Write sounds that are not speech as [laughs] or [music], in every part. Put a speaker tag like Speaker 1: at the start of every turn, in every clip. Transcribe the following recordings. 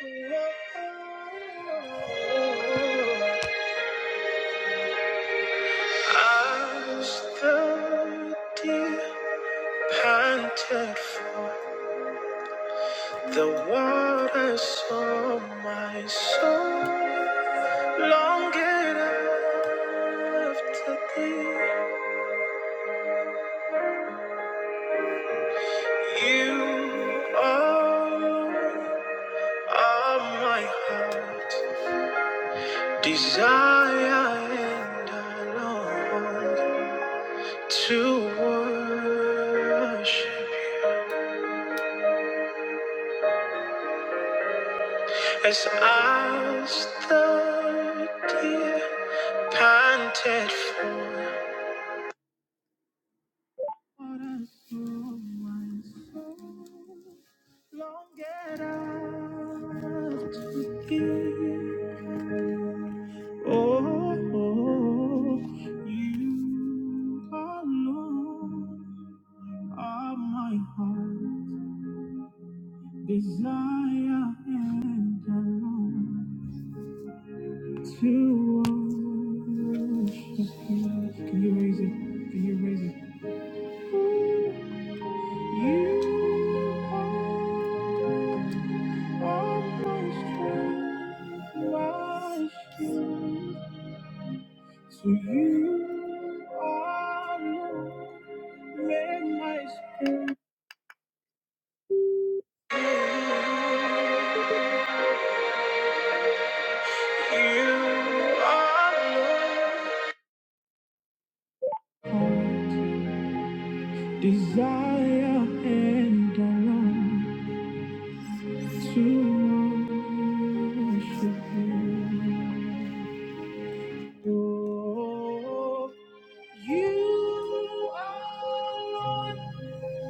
Speaker 1: As the deer panted for the water, so my soul longed after thee. You are, are my heart, desire and I long. to worship You as I stood here, panted for water from my soul, longed out to thee. Oh, you alone are my heart. Desire and I long to worship you. Can you raise it? Can you raise it? You are my strength, my shield. So you are Lord, let my spirit. yield. You are Lord. Desire and I long to worship you. Oh, you are all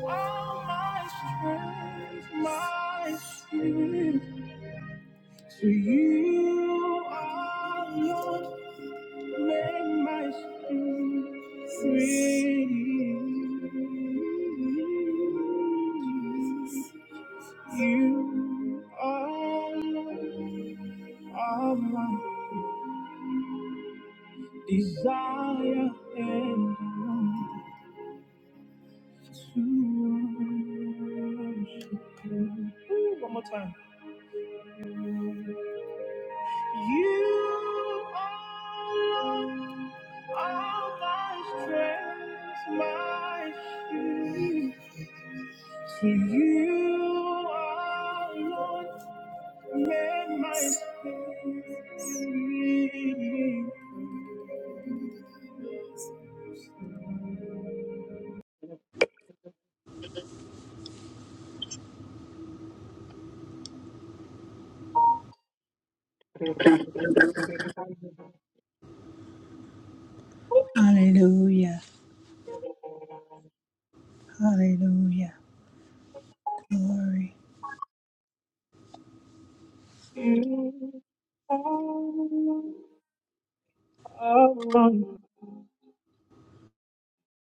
Speaker 1: my strength, my strength. To you are Lord, make my spirit free. You are, are my desire and I want to worship you. Ooh, One more time. You are, are my strength, my shield. So you are Lord. Let my spirit
Speaker 2: Hallelujah. Hallelujah. Glory.
Speaker 1: You are my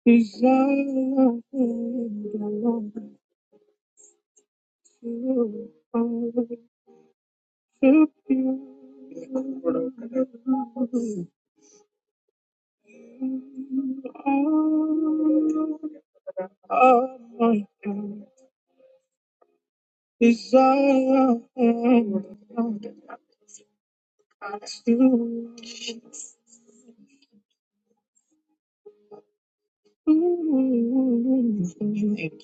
Speaker 1: desire and I long to worship you. You are my desire and I long You are very much pretty.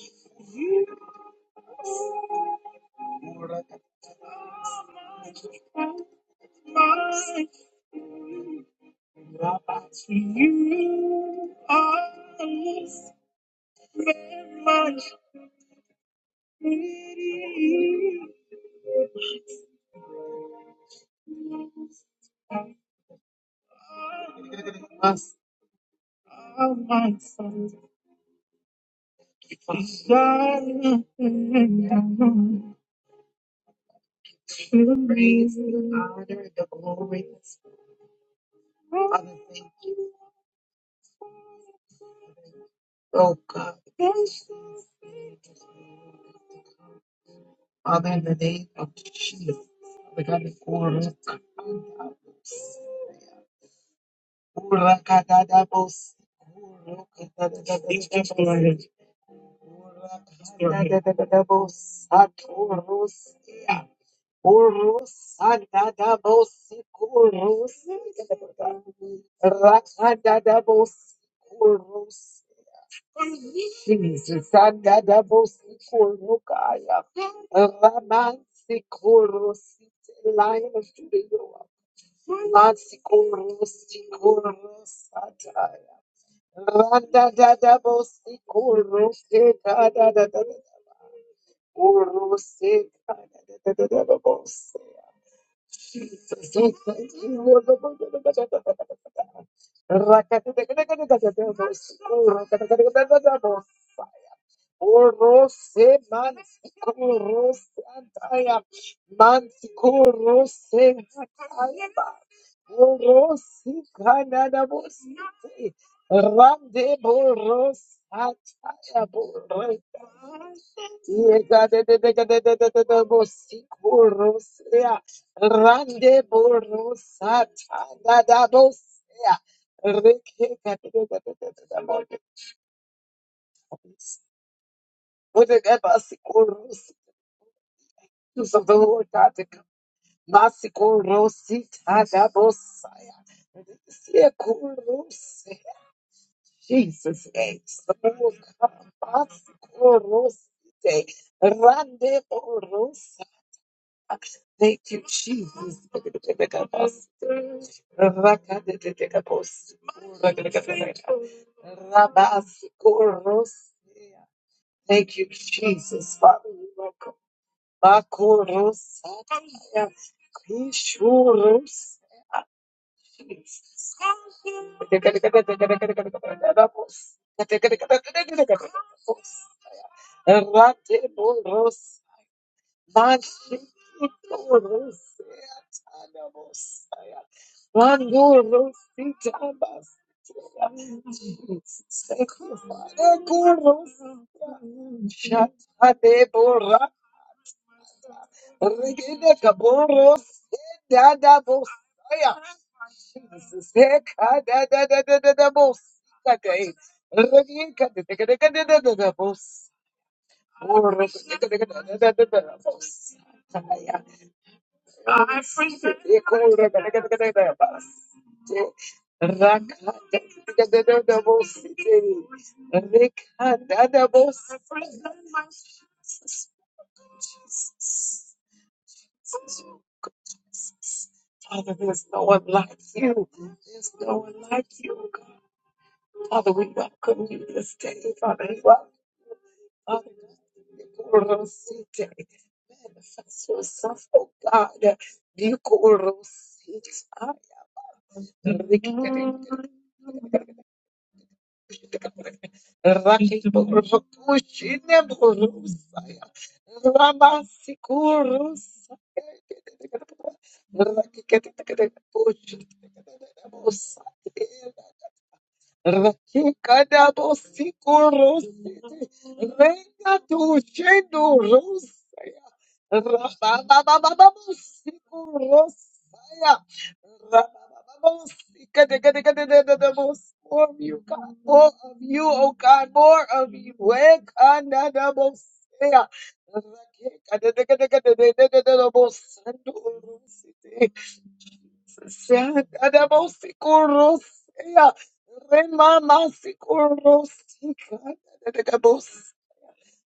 Speaker 1: My son, my son, desire to raise the honor, the glory, other things. Oh God. Father, in the name of Jesus, Father God, the Kuru Kura Kadadabos, Kuru Kadadabos, Kura Kadadabos, Akurus, Urus, Adadabos, Kurus, Rakadadabos, Kurus. Jesus, Agadabosikorokaya, Ramansikorosite, Lion of Judah, Mansikorosikorosataya, Randadadabosikorokedadadadada, Orosekadadadadadabose. Jesus, we thank you, Lord. Rakadadadadadadadabosikorokadadadadadabose. Orose mantikorose antaya mantikorose hataya ba orosi kanada bosite rande boros antaya boreta yega de de de de de de de de de bosikorosea rande boros hatada da bosea rekeka de de de de de de de de de presence of the Lord God to come. Masiko Rosi Tadabosaya. Seko Rosi. Jesus name. So come. Masiko Rosi. Rande Rosa. Thank you, Jesus. Rakadetekabos. Rabasiko Rosi. Thank you, Jesus. Father, you are Bakorosaya. Regina Caboro, Dada Bosaya. Jesus. Ekadadadadadadabosikaday. Rekadadadadadadabos. Orekadadadadadadabosaya. Ekorekadadadadadabas. Rakadadadadadabosite. Rekadadabos. Father, there's no one like you. There's no one like you. Father, we welcome you this day. Father, we welcome Father God, in the Koro City, manifest yourself, oh God, the Koro City, Rakikada bosi kuros, renga tu shendo rosa. Rababababababos, ikurro saya. Rababababos, ikadikadikadikadikadikadabos. Oviu, o oviu, o kan, o oviu, we kanada bos saya. Ikadikadikadikadikadikadabos. Sando rosi, saya kanada bosikurro saya. Rema masikurro, ikadikadikadabos.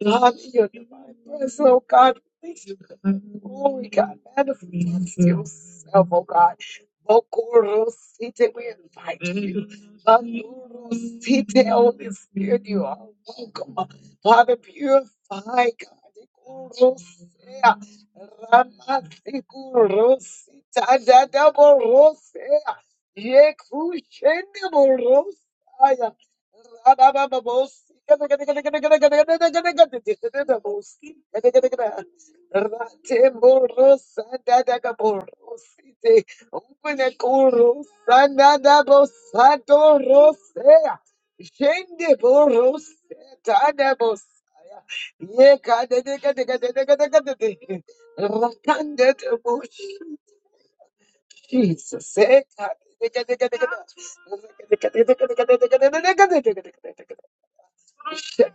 Speaker 1: God, in your divine presence, oh God, please. Glory, God, manifest yourself, oh God. Bokorosite, we invite you. Bandorosite, Holy Spirit, you are welcome. Father, purify, God. Korosea, Ramatikorosita, Dadaborosea, Yekushendemorosaya. Jesus. Randa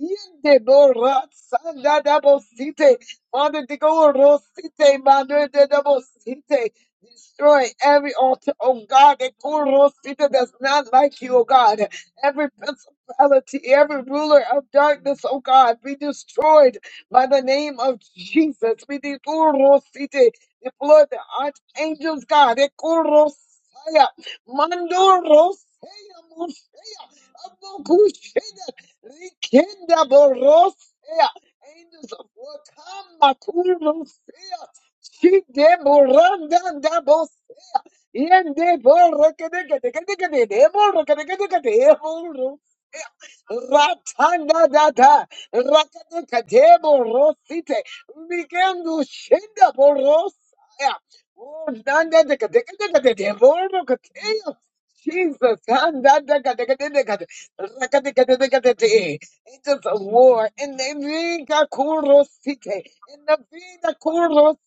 Speaker 1: Yende bo ra sanda da bo site. Father, de go ro site, mando de da bo site. Destroy every altar, oh God, that go ro site that's not like you, oh God. Every principality, every ruler of darkness, oh God, be destroyed by the name of Jesus. We de go ro site. deploy the archangels, God. De go ro saya. Mando ro saya, mo saya. Abo kusheda. Rikinda Borosia, angels of war, come, Makurusia, Shide Moranda da Bosia, Yende Borakadegadegade, Borakadegadegade, Borusia, Ratanda da da, Rakadekade Borosite, Rikendu Shinda Borosia, Oh, Nanda de Cadecade, Borakatea, Jesus, Angels of war. In the vida kurosite. In the vida kuros.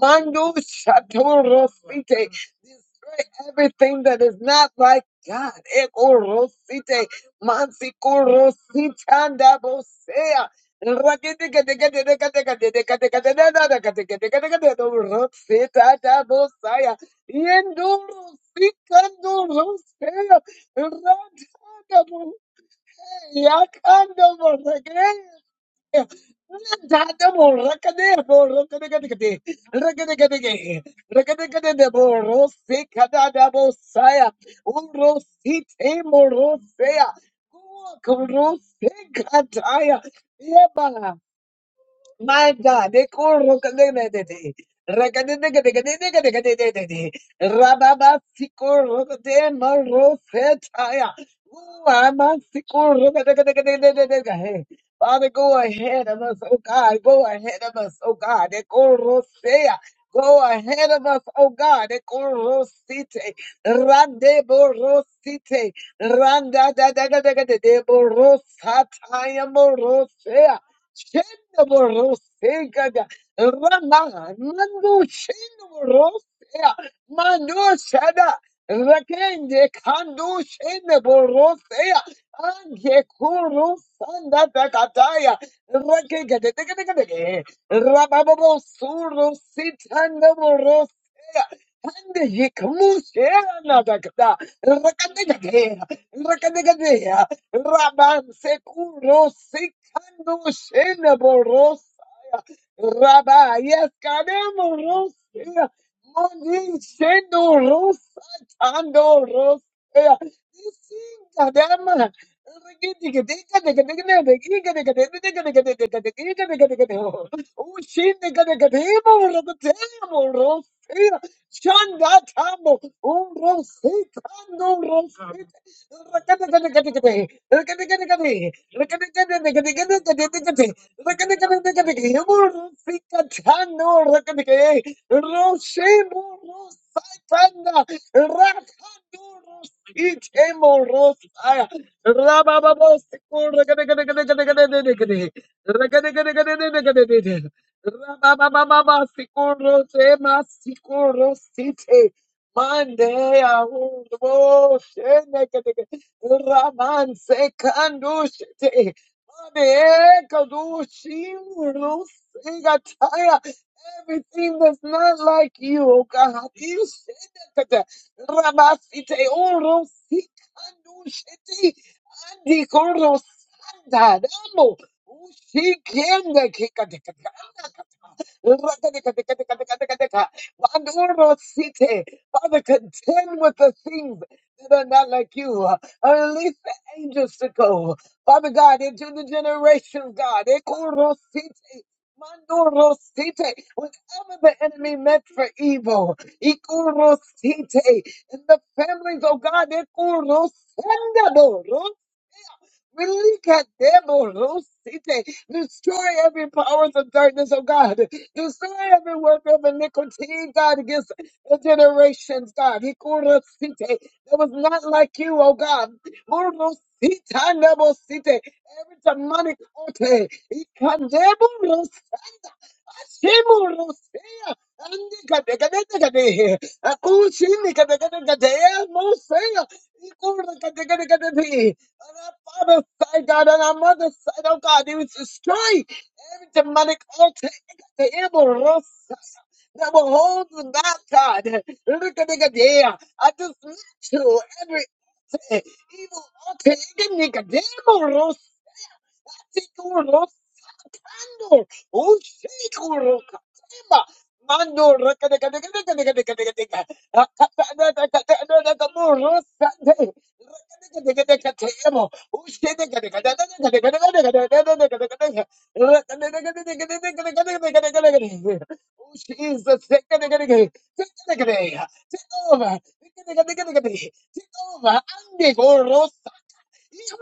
Speaker 1: Mando shatorosite. Destroy everything that is not like God. Ekorosite. Mansikorositandabosea. Rakete Yendoro sikandoro sea. Rose, my God, they call Rokanete. Rakadekadekadekadekadekadekadekade. Rababasiko Rokade Marofetaya. Ooh, Amasiko Rokadekadekadekadekadekade. Father, go ahead of us, oh God. Go ahead of us, oh God. They call Rosea. Go ahead of us, oh God. They call Rosite. Randebo Rosite. Randa da da da da da da. Borosataya Morosea. Shenda borose gaga rama mando shenda borose mando shada rakende kando shenda borose ange kuru sanda takataya rakende teke teke teke teke rababo suru sitanda borose Hande yıkmış rakende nadakta. rakende rakadegade Raban Sekuro Sikando Shenabo Rosaya. Rabba, yes, Kanemo Rosaya. Monin Shendo Rosa Tando Rosaya. This is Kadama. Oh, Shanda Tambo, Oh, Rosita, no Rosita. Monday, I will Raman sekandushite. Everything that's not like you, oh God. You said that. Rabasite urusikandushite. Andikorosanda. Damo. Ushikende kikadekadekada. Bandurosite. Father, contend with the things that are not like you. And Release the angels to go. Father God, into the generations, God. Ekorosite. Mandorosite. Whatever the enemy meant for evil, Ikorosite. in the families, oh God, Ekorosendadorosite. Really, God damn, oh, Lord, see, Destroy every powers of darkness, oh God. Destroy every work of iniquity, God, against the generations, God. He called us, see, That was not like you, oh God. Oh, Lord, see, take, never see, take. Every demonic altar, Simulosea, andikadekadekade, akushindikadekadekadea, mosea, ikurdekadekadekade. On our father's side, God, on our mother's side, oh God, it was destroy every demonic altar ikademorosa, that will hold them back, God. Ikadekadea, I dismantle every evil altar. Thank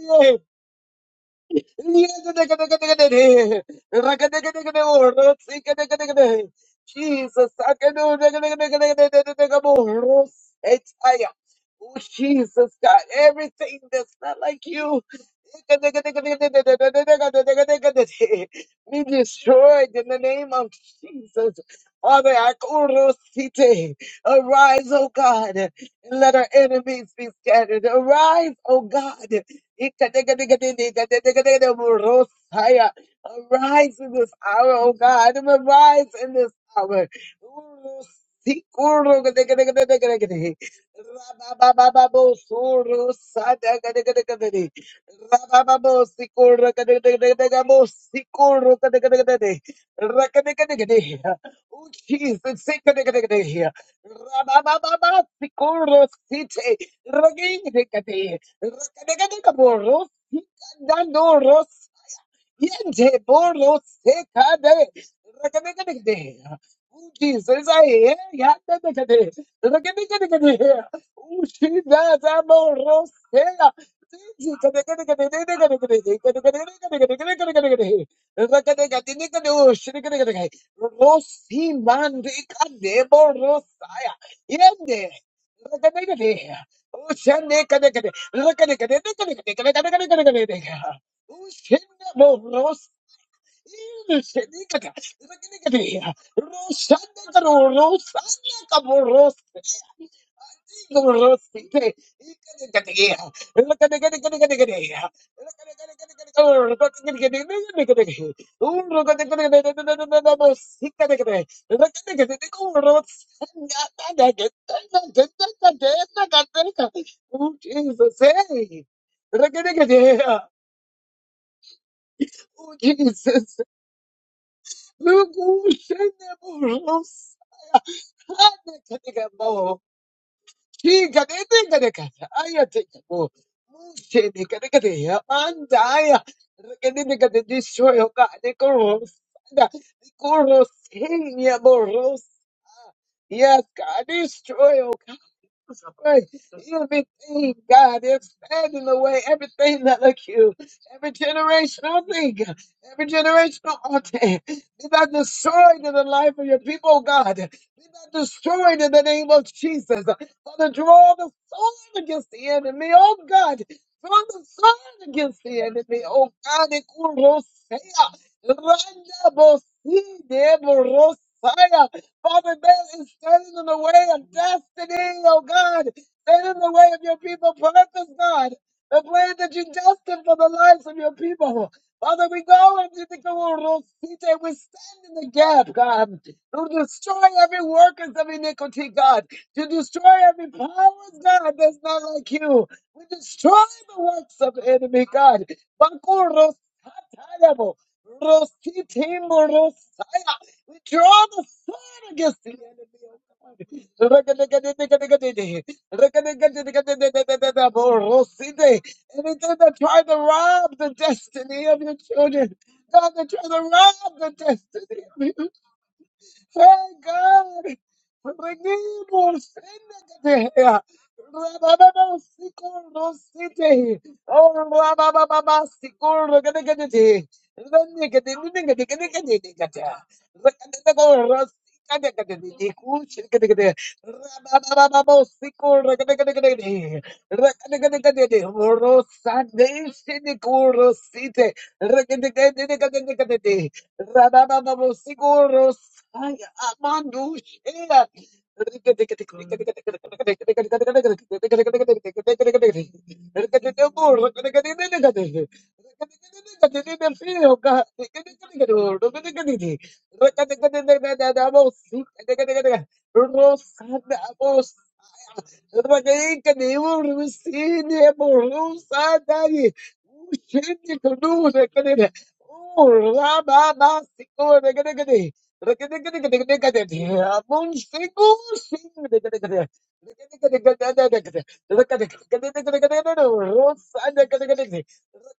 Speaker 1: you. Jesus, I can do Oh, Jesus, God, everything that's not like you. Be destroyed in the name of Jesus. Father, I arise, O God, and let our enemies be scattered. Arise, O God, Arise in this hour, oh God. Arise in this hour. Oh, Jesus. Rakadekadekabo, rosikadando, rosikadando. Yente bolo sekade. Rakadekadekade. Oh, Jesus, I hear ya. Dekadekade. Rakadekadekade. Oh, Jesus, I'm all rose. Rosi mandi kadebo rosaya. Yende. Rakadekade. Oh, shande kadekade. Rakadekade. Ushinda bo ros shini kaka rakini kati rosanda karo rosanda kabo ros kabo ros ite ikani kati ya rakani kati kati kati kati ya rakani kati kati kati kabo rakani kati kati kati kati un rakani kati kati kati kati kati bo sikka kati kati rakani kati kati kabo rosanda kati kati kati kati kati kati oh Jesus hey rakani kati ya Oh, Jesus. Lugusheniburusa. Hanekadekamo. Chikadekadekata. Ayatekamo. Mushenikadekadeya. Andaya. Rekadekade- Destroy, oh God. Nikorosada. Nikoroseniaburusa. Yes, God, destroy, oh Right. Everything, God, expanding away everything that look you, every generational thing, every generational altar, be that destroyed in the life of your people, God. Be that destroyed in the name of Jesus. Father, draw the sword against the enemy, oh God. Draw the sword against the enemy, oh God. Ikurosea, randa bosi de Father, that is standing in the way of destiny, oh God. Stand in the way of your people. Purpose, God. The plan that you destined for the lives of your people. Father, we go into the Kurosite. We stand in the gap, God, to destroy every workers of iniquity, God, to destroy every power, God, that's not like you. We destroy the works of the enemy, God. Bakurosatayabo, Rositimborosia. We draw the sword against the enemy, oh God. Rakadegadegade. Rakadegadegade. Anything that tried to rob the destiny of your children, God, that tried to rob the destiny. Hey God, redeemos Séntate. Rabababa, Sikorno, Sete. Oh, Rabababa, Sikorno, Gadagadi. Renegade, Renegade, Gadagadi, Gada. Rakadago, Rasikadagadadi, Dikush, Gadagadi. Rabababa, Sikorno, Gadagadi. Rakadagadagadi, Rosade, Sidikorno, Sete. Rakadagadagadi, Gadagadi. Rabababa, Sikorno, Ay, amando, yeah. God. Ragadinka Neum Rusine Borusa Dari Ushindi Kunu Rakadina Ur Rama Masiko Rakadikadi Rakadikadikadikadikadi Amun Singu Sing Rakadikadi Rakadikadikadikadikadi Rakadikadikadikadikadi Rosa Rakadikadi Father,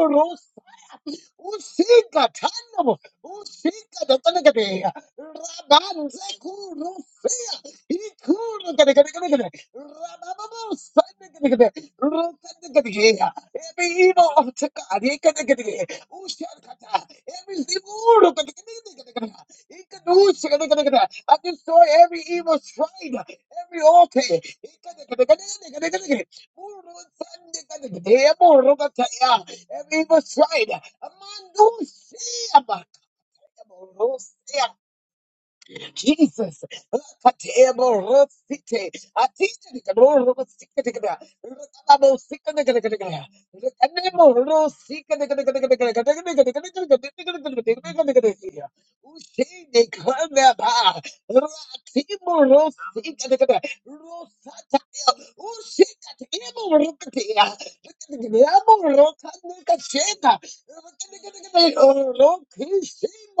Speaker 1: include Usika tano, usika dotanagade, rabanze kuru fea, ikuru gade gade gade gade, rabababu sande gade gade, rokande gade gade, every evil of Takad, ikade gade gade, ushan kata, every zimuru gade gade gade gade gade, ikadus gade gade gade, I destroy every evil shrine, every altar, ikade gade gade gade gade gade, muru sande gade gade, muru gade every evil side. Amandu Shea Bakaya Jesus.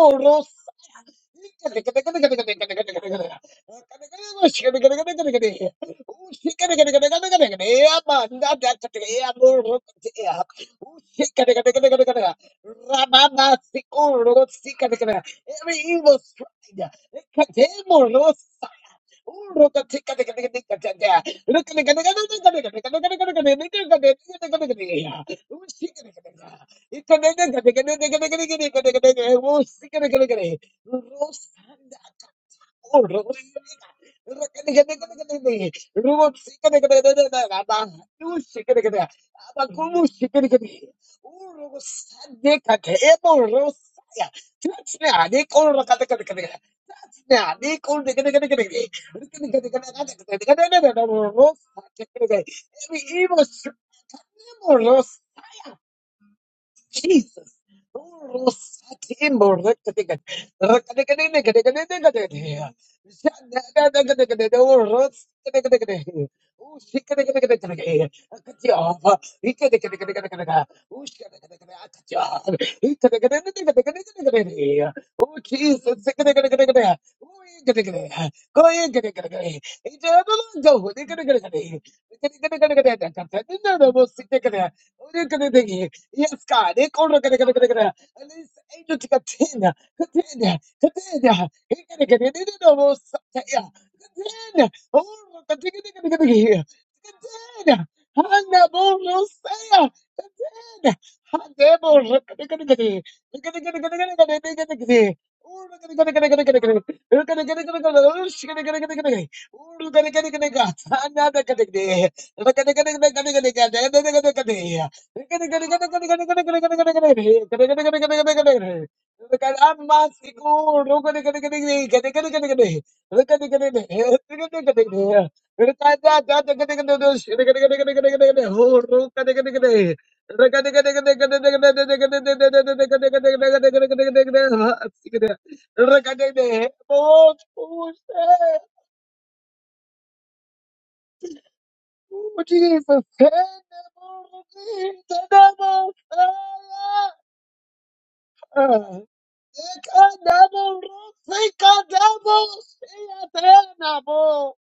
Speaker 1: Rosita, Every evil stride, look at the Every evil Jesus. Oh, Jesus. Yes, God. They go to- gonna- gonna- gonna- gonna. And this angel to contend, contend, contend. He gonna get it. They don't know what's up to him. Contend. Oh, contend, contend, contend, contend. Contend. Hana bolo saya. Contend. Hana bolo- contend, contend, contend. Contend, contend, contend, contend, contend, contend. Oh, contend, contend, contend, contend, contend. Oh, contend, contend, contend, contend. Oh, shi- contend, contend, contend, contend. Oh, contend, contend, contend, contend. Hana contend, contend. I'm not Oh, Jesus. Uh, Ekadabo Rosikadabo Shiatanabo.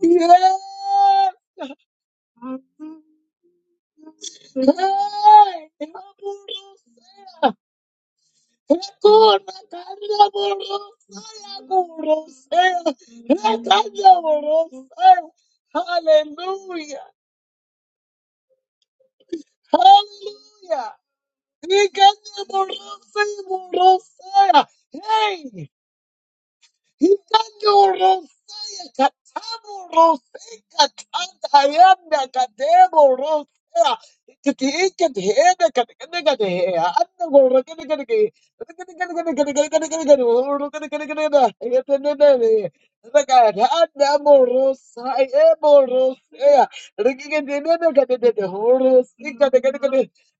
Speaker 1: Yes. Hey, Aburosea. Ekuna Kandabo Rosea Gurosea. Ekadabo Rosea. Hallelujah. Hallelujah. Ekadabo Rosea Gurosea. Hey.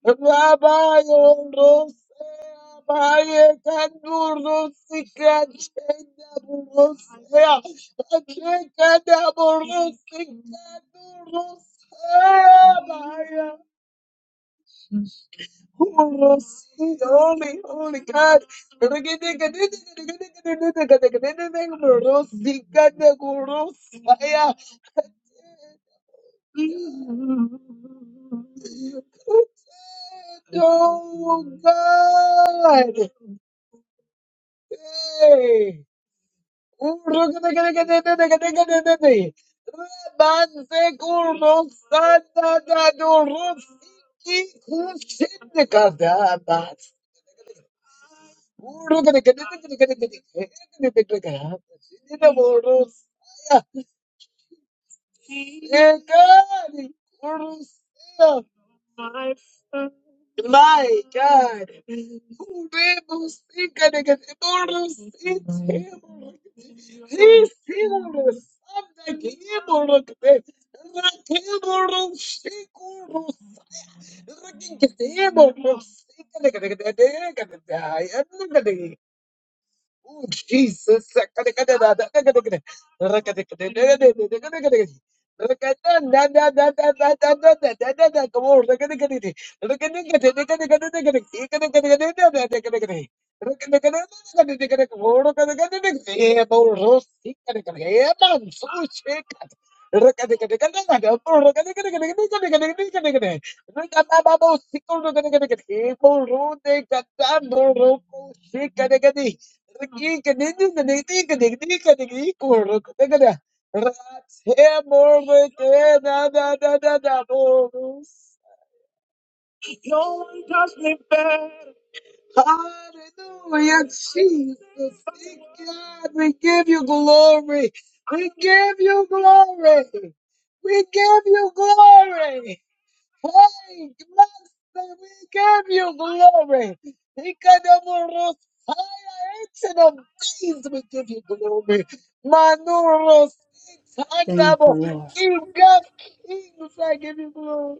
Speaker 1: Rabaya, Holy, holy, holy God. Oh, God. Hey. My God. Zisiuru Sandakimuruk Rakimurus Sikurus Rakikitimurus Ooh, Jesus. Come on. Yeah, more rose. Yeah, man, so shake. Riki kadidi kadidi kadidi kadidi kuruk. Teka na. Rats hemorrhage na na na na na bonus. No one does me better. Hallelujah, Jesus. Thank God, we give you glory. We give you glory. We give you glory. Hey, blessed, we give you glory. Ikadamoros, higher ancient of days, we give you glory. Manuros,
Speaker 2: Thank the
Speaker 1: Tandabo,
Speaker 2: Lord.
Speaker 1: King of kings, I give you glory.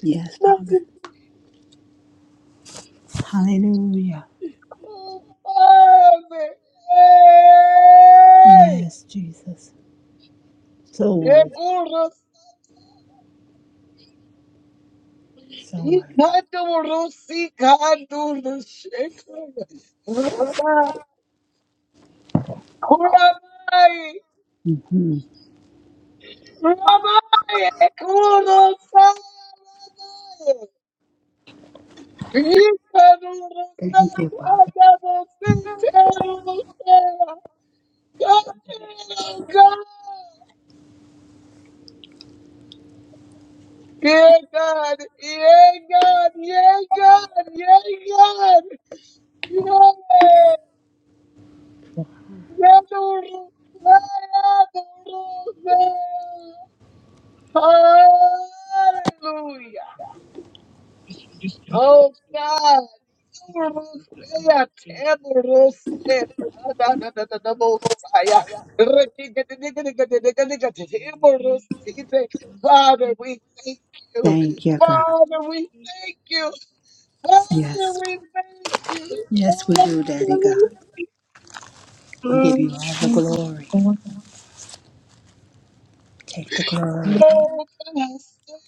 Speaker 2: Yes, Father. Hallelujah.
Speaker 1: Merciful Father, hey,
Speaker 2: Yes, Jesus. So worthy.
Speaker 1: Yeguros,
Speaker 2: So worthy.
Speaker 1: Ikadamoros, Ikadurus, Shekar, Rabbi, Rabbi.
Speaker 2: hmm
Speaker 1: Ramaye kurosaya ramaye.
Speaker 2: Thank you,
Speaker 1: Ikarurosaka
Speaker 2: Father.
Speaker 1: dabositerusaya. Katero God. Yeah, God. Yeah, God. Yeah, God. Yeah, God. Yeah. Yadurusaya durusaya. Hallelujah. Oh God, Urusea, Temurusea, Adadadadadabosaya, Rekigadidikadigadidikadigadidimurusite. Father, we thank you.
Speaker 2: Thank you, God.
Speaker 1: Father, we thank you. Father,
Speaker 2: Yes.
Speaker 1: we thank you.
Speaker 2: Yes, we
Speaker 1: Oh,
Speaker 2: do, Daddy
Speaker 1: Father,
Speaker 2: God.
Speaker 1: we-
Speaker 2: We give
Speaker 1: Thank
Speaker 2: you all the
Speaker 1: you.
Speaker 2: glory.
Speaker 1: oh,
Speaker 2: Take the glory.
Speaker 1: God,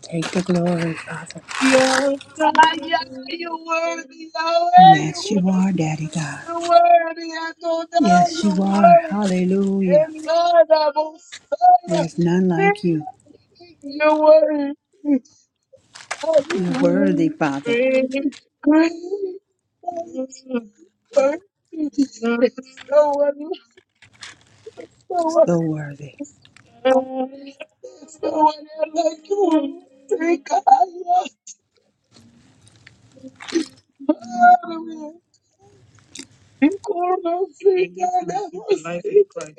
Speaker 2: Take the glory, Father.
Speaker 1: You're Ah, yeah, you're worthy. Oh, hey, you're
Speaker 2: Yes, you
Speaker 1: worthy.
Speaker 2: are, Daddy God.
Speaker 1: You're worthy. I know down.
Speaker 2: Yes, you
Speaker 1: You're
Speaker 2: are.
Speaker 1: worthy.
Speaker 2: Hallelujah.
Speaker 1: And Lord, I will
Speaker 2: There's none
Speaker 1: say,
Speaker 2: like you.
Speaker 1: you're worthy. Oh, you're
Speaker 2: You're worthy,
Speaker 1: worthy.
Speaker 2: Father.
Speaker 1: great. Great. Worthy. There's no one, there's no one,
Speaker 2: So worthy.
Speaker 1: there's no one like you. Take God. and you can live your life in Christ.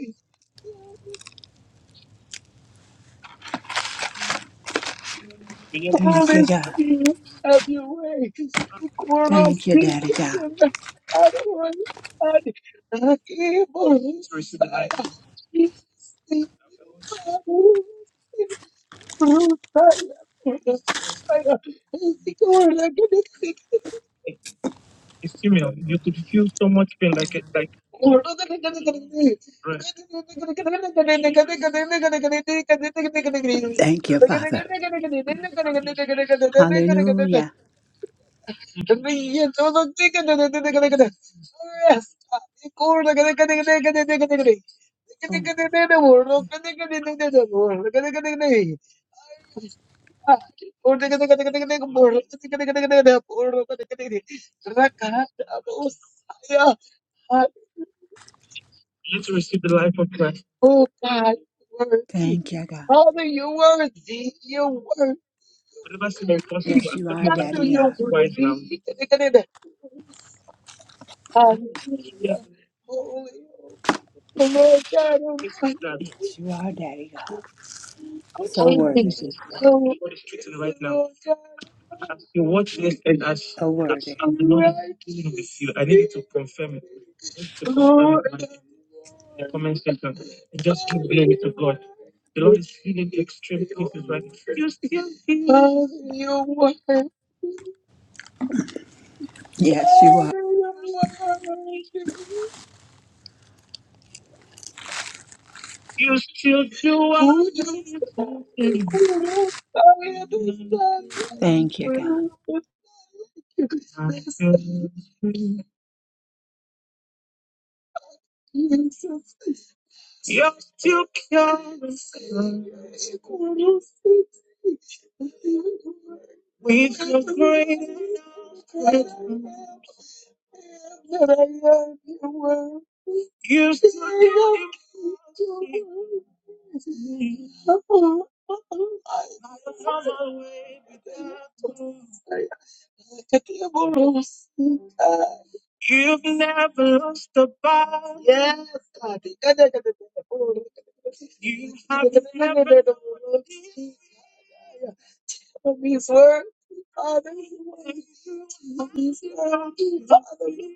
Speaker 1: Be in Christ.
Speaker 2: Thank
Speaker 1: Holy
Speaker 2: you, God.
Speaker 1: Spirit, have your way. Choice in the
Speaker 2: Thank you, Daddy God.
Speaker 1: life of those Thank you. It's female. You could feel so much pain, like it, like
Speaker 2: Thank you, Father. Hallelujah. Oh,
Speaker 1: breath. And to receive the life of Christ. Oh God, you're worthy.
Speaker 2: thank you, God.
Speaker 1: Father, you're worthy. You're worthy. What about somebody talking to
Speaker 2: Yes,
Speaker 1: us?
Speaker 2: you are,
Speaker 1: Father, don't
Speaker 2: Daddy God.
Speaker 1: you're right now. worthy. Hallelujah. Holy, holy. The Lord God Almighty. This is that.
Speaker 2: Yes, you are, Daddy God. So worthy.
Speaker 1: Oh, Right now, as you watch this and as,
Speaker 2: So
Speaker 1: as
Speaker 2: worthy.
Speaker 1: I'm not dealing with you, I need you to confirm it. I need to confirm it in the comment section and just give glory to God. The Lord is healing extreme cases right now. Just give him you want,
Speaker 2: Yes, you
Speaker 1: oh,
Speaker 2: are.
Speaker 1: you still do what
Speaker 2: Thank you, God.
Speaker 1: you say. I understand. We feel great that I love you. You still You've never lost a battle. Yes, God. You have never Of His word, Father. Of His word, Father.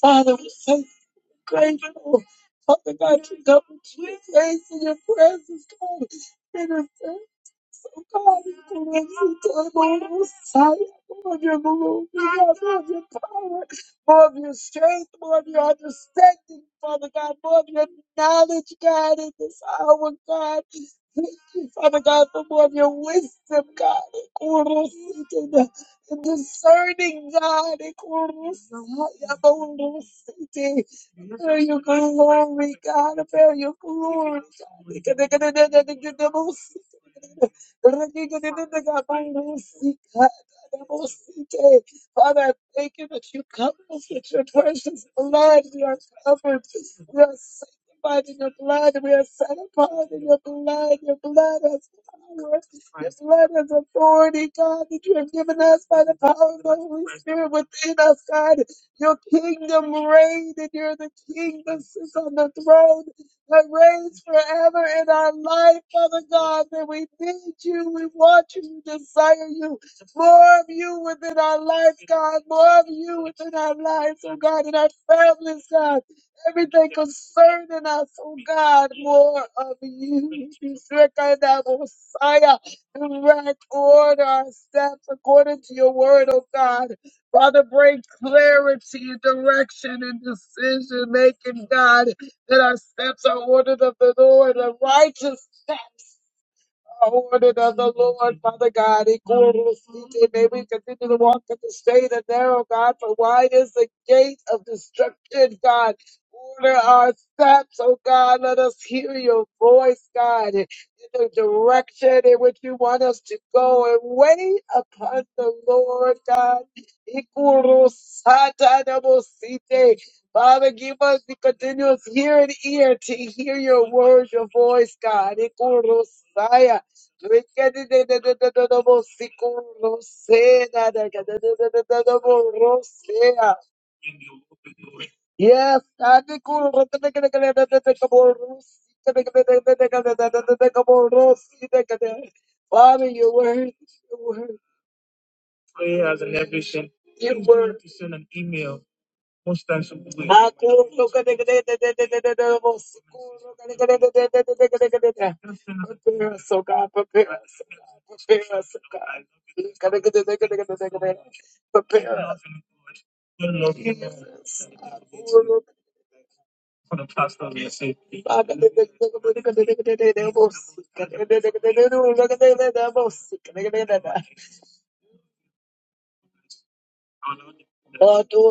Speaker 1: Father, we're so grateful. Father God, we come between days in your presence, God. And I'm so God, you can answer to do more of your sight, more of your glory, God, more of your power, more of your strength, more of your understanding, Father God, more of your knowledge, God, in this hour, God. Thank you, Father God, for more of your wisdom, God discerning God. Ikurusayabundusiti. Declare your glory, God. Declare your glory, God. Father, I thank you that you cover us with your precious blood. We are covered. We are sanctified in your blood. We are set apart in your blood. Your blood has power. Your blood has authority, God, that you have given us by the power of the Holy Spirit within us, God. Your kingdom reigned, and you're the king that sits on the throne that reigns forever in our life, Father God. That we need you, we want you, we desire you. More of you within our life, God. More of you within our lives, oh God, in our families, God. Everything concerning us, oh God, more of you. Messiah, direct order our steps according to your word, oh God. Father, bring clarity and direction and decision making, God, that our steps are ordered of the Lord, the righteous steps ordered of the Lord, Father God. Ikorosite. May we continue to walk in the straight and narrow, God, for wide is the gate of destruction, God. Order our steps, oh God. Let us hear your voice, God, in the direction in which you want us to go and wait upon the Lord, God. Ikorosatadabosite. Father, give us the continuous hearing ear to hear your words, your voice, God. Ikorosaya. Yes, Father, your word, your word, Prayers and everything. your word. To send an email. What's that split? Prepare us, oh God, prepare us, oh God, prepare us, oh God. Prepare us. Jesus. For the pastor, they say, Maduro,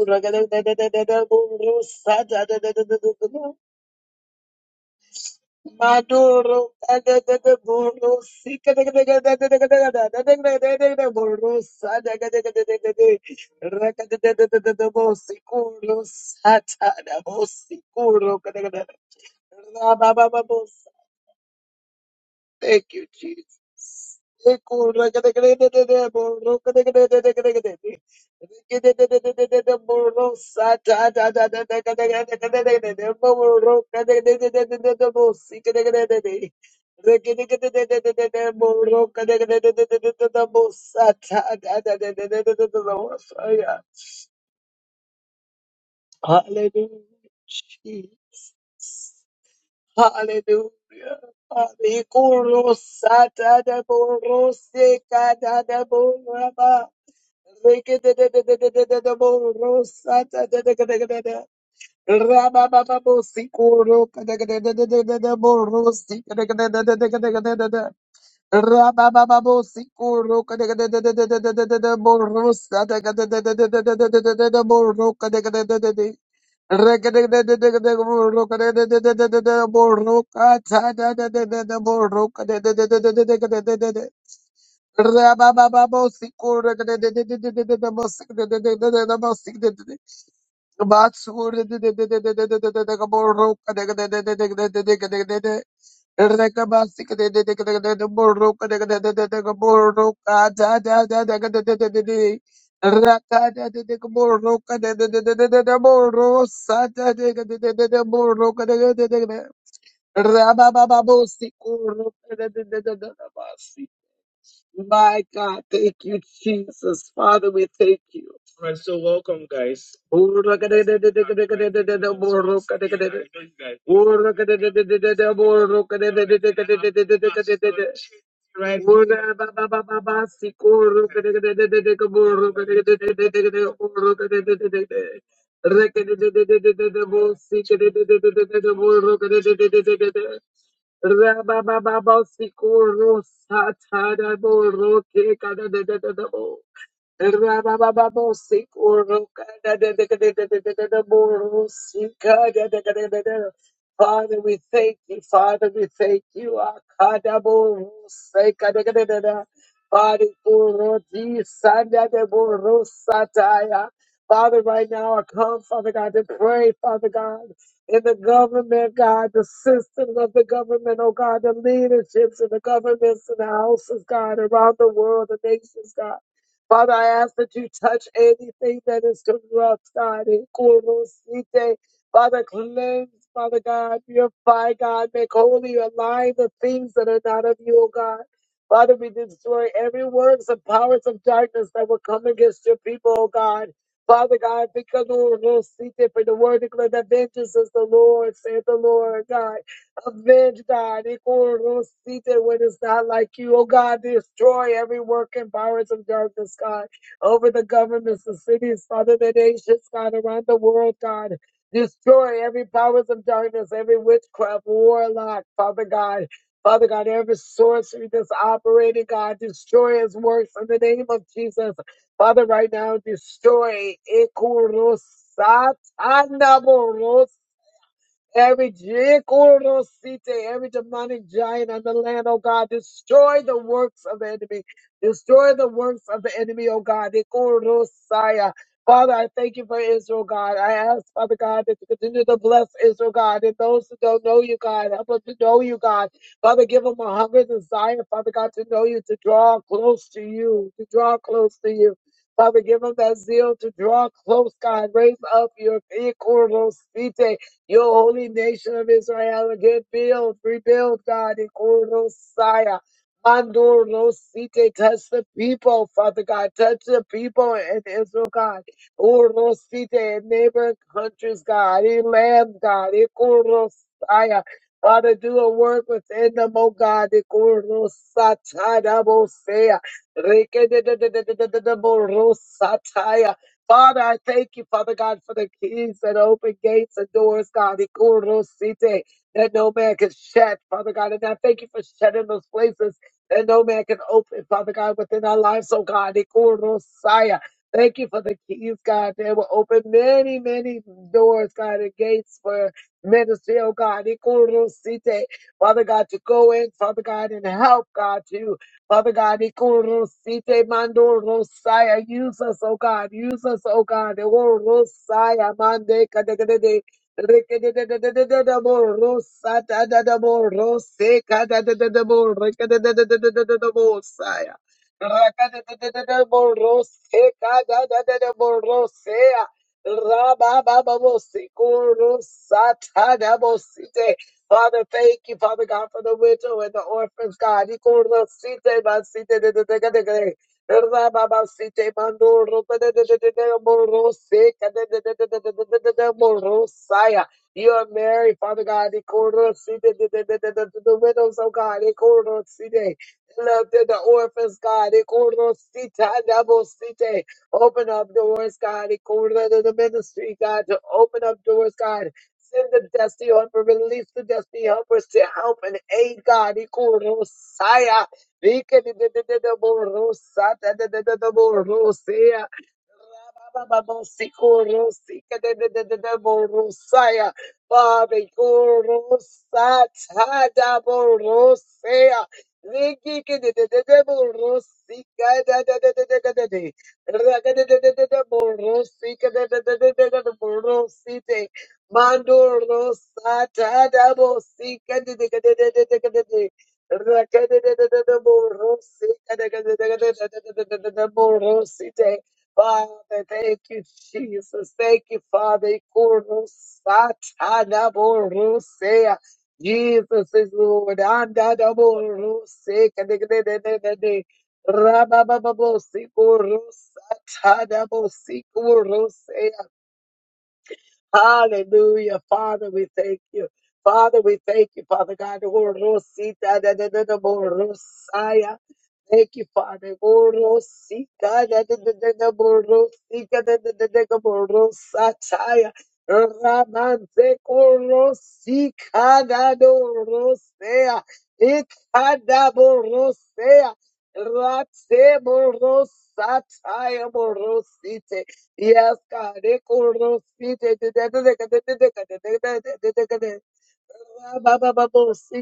Speaker 1: Maduro, Thank you, Jesus. Hallelujah. Hallelujah. Arikoro satada boro sekada da boro ba. Rekedededededede boro satadadadadadada. Rabababo sikoro kadadadadadadada boro sikadadadadadadadada. Rabababo sikoro kadadadadadadadada boro satadadadadadadada boro kadadadadadada. Rabababosikur. My God, thank you, Jesus. Father, we thank you. All right, so welcome, guys. I'm trying to do this once again. I know you guys know me, but so that can have Pastor J. right here. Right Rababababosikorosatadaborotekadadadadabo. Father, we thank you. Father, we thank you. Akadaboroseka. Father, Oroji, Sandadeborosataya. Father, right now I come, Father God, to pray, Father God, in the government, God, the system of the government, oh God, the leaderships of the governments and the houses, God, around the world, the nations, God. Father, I ask that you touch anything that is corrupt, corrupted. Kurosite. Father, cleanse, Father God, purify, God, make holy, align the things that are not of you, O God. Father, we destroy every works and powers of darkness that will come against your people, O God. Father God, because Kurosite, for the word declared that vengeance is the Lord, saith the Lord God. Avenge, God, Ikorosite, when it's not like you. Oh, God, destroy every work and powers of darkness, God, over the governments, the cities, Father, the nations, God, around the world, God. Destroy every powers of darkness, every witchcraft, warlock, Father God. Father God, every sorcery that's operating, God, destroy his works in the name of Jesus. Father, right now, destroy. Ikorosata Every Jekorosite, every demonic giant on the land, oh God, destroy the works of the enemy. Destroy the works of the enemy, oh God. Jekorosaya. Father, I thank you for Israel, God. I ask, Father God, that you continue to bless Israel, God, and those who don't know you, God, help them to know you, God. Father, give them a hunger, desire, Father God, to know you, to draw close to you, to draw close to you. Father, give them that zeal to draw close, God. Raise up your Jekorosite. Your holy nation of Israel again build, rebuild, God, in Kurosaya. Mandur Rosite, touch the people, Father God, touch the people in Israel, God. Urosite, in neighboring countries, God, in land, God, in Father, do a work within them, oh God, in double Dabosea. Reke de de Father, I thank you, Father God, for the keys that open gates and doors, God, Ikorosite, that no man can shut, Father God. And I thank you for shutting those places that no man can open, Father God, within our lives, oh God, Ikorosaya. Thank you for the keys, God, that will open many, many doors, God, and gates for ministry, oh God, Ikorosite. Father God, to go in, Father God, and help, God, to Father God, Ikorosite Mando Rosaya, use us, oh God, use us, oh God. Ewo Rosaya Mande Kadekadede. Rekedededededededebo, Rosatadadabo, Rosekadadadadabo, Rekededededededebo, Saya. Rakadadadadadebo, Rosekadadadadebo, Rosea. Rababababo, Sikorosatadabo, Site. Father, thank you, Father God, for the widow and the orphans, God. Ikorosite masite de- de- de- de- de- de. Rababasite mandoro de- de- de- de- de- de- morose ka de- de- de- de- de- de- de- de- de- de- morosaya. You are Mary, Father God. Ikorosite de- de- de- de- de- de- The widows, oh God. Ikorosite. Love to the orphans, God. Ikorosita dabosite. Open up doors, God. Ikorosite, The ministry, God, to open up doors, God. Send the destiny helper, release the destiny helpers to help and aid God. Ikorosaya. Ikedidididididoborosa. Bababababosika, bosika, de de de de de, borosaya. Babekurusat, hada borosaya. Niki, de de de de de, borosika, de de de de de de de. De de de de de, borosika, de de de de de de de. De de de de de, borosika, de de de de de de de. De de de de de, borosika, de de de de de de de. De de de de de, borosika, de de de de de de de. Father, thank you, Jesus. Thank you, Father. Ikorosatanaborosea. Jesus is Lord. Andadaborose. Kadekadekadekade. Rababababosikorosatanabosikorosea. Hallelujah. Father, we thank you. Father, we thank you, Father God. Orositadadadadaborosaya. Thank you, Father. Borosika da da da da da borosika da da da da da borosataya. Ramante korosika da dorosea. Ikada borosea. Rate borosataya borosite. Yes, God. Ekorosite. Da da da da da da da da da da da da da. Rossi,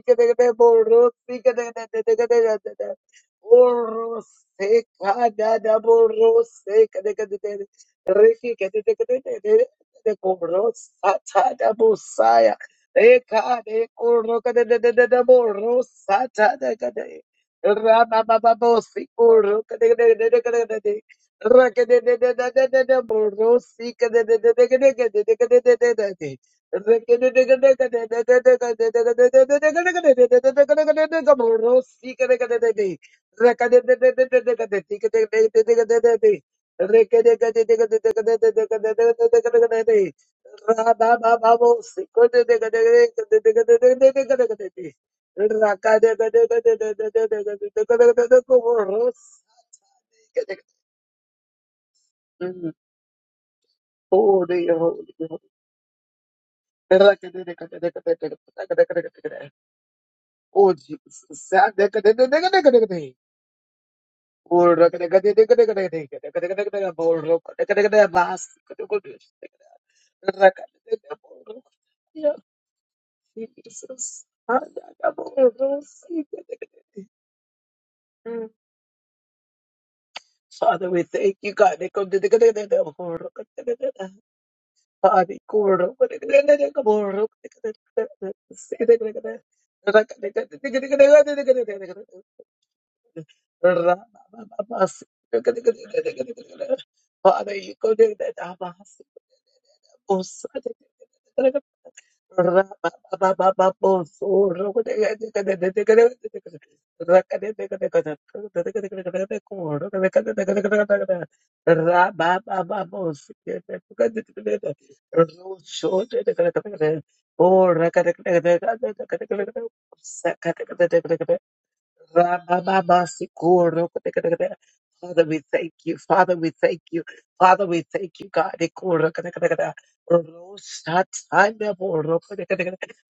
Speaker 1: Mm. Holy, holy, holy. Oh, sad. Deka deka deka deka deka deka. Oh, deka deka deka deka deka deka deka deka deka deka deka. Oh, deka deka deka last. Deka deka deka deka deka. Oh, yeah, Jesus. Ah, deka oh, oh, see, deka deka. Mm. Father, we thank you, God. Deka deka deka deka deka. Oh, deka deka deka. Father, cool. Deka deka deka deka. Oh, deka deka deka deka. See, deka deka deka. Deka deka deka deka deka deka deka. Father, you go to the Oh, ra Father, we thank you. Father, we thank you. Father, we thank you, God. Ikoro. ro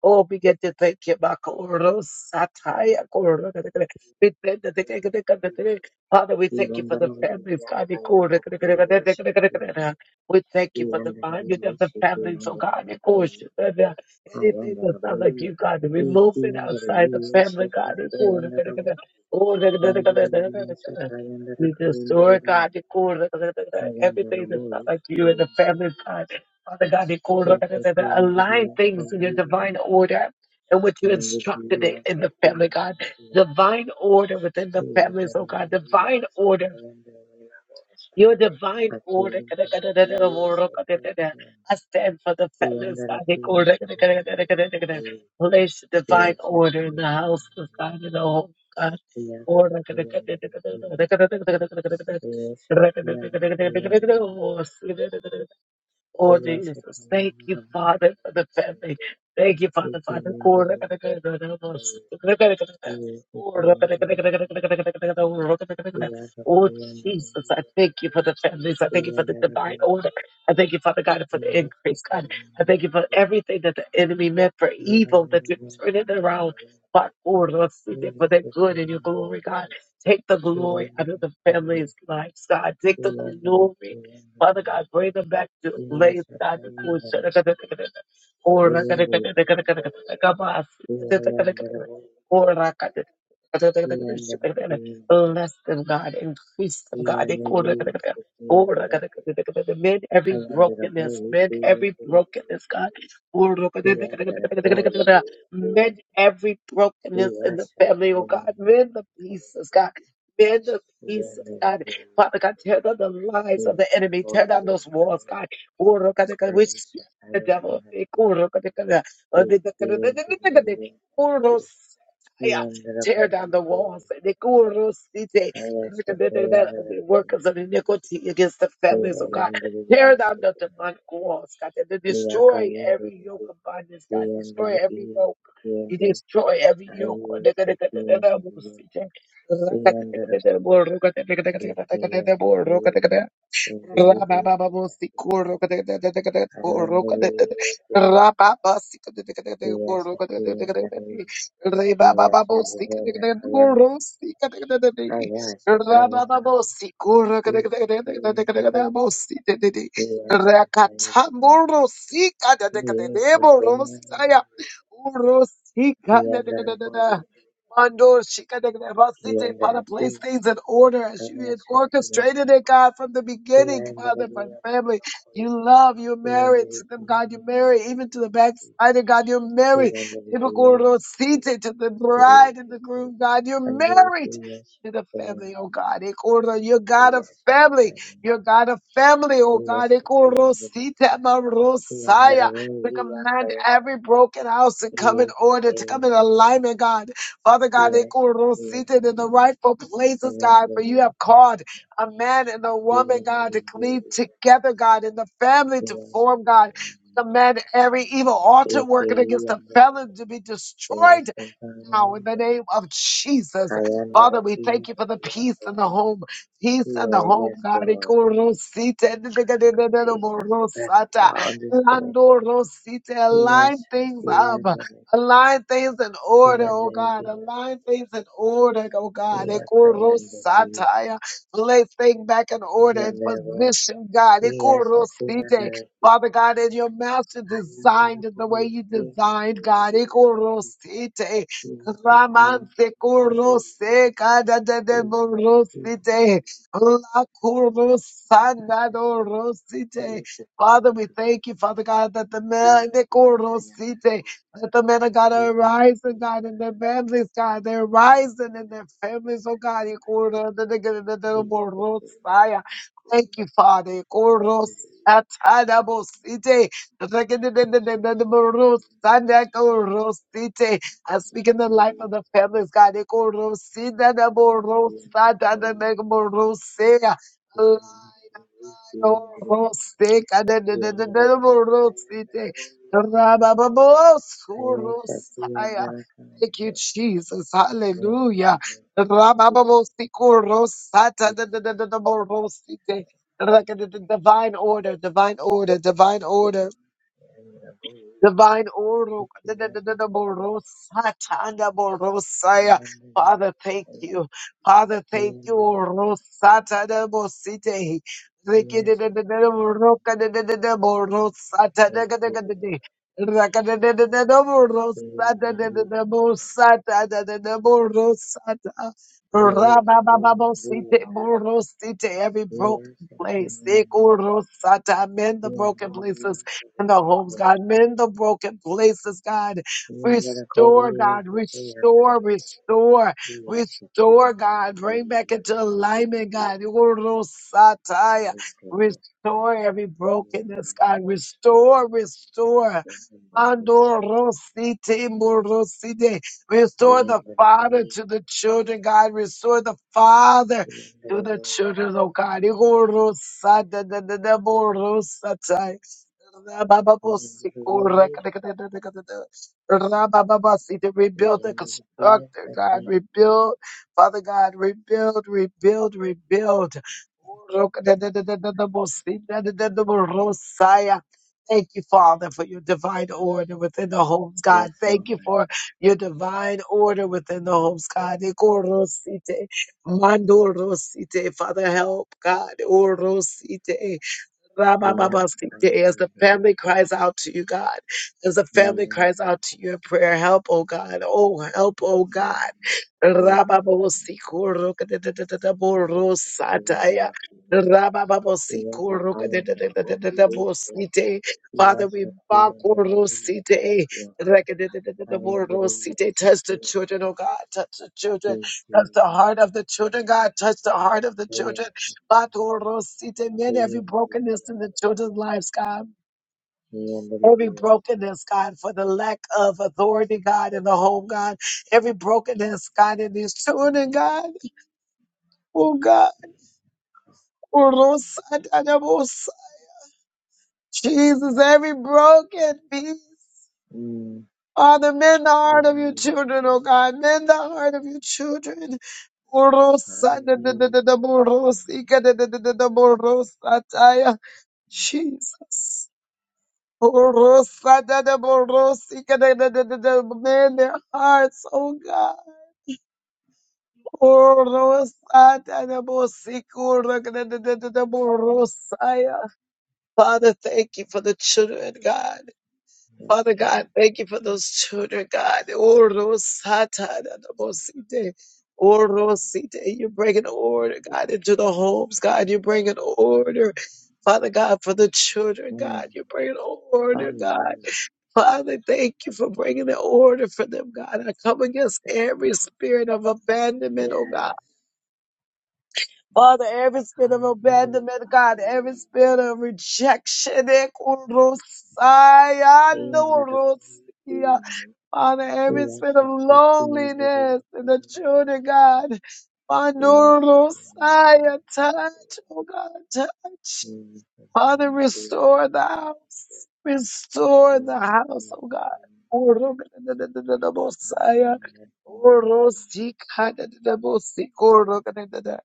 Speaker 1: Oh, we get to thank you, Mako. ro sa ta ya ko We thank you. Father, we thank you for the families, God. Ikoro. We thank you for the binding of the families, oh God. Anything that's not like you, God, remove it outside the family, God. You destroy, God. Everything that's not like you in the family, God. Father God, align things in your divine order and what you instructed it in the family, God. Divine order within the families, oh God. Divine order your divine order. I stand for the feminist order. Place divine order in the house of God in the home of God. Order. Oh Jesus, Thank you, Father, for the family. Thank you, Father, Father. Oh, Jesus, I thank you for the families. I thank you for the divine order. I thank you, Father God, for the increase, God. I thank you for everything that the enemy meant for evil, that you're turning around. But for their good and your glory, God. Take the glory out of the family's lives, God. Take the glory. Father God, bring them back to slaves, God. the course. Or bless them, God. Increase them, God. Or mend every brokenness, mend every brokenness, God. Mend every brokenness in the family, oh God. Mend the pieces, God. Mend the pieces, God. Father God, tear down the lies of the enemy. Tear down those walls, God. Oro kadekada, We speak to the devil. Oro kadekada, uh, the- the- the- the- the- the- the- Oro sataya. Tear down the walls. The Oro site. Look at The the- the- the workers of iniquity against the families, oh God. Tear down the demonic walls, God. To destroy every yoke of bondage, God. Destroy every yoke. You destroy every yoke. Rakata Urosika. Mando shikadegrebasite, Father, place things in order as you had orchestrated it, God, from the beginning, Father, for family. You love, you married to them, God, you marry, even to the backslider, God, you marry. Ibakorosite, To the bride and the groom, God, you're married. To the family, oh God. Ikoro, You're God of family. You're God of family, oh God. Ikorosite marosaya. We command every broken house to come in order, to come in alignment, God. Father God, they are seated in the rightful places, God, for you have called a man and a woman, God, to cleave together, God, in the family to form, God. Command every evil altar working against the felon to be destroyed now in the name of Jesus. Father, we thank you for the peace in the home. Peace in the home, God. Ikorosite, ndidikadidididoborosata, landorosite. Align things up. Align things in order, oh God. Align things in order, oh God. Ikorosataya. Place things back in order and position, God. Ikorosite. Father God, and your master designed it the way you designed, God. Ikorosite. Ramante kurose kada de de morosite la kurosanda do rosite. Father, we thank you, Father God, that the man the kurosite, that the men of God are rising, God, and their families, God, they're rising in their families, oh God, e kuro de de de de de morosaya. Thank you, Father. e kurosatadabosite, de de de de de de de morosanda kurosite. I speak in the life of the families, God. Eko rosina na mo rosa da na na mo rosea. Align, align, oh, rose, ka na na na na na mo rosite. Raba ba ba bo su rosaya. Thank you, Jesus. Hallelujah. Raba ba ba bo si ko rosa ta na na na na na mo rosite. Like the divine order, divine order, divine order. Divine Oro, Borosatanda Borosaya. Father, thank you. Father, thank you. Rosatanda Bosite. Riki, da- da- da- da- da- Boroka, da- da- da- da- Borosa, Tanda, da- da- da- da- da. Raka, da- da- da- da- da- Borosa, da- da- da- da- Bosa, da- da- da- da- Borosa, da. Ra- ba- ba- ba- Bosite, Borosite. Every broken place. Ik, Orosa, Ta. Mend the broken places in the homes, God. Mend the broken places, God. Restore, God. Restore, restore, restore, God. Bring back into alignment, God. Urosataya. Restore every brokenness, God. Restore, restore. Andorosite, morosite. Restore the father to the children, God. Restore the father to the children, oh God. Urosata, da, da, da, morosata. Rabababasi, to rebuild the constructor, God, rebuild, Father God, rebuild, rebuild, rebuild. Thank you, Father, for your divine order within the homes, God. Thank you for your divine order within the homes, God. Father, help, God. Rabababasite, As the family cries out to you, God, as the family cries out to your prayer, help, oh God, oh help, oh God. Rababosico Borosataya, Rababosikorokadedededeborosataya. Rabababosikorokadedededeborosite. Father, we bakorosite. Borosite, touch the children, oh God, touch the children, touch the heart of the children, God, touch the heart of the children. Batorosite. Mend every brokenness in the children's lives, God. Every brokenness, God, for the lack of authority, God, in the home, God. Every brokenness, God, in these children, God. Oh, God. Oh, Lord, Jesus, every broken piece. Father, mend the heart of your children, oh God. Mend the heart of your children. Oh, Lord, Jesus. Oh, Lord, Mend their hearts, oh God. Father, thank you for the children, God. Father God, thank you for those children, God. You're bringing order, God, into the homes, God. You're bringing order. Father God, for the children, God, you're bringing order, God. Father, thank you for bringing the order for them, God. I come against every spirit of abandonment, oh God. Father, every spirit of abandonment, God, every spirit of rejection, eh, kurosaya, norosia. Father, every spirit of loneliness in the children, God. Manorosaya, Touch, oh God, touch. Father, restore the house. Restore the house, oh God. Orokadadadadabosaya. Orosikadadadabosi. Orokadadada.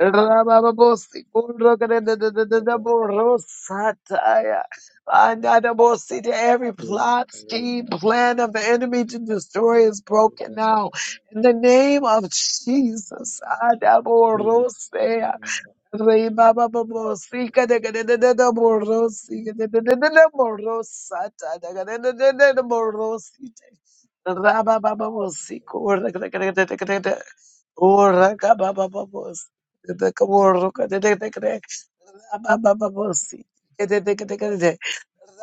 Speaker 1: Rabababosi. Orokadadadadadaborosataya. Anadabosi. To every plot, scheme, plan of the enemy to destroy is broken now. In the name of Jesus. Adaborosea. Rey baba bobo sika de gade de de de borro sika de de de de de borro sata de gade de de de de borro sita. Raba baba bobo sika ora de de de de gade ora ka baba bobo sika de ka borro gade de de gade raba baba bobo sika de de gade gade de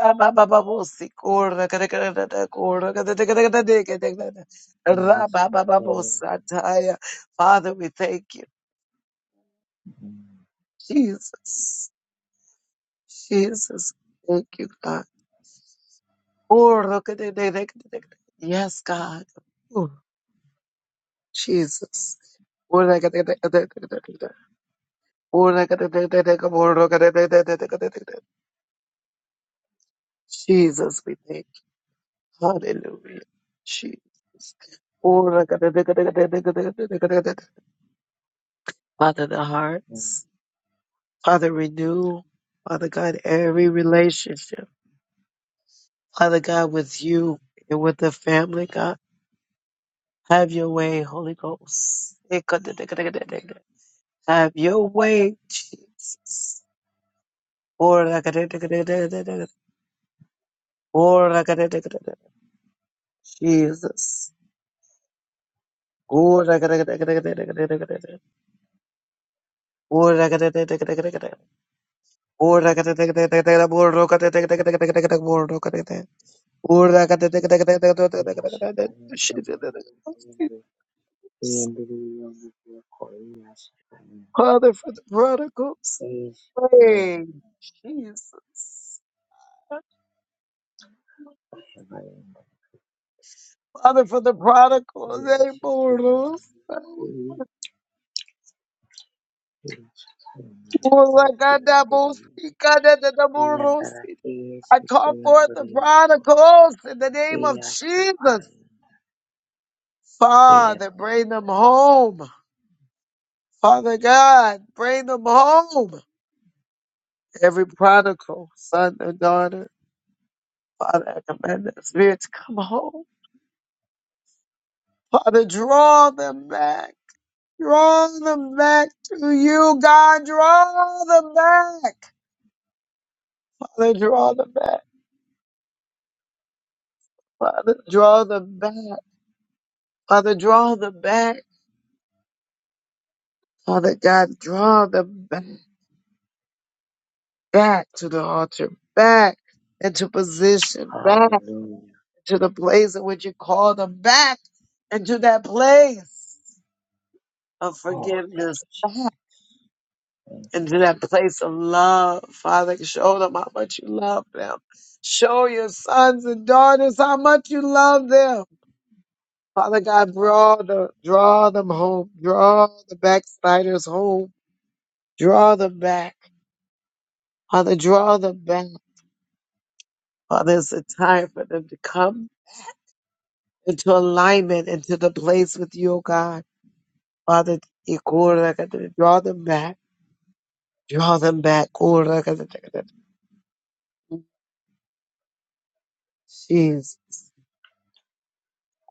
Speaker 1: raba baba bobo sika ora gade gade gade gade ora gade de gade gade de gade gade raba baba bobo sata. Father, we thank you, Jesus. Jesus, thank you, God. Oh, look at it. they- they- it, look at it. Yes, God. Oh, Jesus. Oh, look at it. look at it, look at it. Oh, look at it. look at it, Oh, look at it. look at it, look at it. Jesus, we thank you. Hallelujah. Jesus. Oh, look at it. look at it, look at it, look at it, look at it. Father, the hearts. Father, renew. Father God, every relationship. Father God, with you and with the family, God. Have your way, Holy Ghost. Have your way, Jesus. Jesus. Father, for the prodigals. Hey, Jesus. Father, for the prodigals, they burros. I call forth the prodigals in the name of Jesus. Father, bring them home. Father God, bring them home. Every prodigal, son or daughter, Father, I command the spirit to come home. Father, draw them back. Draw them back to you, God. Draw them back. Father, draw them back. Father, draw them back. Father, draw them back. Father God, draw them back, back to the altar, back into position, back to the place in which you call them back into that place of forgiveness, back into that place of love. Father, show them how much you love them. Show your sons and daughters how much you love them. Father God, draw the draw them home, draw the backsliders home Draw them back. Father, draw them back. Father, it's a time for them to come into alignment, into the place with you, oh God. Father, y- corra, cata, draw them back. Draw them back. Corra, cata, cata, Jeez.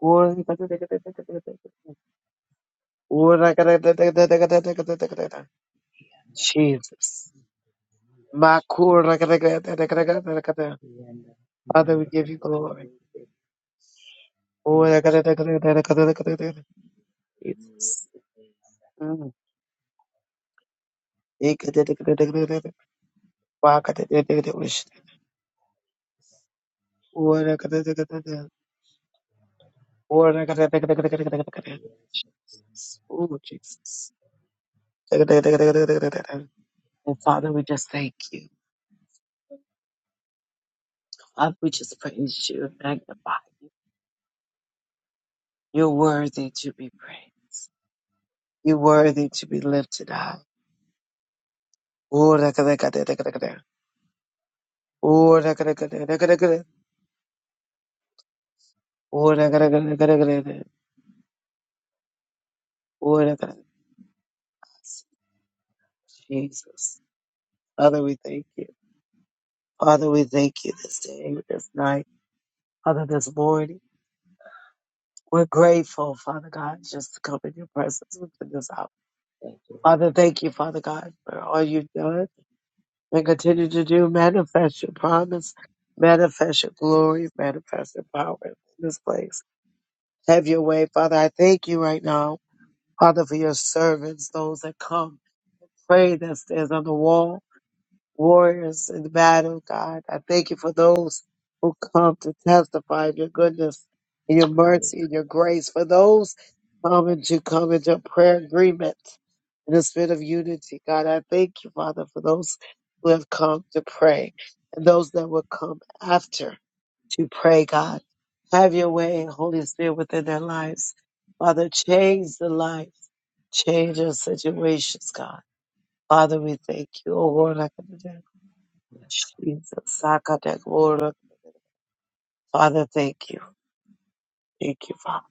Speaker 1: Corra, cata, cata, cata, cata, cata, cata. Corra, cata, cata, Jesus. Ma corra, Father, we give you glory. Corra, cata, cata, cata, cata, Jesus. Mm. Oh, Jesus. And Father, we just thank you. Father, we just praise you and magnify you. You're worthy to be praised. You're worthy to be lifted up. Oh, Jesus. Father, we thank you. Father, we thank you this day, this night, Father, this morning. We're grateful, Father God, just to come in your presence within this hour. Father, thank you, Father God, for all you've done and continue to do. Manifest your promise, manifest your glory, manifest your power in this place. Have your way, Father. I thank you right now, Father, for your servants, those that come, pray that stands on the wall. warriors in the battle, God. I thank you for those who come to testify of your goodness and your mercy and your grace. For those coming to come into prayer agreement in the spirit of unity, God. I thank you, Father, for those who have come to pray and those that will come after to pray, God. Have your way, Holy Spirit, within their lives. Father, change the life, change our situations, God. Father, we thank you. Oh, Lord, I can do Jesus, Sakadagora. Father, thank you. Thank you, Father.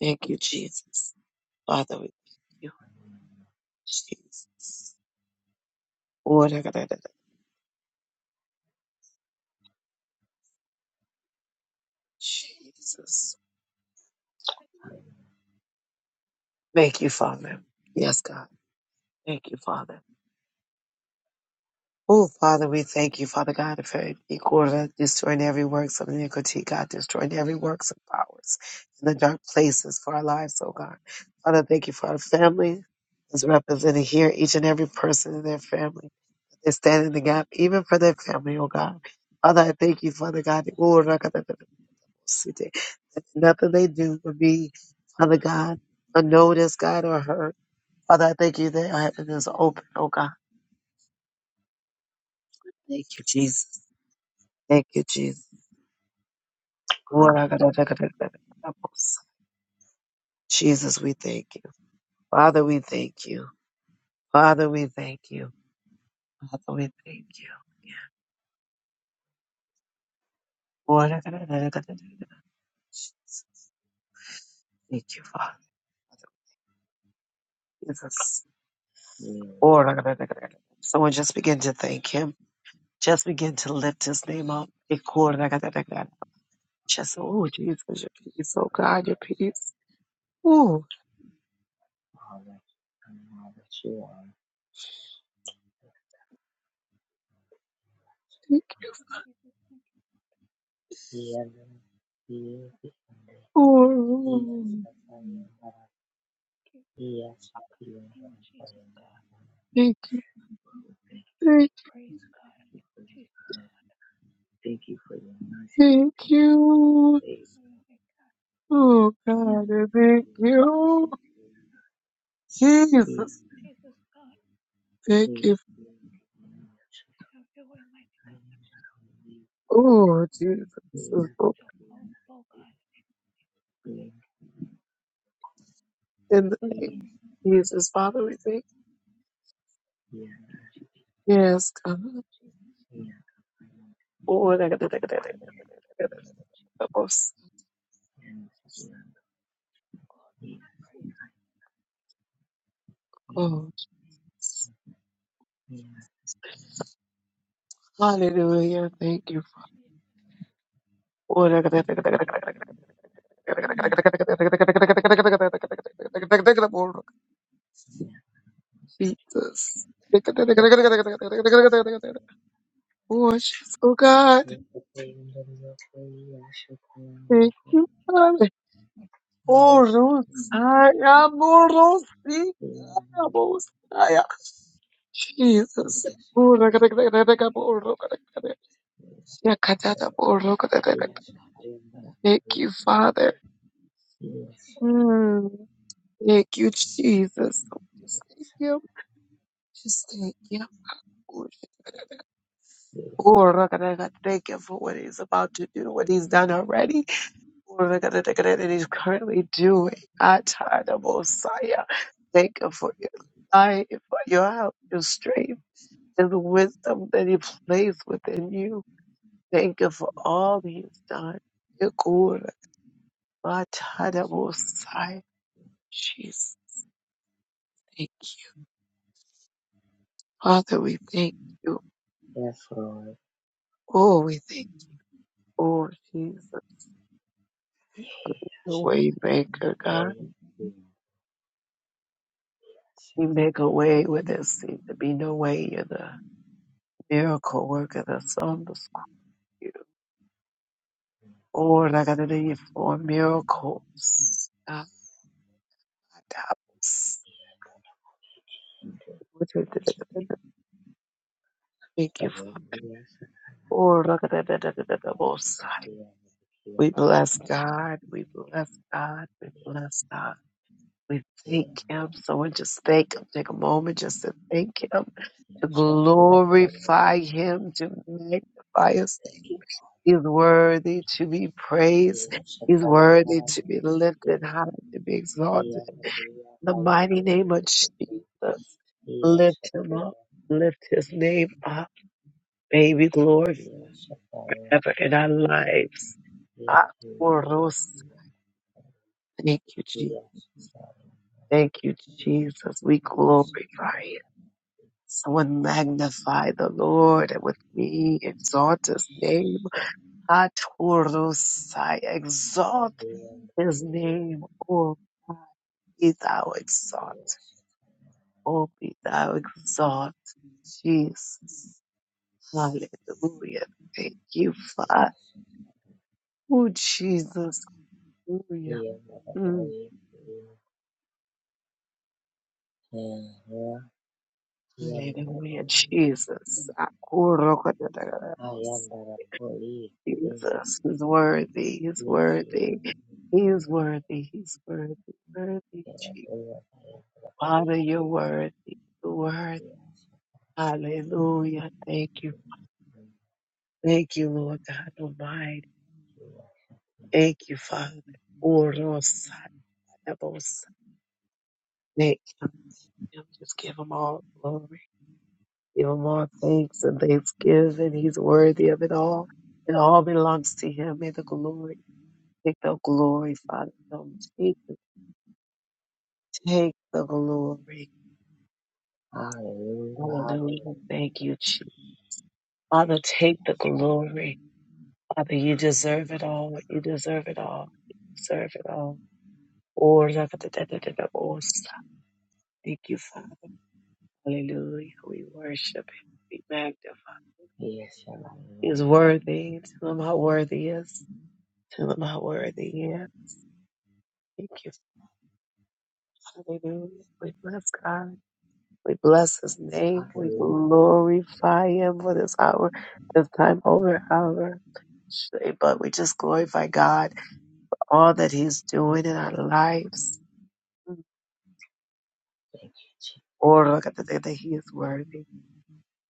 Speaker 1: Thank you, Jesus. Father, we thank you. Jesus. Lord, Orakadadada. Jesus. Thank you, Father. Yes, God. Thank you, Father. Oh, Father, we thank you, Father God, for Equal destroying every works of iniquity, God, destroying every works of powers in the dark places for our lives, oh God. Father, thank you for our family as represented here, each and every person in their family. and stand in the gap, even for their family, oh God. Father, I thank you, Father God. that- oh, rakatatatabosite, that Nothing they do will be, Father God, unnoticed, God, or hurt. Father, I thank you that your heaven is open, oh God. Thank you, Jesus. Thank you, Jesus. Oh, rakatatatabosite. Jesus, we thank you. Father, we thank you. Father, we thank you. Father, we thank you. Oh, rakatatatabosite. Thank you, Father. Jesus. Someone just begin to thank him. Just begin to lift his name up. Just, oh, Jesus, your peace. Oh, God, your peace. Oh, thank you.
Speaker 3: Thank you, Jesus. Thank
Speaker 1: Oh,
Speaker 3: you, Jesus. God, in the name of Jesus, God.
Speaker 1: thank you.
Speaker 3: Give you
Speaker 1: Thank,
Speaker 3: praise, God. Jesus,
Speaker 1: thank you.
Speaker 3: have your way, God.
Speaker 1: Oh, God, I thank you. Jesus,
Speaker 3: Jesus, God,
Speaker 1: thank you.
Speaker 3: have your way, mighty God.
Speaker 1: Oh, Jesus.
Speaker 3: With
Speaker 1: Oh,
Speaker 3: your powerful God.
Speaker 1: In the name
Speaker 3: Mm.
Speaker 1: of Jesus, Father, we thank
Speaker 3: Thank you,
Speaker 1: you. Yes, God.
Speaker 3: Jesus. Jesus, have your way, God. Praise you,
Speaker 1: Oh, Hallelujah. Thank you.
Speaker 3: Jesus.
Speaker 1: for-
Speaker 3: Mm.
Speaker 1: Jesus.
Speaker 3: Jesus,
Speaker 1: Precious, oh God. Thank you, Father. Oh, Rosaya, Morosita, Mosaya. Jesus. Oh, Thank
Speaker 3: Jesus, your way, God. Mighty God, Jesus.
Speaker 1: you, Father.
Speaker 3: Jesus,
Speaker 1: Mm. Thank you, Jesus. Thank you. Just thank you. Lord. Lord, look at to Thank him for what he's about to do, what he's done already. Lord, look at that look at that he's currently doing. I tired of Messiah. Thank him for your life, for your help, your strength, and the wisdom that he placed within you. Thank him for all he's done. Dear Lord, I tired of Messiah. Jesus, thank you. Father, we thank you. Oh, we thank you. Oh, Jesus, the way maker, God. You make a way where there seems to be no way. You're the miracle worker that's on the screen. Lord, I gotta do you for miracles. God, I was- Thank you, Father. Lord, I gotta do the most high. We bless God. We bless God. We bless God. We thank him. Someone just thank him. Take a moment just to thank him, to glorify him, to magnify his name. He's worthy to be praised. He's worthy to be lifted high, to be exalted. In the mighty name of Jesus, lift him up. Lift his name up, baby, glory forever in our lives. Ah, Thank you, Jesus. Thank you, Jesus. We glorify you. So we magnify the Lord, and with me exalt His name. At whose say exalt His name, O me, thou exalt, O me, thou exalt, Jesus, Alleluia, thank you, Father. O Jesus, Alleluia, Jesus, Akorokotatakarabos. Jesus is worthy, is worthy. He is worthy. He's worthy. Worthy, Jesus. Father, you're worthy. You're worthy. Hallelujah. Thank you. Thank you, Lord God Almighty. Thank you, Father. Oh, Lord, Sadabos. Thank you. Just give him all glory. Give him all thanks and thanksgiving. He's worthy of it all. It all belongs to him. May the glory. Take the glory, Father. Take, the, take the glory. Hallelujah. Thank you, Father, take the glory. Father, you deserve it all. You deserve it all. You deserve it all. Oh, la- da- da- da- da- da- da- oh, stop. Thank you, Father. Hallelujah. We worship him. We magnify. He is worthy. Tell him how worthy He is. Tell him how worthy he is. Thank you. Hallelujah. We bless God. We bless his name. We glorify him for this hour, this time over hour. But we just glorify God all that He's doing in our lives. Or look at the thing that He is worthy.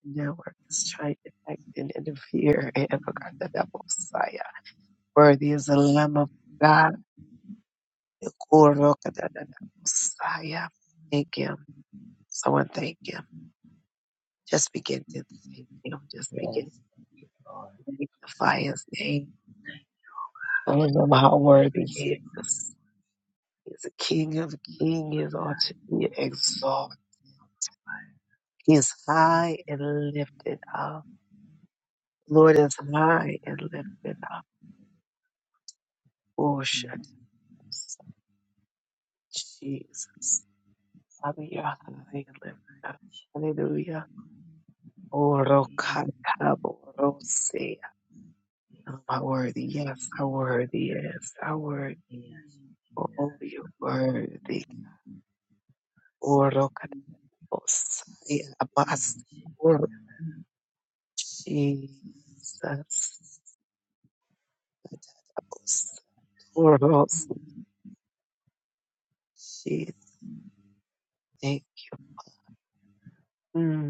Speaker 1: Now we're just trying to act and interfere, [laughs] and look at the devil, Messiah. Worthy is the Lamb of God. Or look at the devil, Messiah. Thank Him. Someone thank Him. Just begin to thank Him. Just begin to magnify His name. Tell Him how worthy He is. He's the King of Kings. He is ought to be exalted. He is high and lifted up. Lord is high and lifted up. Oh, shut Jesus. Father, you're high and lifted up. Hallelujah. Oh, Rokatabo, Rosea. How worthy, yes, how worthy, yes, how worthy. Oh, you're worthy. Oh, Rokatabo, Saya, Abbas. Oh, Jesus. Oh, Rosea. Jesus. Thank you. Hmm.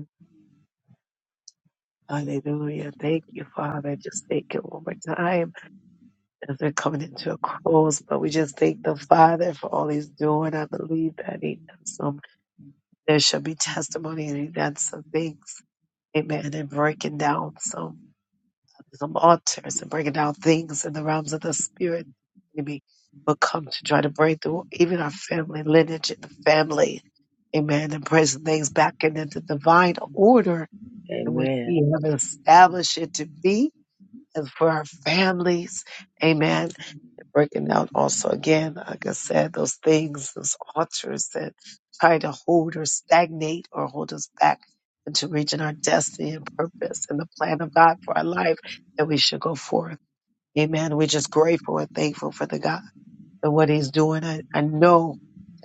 Speaker 1: Hallelujah. Thank you, Father. Just thank you one more time as we're coming into a close. But we just thank the Father for all he's doing. I believe that he done some there shall be testimony and he done some things. Amen. And breaking down some some altars and breaking down things in the realms of the spirit. Maybe will come to try to break through even our family lineage and the family. Amen. And pressing things back into the divine order in which we have established it to be and for our families. Amen. Breaking out also again, like I said, those things, those altars that try to hold or stagnate or hold us back into reaching our destiny and purpose and the plan of God for our life that we should go forth. Amen. We're just grateful and thankful for the God and what He's doing. I, I know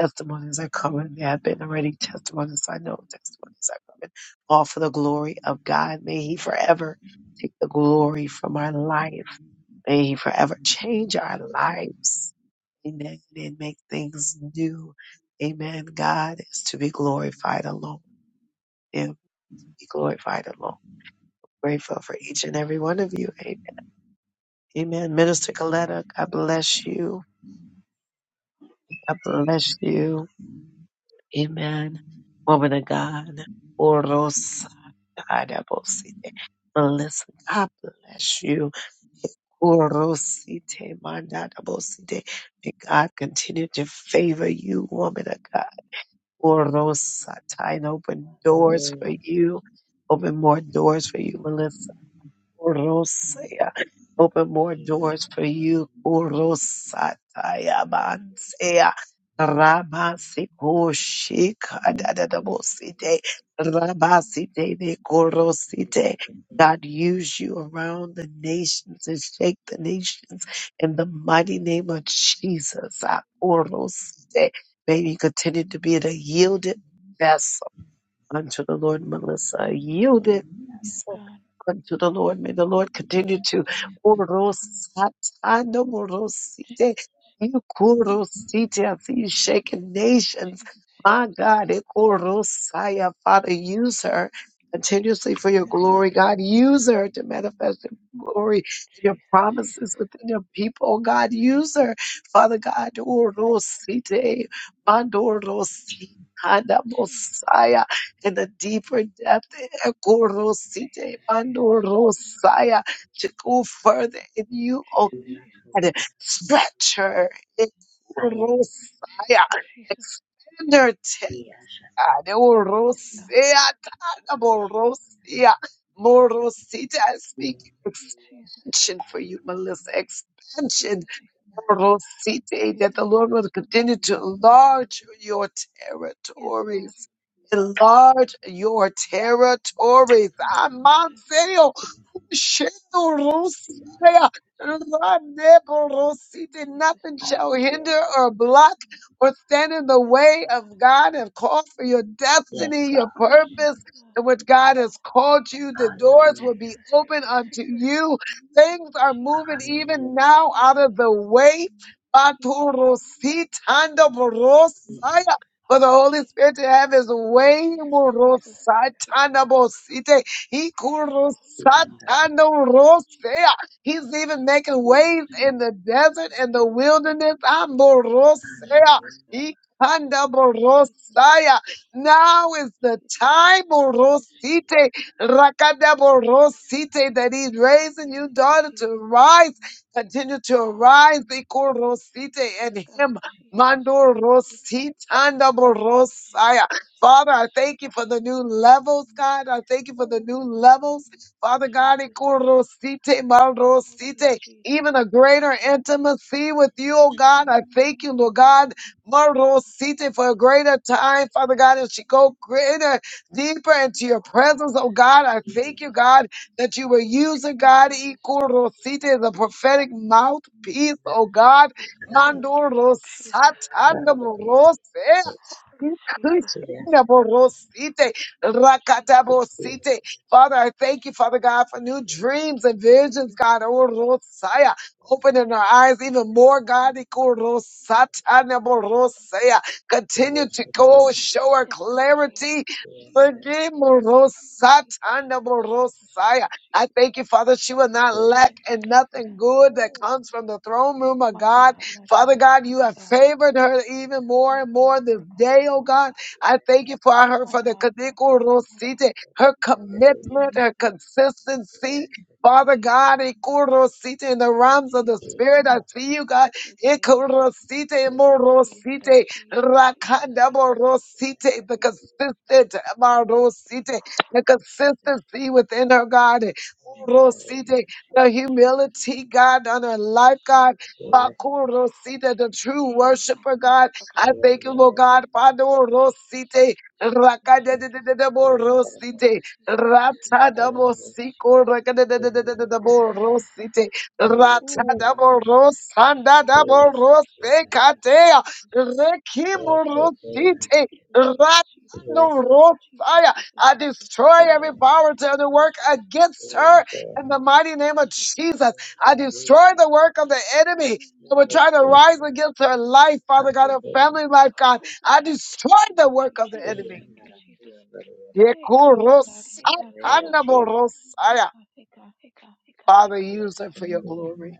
Speaker 1: testimonies are coming. There have been already testimonies. I know testimonies are coming. All for the glory of God. May He forever take the glory from our life. May He forever change our lives. Amen. And make things new. Amen. God is to be glorified alone. Him be glorified alone. Grateful for each and every one of you. Amen. Amen. Minister Coletta, God bless you. God bless you. Amen. Woman of God. Oros. Melissa, God bless you. Kurosite mandarabosite. May God continue to favor you, woman of God. Kurosata, And open doors for you. Open more doors for you, Melissa. Orosea. Open more doors for you. Orosataya Mansea. Ramasikusika
Speaker 3: God.
Speaker 1: dadadabosite.
Speaker 3: Mm.
Speaker 1: Ramasite nekorosite. God use you around the nations and shake the nations in the mighty name of Jesus. Ah, Orosite. May you continue to be the yielded vessel unto the Lord, Melissa. Yielded
Speaker 3: Yes,
Speaker 1: vessel
Speaker 3: God.
Speaker 1: unto the Lord. May the Lord continue to
Speaker 3: Jesus,
Speaker 1: Orosatanomorosite,
Speaker 3: Jesus,
Speaker 1: Yukorosite, as these shaken nations.
Speaker 3: Jesus, Jesus,
Speaker 1: My God,
Speaker 3: Jesus.
Speaker 1: Ekorosaya, Father, use her continuously for your
Speaker 3: Yes,
Speaker 1: glory.
Speaker 3: God.
Speaker 1: God, use her to manifest your glory and your
Speaker 3: Jesus,
Speaker 1: promises
Speaker 3: Jesus.
Speaker 1: within your people. Oh, God, use her, Father God,
Speaker 3: Yes, God.
Speaker 1: Orosite, Mandorosite,
Speaker 3: Jesus,
Speaker 1: Messiah in the deeper depth, Ekorosite
Speaker 3: Jesus, Jesus.
Speaker 1: mandorosaya, to go further in you,
Speaker 3: Jesus,
Speaker 1: oh
Speaker 3: Jesus,
Speaker 1: God. Stretch her, Ekorosaya,
Speaker 3: Jesus, Jesus.
Speaker 1: expand her tent. God.
Speaker 3: Yes, God.
Speaker 1: Ekorosea, tana morosia, morosita, I speak
Speaker 3: Jesus,
Speaker 1: expansion for you, Melissa. Expansion
Speaker 3: Jesus, Jesus,
Speaker 1: Morosite, that the
Speaker 3: Jesus,
Speaker 1: Lord
Speaker 3: Jesus.
Speaker 1: will continue to enlarge your
Speaker 3: Yes, God.
Speaker 1: territories. Enlarge your
Speaker 3: God.
Speaker 1: territories.
Speaker 3: Jesus, Jesus, Jesus,
Speaker 1: Shedorosaya,
Speaker 3: Jesus, Jesus, Jesus,
Speaker 1: Raneborosite,
Speaker 3: Jesus, Jesus,
Speaker 1: Nothing
Speaker 3: Jesus,
Speaker 1: shall hinder
Speaker 3: Jesus,
Speaker 1: or block
Speaker 3: Jesus.
Speaker 1: or stand in the
Speaker 3: Yes,
Speaker 1: way of
Speaker 3: God.
Speaker 1: God and call for your destiny, your purpose,
Speaker 3: Jesus,
Speaker 1: and what God has
Speaker 3: God.
Speaker 1: called you. The doors will be
Speaker 3: Jesus,
Speaker 1: open
Speaker 3: Jesus,
Speaker 1: unto
Speaker 3: Jesus,
Speaker 1: you. Things are moving
Speaker 3: Jesus.
Speaker 1: even
Speaker 3: Thank you,
Speaker 1: now out of
Speaker 3: Jesus.
Speaker 1: the way.
Speaker 3: Thank you, Jesus.
Speaker 1: Batorositandorosaya, For the Holy
Speaker 3: Jesus,
Speaker 1: Spirit to have his way.
Speaker 3: Jesus, Jesus, Jesus.
Speaker 1: Morosatandorosite. Ikurusatano
Speaker 3: God, Jesus. Thank you, Lord Jesus.
Speaker 1: rosea. He's even making
Speaker 3: Thank you,
Speaker 1: waves in
Speaker 3: Jesus.
Speaker 1: the desert and the
Speaker 3: Oh,
Speaker 1: wilderness. Amborosea.
Speaker 3: Jesus. Holy Jesus.
Speaker 1: Ikandaborosaya. Now
Speaker 3: Thank
Speaker 1: is
Speaker 3: you,
Speaker 1: the
Speaker 3: Jesus.
Speaker 1: time,
Speaker 3: Thank you, Jesus.
Speaker 1: Borosite,
Speaker 3: Thank you,
Speaker 1: Rakadaborosite,
Speaker 3: Jesus.
Speaker 1: that he's
Speaker 3: Jesus.
Speaker 1: raising you,
Speaker 3: Thank you,
Speaker 1: daughter, to
Speaker 3: Jesus.
Speaker 1: rise, continue to arise, Ikorosite,
Speaker 3: Yes,
Speaker 1: and
Speaker 3: God.
Speaker 1: him,
Speaker 3: Jesus. Jesus. Jesus.
Speaker 1: Mandorositanda
Speaker 3: Jesus.
Speaker 1: Borosaya.
Speaker 3: Jesus.
Speaker 1: Father, I
Speaker 3: Jesus.
Speaker 1: thank you for the
Speaker 3: Jesus.
Speaker 1: new levels, God. I thank you for the
Speaker 3: Oh,
Speaker 1: new levels. Father God,
Speaker 3: Jesus. Jesus.
Speaker 1: ikorosite,
Speaker 3: Hallelujah,
Speaker 1: marosite,
Speaker 3: Jesus.
Speaker 1: even a
Speaker 3: Thank you,
Speaker 1: greater
Speaker 3: Jesus.
Speaker 1: intimacy with you, oh God. I thank you, Lord
Speaker 3: Mm,
Speaker 1: God, marosite, for a
Speaker 3: Jesus.
Speaker 1: greater
Speaker 3: Jesus.
Speaker 1: time,
Speaker 3: Jesus.
Speaker 1: Father God, as she
Speaker 3: Jesus.
Speaker 1: go greater, deeper into your presence, oh God. I
Speaker 3: Jesus.
Speaker 1: thank you,
Speaker 3: Jesus.
Speaker 1: God, that you were using, God,
Speaker 3: Jesus.
Speaker 1: ikorosite,
Speaker 3: Jesus.
Speaker 1: as a
Speaker 3: Jesus.
Speaker 1: prophetic mouthpiece, oh God.
Speaker 3: Oh,
Speaker 1: Mandorosatandamorose.
Speaker 3: Jesus. Hallelujah, Jesus.
Speaker 1: Kushinaborosite,
Speaker 3: Jesus.
Speaker 1: rakatabosite. Father, I thank you, Father God, for new dreams and
Speaker 3: Jesus,
Speaker 1: visions, God.
Speaker 3: Jesus.
Speaker 1: Orosaya. Opening our eyes even more, God. Ikorosatanaborosaya. Continue to go show our
Speaker 3: Yes, God, Jesus,
Speaker 1: clarity.
Speaker 3: Jesus, Jesus, Jesus, Jesus,
Speaker 1: Orosatanaborosaya.
Speaker 3: Jesus,
Speaker 1: I
Speaker 3: Jesus.
Speaker 1: thank you, Father. She will not lack
Speaker 3: Thank you,
Speaker 1: in
Speaker 3: Jesus.
Speaker 1: nothing good that comes from the throne room of
Speaker 3: My
Speaker 1: God.
Speaker 3: God, my
Speaker 1: Father
Speaker 3: God,
Speaker 1: God, you
Speaker 3: my
Speaker 1: have
Speaker 3: God,
Speaker 1: favored her even more
Speaker 3: my
Speaker 1: and
Speaker 3: God,
Speaker 1: more this
Speaker 3: my God,
Speaker 1: day, oh
Speaker 3: my
Speaker 1: God.
Speaker 3: God,
Speaker 1: I thank you for her,
Speaker 3: my
Speaker 1: for the
Speaker 3: God, my
Speaker 1: Kadiko
Speaker 3: God, my God.
Speaker 1: Rosite, her commitment, her
Speaker 3: Jesus,
Speaker 1: consistency.
Speaker 3: thank
Speaker 1: Father
Speaker 3: you, Jesus,
Speaker 1: God, Ikurosite in the
Speaker 3: thank you,
Speaker 1: realms of the
Speaker 3: Jesus,
Speaker 1: spirit, I see you, God.
Speaker 3: thank you, Jesus,
Speaker 1: Ikurosite,
Speaker 3: Jesus,
Speaker 1: Imorosite,
Speaker 3: Jesus, Jesus, Jesus,
Speaker 1: Rakaborosite, the
Speaker 3: hey,
Speaker 1: consistent, Marosite, the
Speaker 3: Jesus,
Speaker 1: consistency
Speaker 3: Jesus,
Speaker 1: within her, God.
Speaker 3: Jesus, Jesus, Jesus,
Speaker 1: Rosite, the
Speaker 3: Jesus,
Speaker 1: humility, God, on her life,
Speaker 3: Jesus,
Speaker 1: God.
Speaker 3: Jesus, Jesus.
Speaker 1: Bakuro Sita, the true
Speaker 3: Hey, God,
Speaker 1: worshiper,
Speaker 3: God, God,
Speaker 1: God.
Speaker 3: God, God,
Speaker 1: I
Speaker 3: God, God, God,
Speaker 1: thank you, Lord
Speaker 3: Jesus.
Speaker 1: God. Pado
Speaker 3: Jesus,
Speaker 1: Rosite,
Speaker 3: Jesus, Jesus, Jesus,
Speaker 1: Rakadabo Rosite,
Speaker 3: Jesus, Jesus, Jesus,
Speaker 1: Ratadabo
Speaker 3: Jesus, Jesus.
Speaker 1: Siko,
Speaker 3: Jesus,
Speaker 1: Rakadabo Rosite,
Speaker 3: Ooh,
Speaker 1: Ratadabo Rosanda,
Speaker 3: Jesus,
Speaker 1: Dabo
Speaker 3: Jesus,
Speaker 1: Rose,
Speaker 3: Jesus, Jesus, Jesus,
Speaker 1: Katea,
Speaker 3: Jesus,
Speaker 1: Rekimo
Speaker 3: Jesus, Jesus, Jesus, Jesus,
Speaker 1: Rosite,
Speaker 3: Jesus,
Speaker 1: Ratano
Speaker 3: Jesus, Jesus,
Speaker 1: Rosaya. I
Speaker 3: Jesus, Jesus,
Speaker 1: destroy every
Speaker 3: Jesus.
Speaker 1: power to the
Speaker 3: Thank you,
Speaker 1: work
Speaker 3: Jesus.
Speaker 1: against
Speaker 3: Thank you,
Speaker 1: her
Speaker 3: Jesus.
Speaker 1: in the mighty
Speaker 3: Thank
Speaker 1: name
Speaker 3: you,
Speaker 1: of
Speaker 3: Jesus.
Speaker 1: Jesus. I
Speaker 3: Thank you,
Speaker 1: destroy the
Speaker 3: Jesus.
Speaker 1: work of the enemy that would try
Speaker 3: Mm.
Speaker 1: to rise against her life, Father God, her family life, God. I destroy the
Speaker 3: Thank you,
Speaker 1: work of the
Speaker 3: Jesus.
Speaker 1: enemy.
Speaker 3: Thank you, Jesus. Hey God, hey God, hey God, hey God, hey
Speaker 1: Yekurosakanaborosaya.
Speaker 3: God, hey God, hey God, hey God, hey
Speaker 1: Father,
Speaker 3: God, hey
Speaker 1: use her
Speaker 3: God.
Speaker 1: for your glory.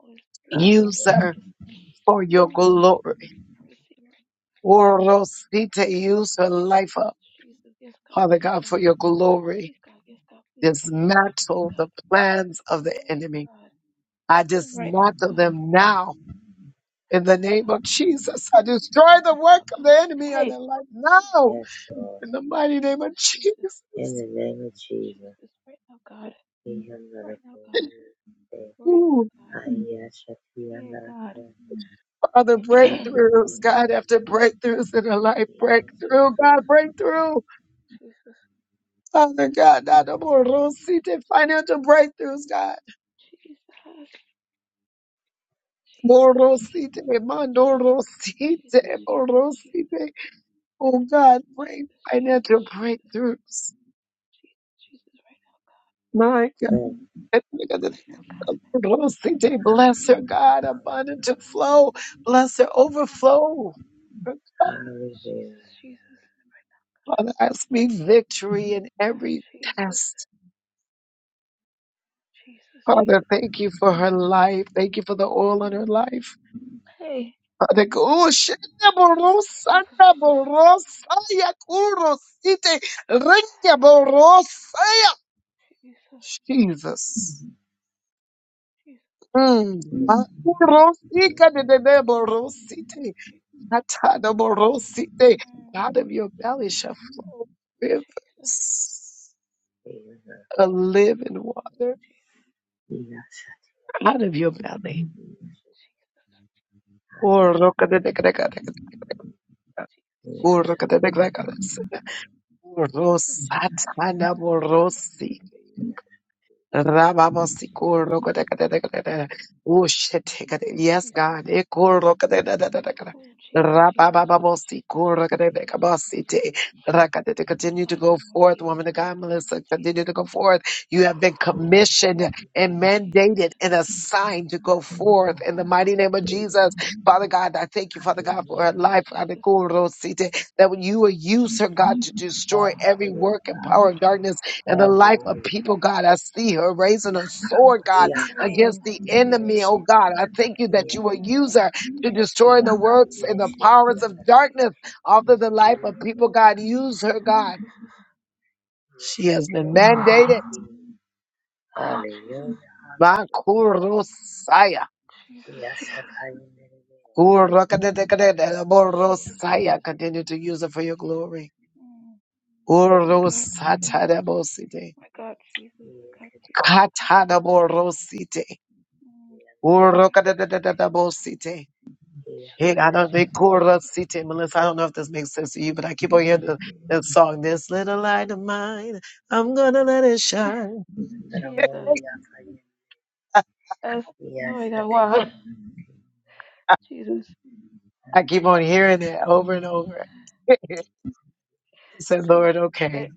Speaker 3: Holy Spirit, thank you,
Speaker 1: Use her
Speaker 3: Jesus.
Speaker 1: for your
Speaker 3: Mm.
Speaker 1: glory.
Speaker 3: I receive your
Speaker 1: Orosite, Use her life up,
Speaker 3: Jesus, Jesus. Yes, God,
Speaker 1: Father
Speaker 3: please,
Speaker 1: God, for
Speaker 3: God.
Speaker 1: your glory.
Speaker 3: Please, God. Yes, God. Please, God. Yes, God. Please,
Speaker 1: Dismantle the
Speaker 3: God.
Speaker 1: plans of the
Speaker 3: Hey,
Speaker 1: enemy.
Speaker 3: God.
Speaker 1: I
Speaker 3: Mm. Right now,
Speaker 1: dismantle
Speaker 3: God.
Speaker 1: them now In
Speaker 3: Right
Speaker 1: the
Speaker 3: now,
Speaker 1: name
Speaker 3: God.
Speaker 1: of Jesus, I destroy the
Speaker 3: Right
Speaker 1: work
Speaker 3: now,
Speaker 1: of the
Speaker 3: God.
Speaker 1: enemy on their
Speaker 3: Hey,
Speaker 1: life
Speaker 3: Jesus,
Speaker 1: now. In the mighty name of
Speaker 3: Jesus, Jesus,
Speaker 1: Jesus.
Speaker 3: Jesus. Right now, God. Right now, God. Right now,
Speaker 1: Ooh,
Speaker 3: God. Hey, God.
Speaker 1: Father,
Speaker 3: [clears throat] Jesus,
Speaker 1: breakthroughs, God, after breakthroughs in her life, breakthrough, God, breakthrough.
Speaker 3: Jesus,
Speaker 1: Father God, Dada
Speaker 3: Jesus,
Speaker 1: Morosite, financial breakthroughs, God.
Speaker 3: Jesus,
Speaker 1: Morosite,
Speaker 3: Jesus,
Speaker 1: Mandorosite,
Speaker 3: Jesus, Jesus, Jesus, Jesus,
Speaker 1: Morosite. Oh God, bring
Speaker 3: Jesus, Jesus,
Speaker 1: financial
Speaker 3: Jesus,
Speaker 1: breakthroughs.
Speaker 3: Jesus, Jesus, right now, God,
Speaker 1: my God.
Speaker 3: right now, God. Jesus,
Speaker 1: bless her, God, abundant to flow.
Speaker 3: Ooh,
Speaker 1: Bless her,
Speaker 3: Jesus,
Speaker 1: overflow.
Speaker 3: Jesus, Jesus, Jesus,
Speaker 1: Father, I speak victory in
Speaker 3: God,
Speaker 1: every
Speaker 3: Jesus,
Speaker 1: test.
Speaker 3: Jesus,
Speaker 1: Father,
Speaker 3: Jesus.
Speaker 1: thank you for her life. Thank you for the oil on her
Speaker 3: Mm.
Speaker 1: life.
Speaker 3: Hey,
Speaker 1: Father, go- oh, shenda
Speaker 3: Jesus,
Speaker 1: borosa,
Speaker 3: Jesus, Jesus,
Speaker 1: na
Speaker 3: Jesus,
Speaker 1: borosa, ya kurosite, renya borosa, ya.
Speaker 3: Jesus,
Speaker 1: Jesus. Mm. Ma kurosika de de de
Speaker 3: Jesus,
Speaker 1: borosite.
Speaker 3: Jesus.
Speaker 1: Atadaborosite.
Speaker 3: Mm.
Speaker 1: Out of your belly shall flow rivers of living water. Out of your belly. Orokadekadekadekadek- Orokadekadekadek-
Speaker 3: Jesus, Jesus, Jesus,
Speaker 1: Orosatadaborosi. Rababosikur
Speaker 3: Jesus, Jesus, Jesus,
Speaker 1: rokotekadekadekade. oh shit Ushetekade.
Speaker 3: Jesus,
Speaker 1: Yes,
Speaker 3: Jesus, Jesus,
Speaker 1: God.
Speaker 3: Jesus,
Speaker 1: ekur
Speaker 3: Jesus.
Speaker 1: Ikurokadakadakadakada.
Speaker 3: Oh, Jesus, Jesus, Jesus, Jesus, Jesus, Jesus, Jesus, Jesus,
Speaker 1: Rababababosikurakadakadakabasite. Rakadada.
Speaker 3: Oh
Speaker 1: Continue to
Speaker 3: God, in the
Speaker 1: go
Speaker 3: name of
Speaker 1: forth,
Speaker 3: Jesus,
Speaker 1: woman of
Speaker 3: God,
Speaker 1: God,
Speaker 3: in the name of
Speaker 1: Melissa. Continue
Speaker 3: Jesus,
Speaker 1: to go forth. You have been commissioned and
Speaker 3: Jesus,
Speaker 1: mandated and assigned to go forth in the mighty name of
Speaker 3: yes,
Speaker 1: Jesus.
Speaker 3: God,
Speaker 1: Father God, I thank you, Father God, for her
Speaker 3: Jesus,
Speaker 1: life.
Speaker 3: Jesus,
Speaker 1: Radikurosite. That when you will use her,
Speaker 3: Jesus,
Speaker 1: God,
Speaker 3: Jesus.
Speaker 1: to destroy every
Speaker 3: Mm.
Speaker 1: work and power of darkness and the life of people, God. I see her raising a sword, God,
Speaker 3: Jesus, Mm.
Speaker 1: against the enemy.
Speaker 3: Jesus,
Speaker 1: Oh God, I thank you that you will use her to destroy the works and the powers of darkness.
Speaker 3: Jesus,
Speaker 1: After
Speaker 3: Jesus,
Speaker 1: the life of people, God, use her, God.
Speaker 3: Jesus.
Speaker 1: She has been mandated.
Speaker 3: God, Jesus,
Speaker 1: Uro siah,
Speaker 3: Jesus, Jesus,
Speaker 1: uro kade kade kade, uro
Speaker 3: Jesus,
Speaker 1: siah.
Speaker 3: Jesus.
Speaker 1: Continue to use her for your glory.
Speaker 3: Mm.
Speaker 1: Uro
Speaker 3: My God,
Speaker 1: kade kade
Speaker 3: Jesus,
Speaker 1: kade kade, uro siete
Speaker 3: my God, Jesus, my God, Jesus,
Speaker 1: kade
Speaker 3: my God,
Speaker 1: kade
Speaker 3: Jesus.
Speaker 1: uro siete
Speaker 3: Mm.
Speaker 1: uro
Speaker 3: God,
Speaker 1: kade kade
Speaker 3: Jesus,
Speaker 1: kade kade uro siete. Hey,
Speaker 3: Jesus,
Speaker 1: I don't they
Speaker 3: Jesus,
Speaker 1: quarter
Speaker 3: Jesus.
Speaker 1: city, Melissa. I don't know if this makes sense to you, but I
Speaker 3: Yes,
Speaker 1: keep on hearing the, that song, This Little Light of Mine, I'm gonna let it shine.
Speaker 3: [sighs] Jesus.
Speaker 1: [laughs]
Speaker 3: Yes. Oh my God, wow. Jesus,
Speaker 1: I keep on hearing it over and over. [laughs] I said,
Speaker 3: Jesus.
Speaker 1: Lord,
Speaker 3: That
Speaker 1: okay.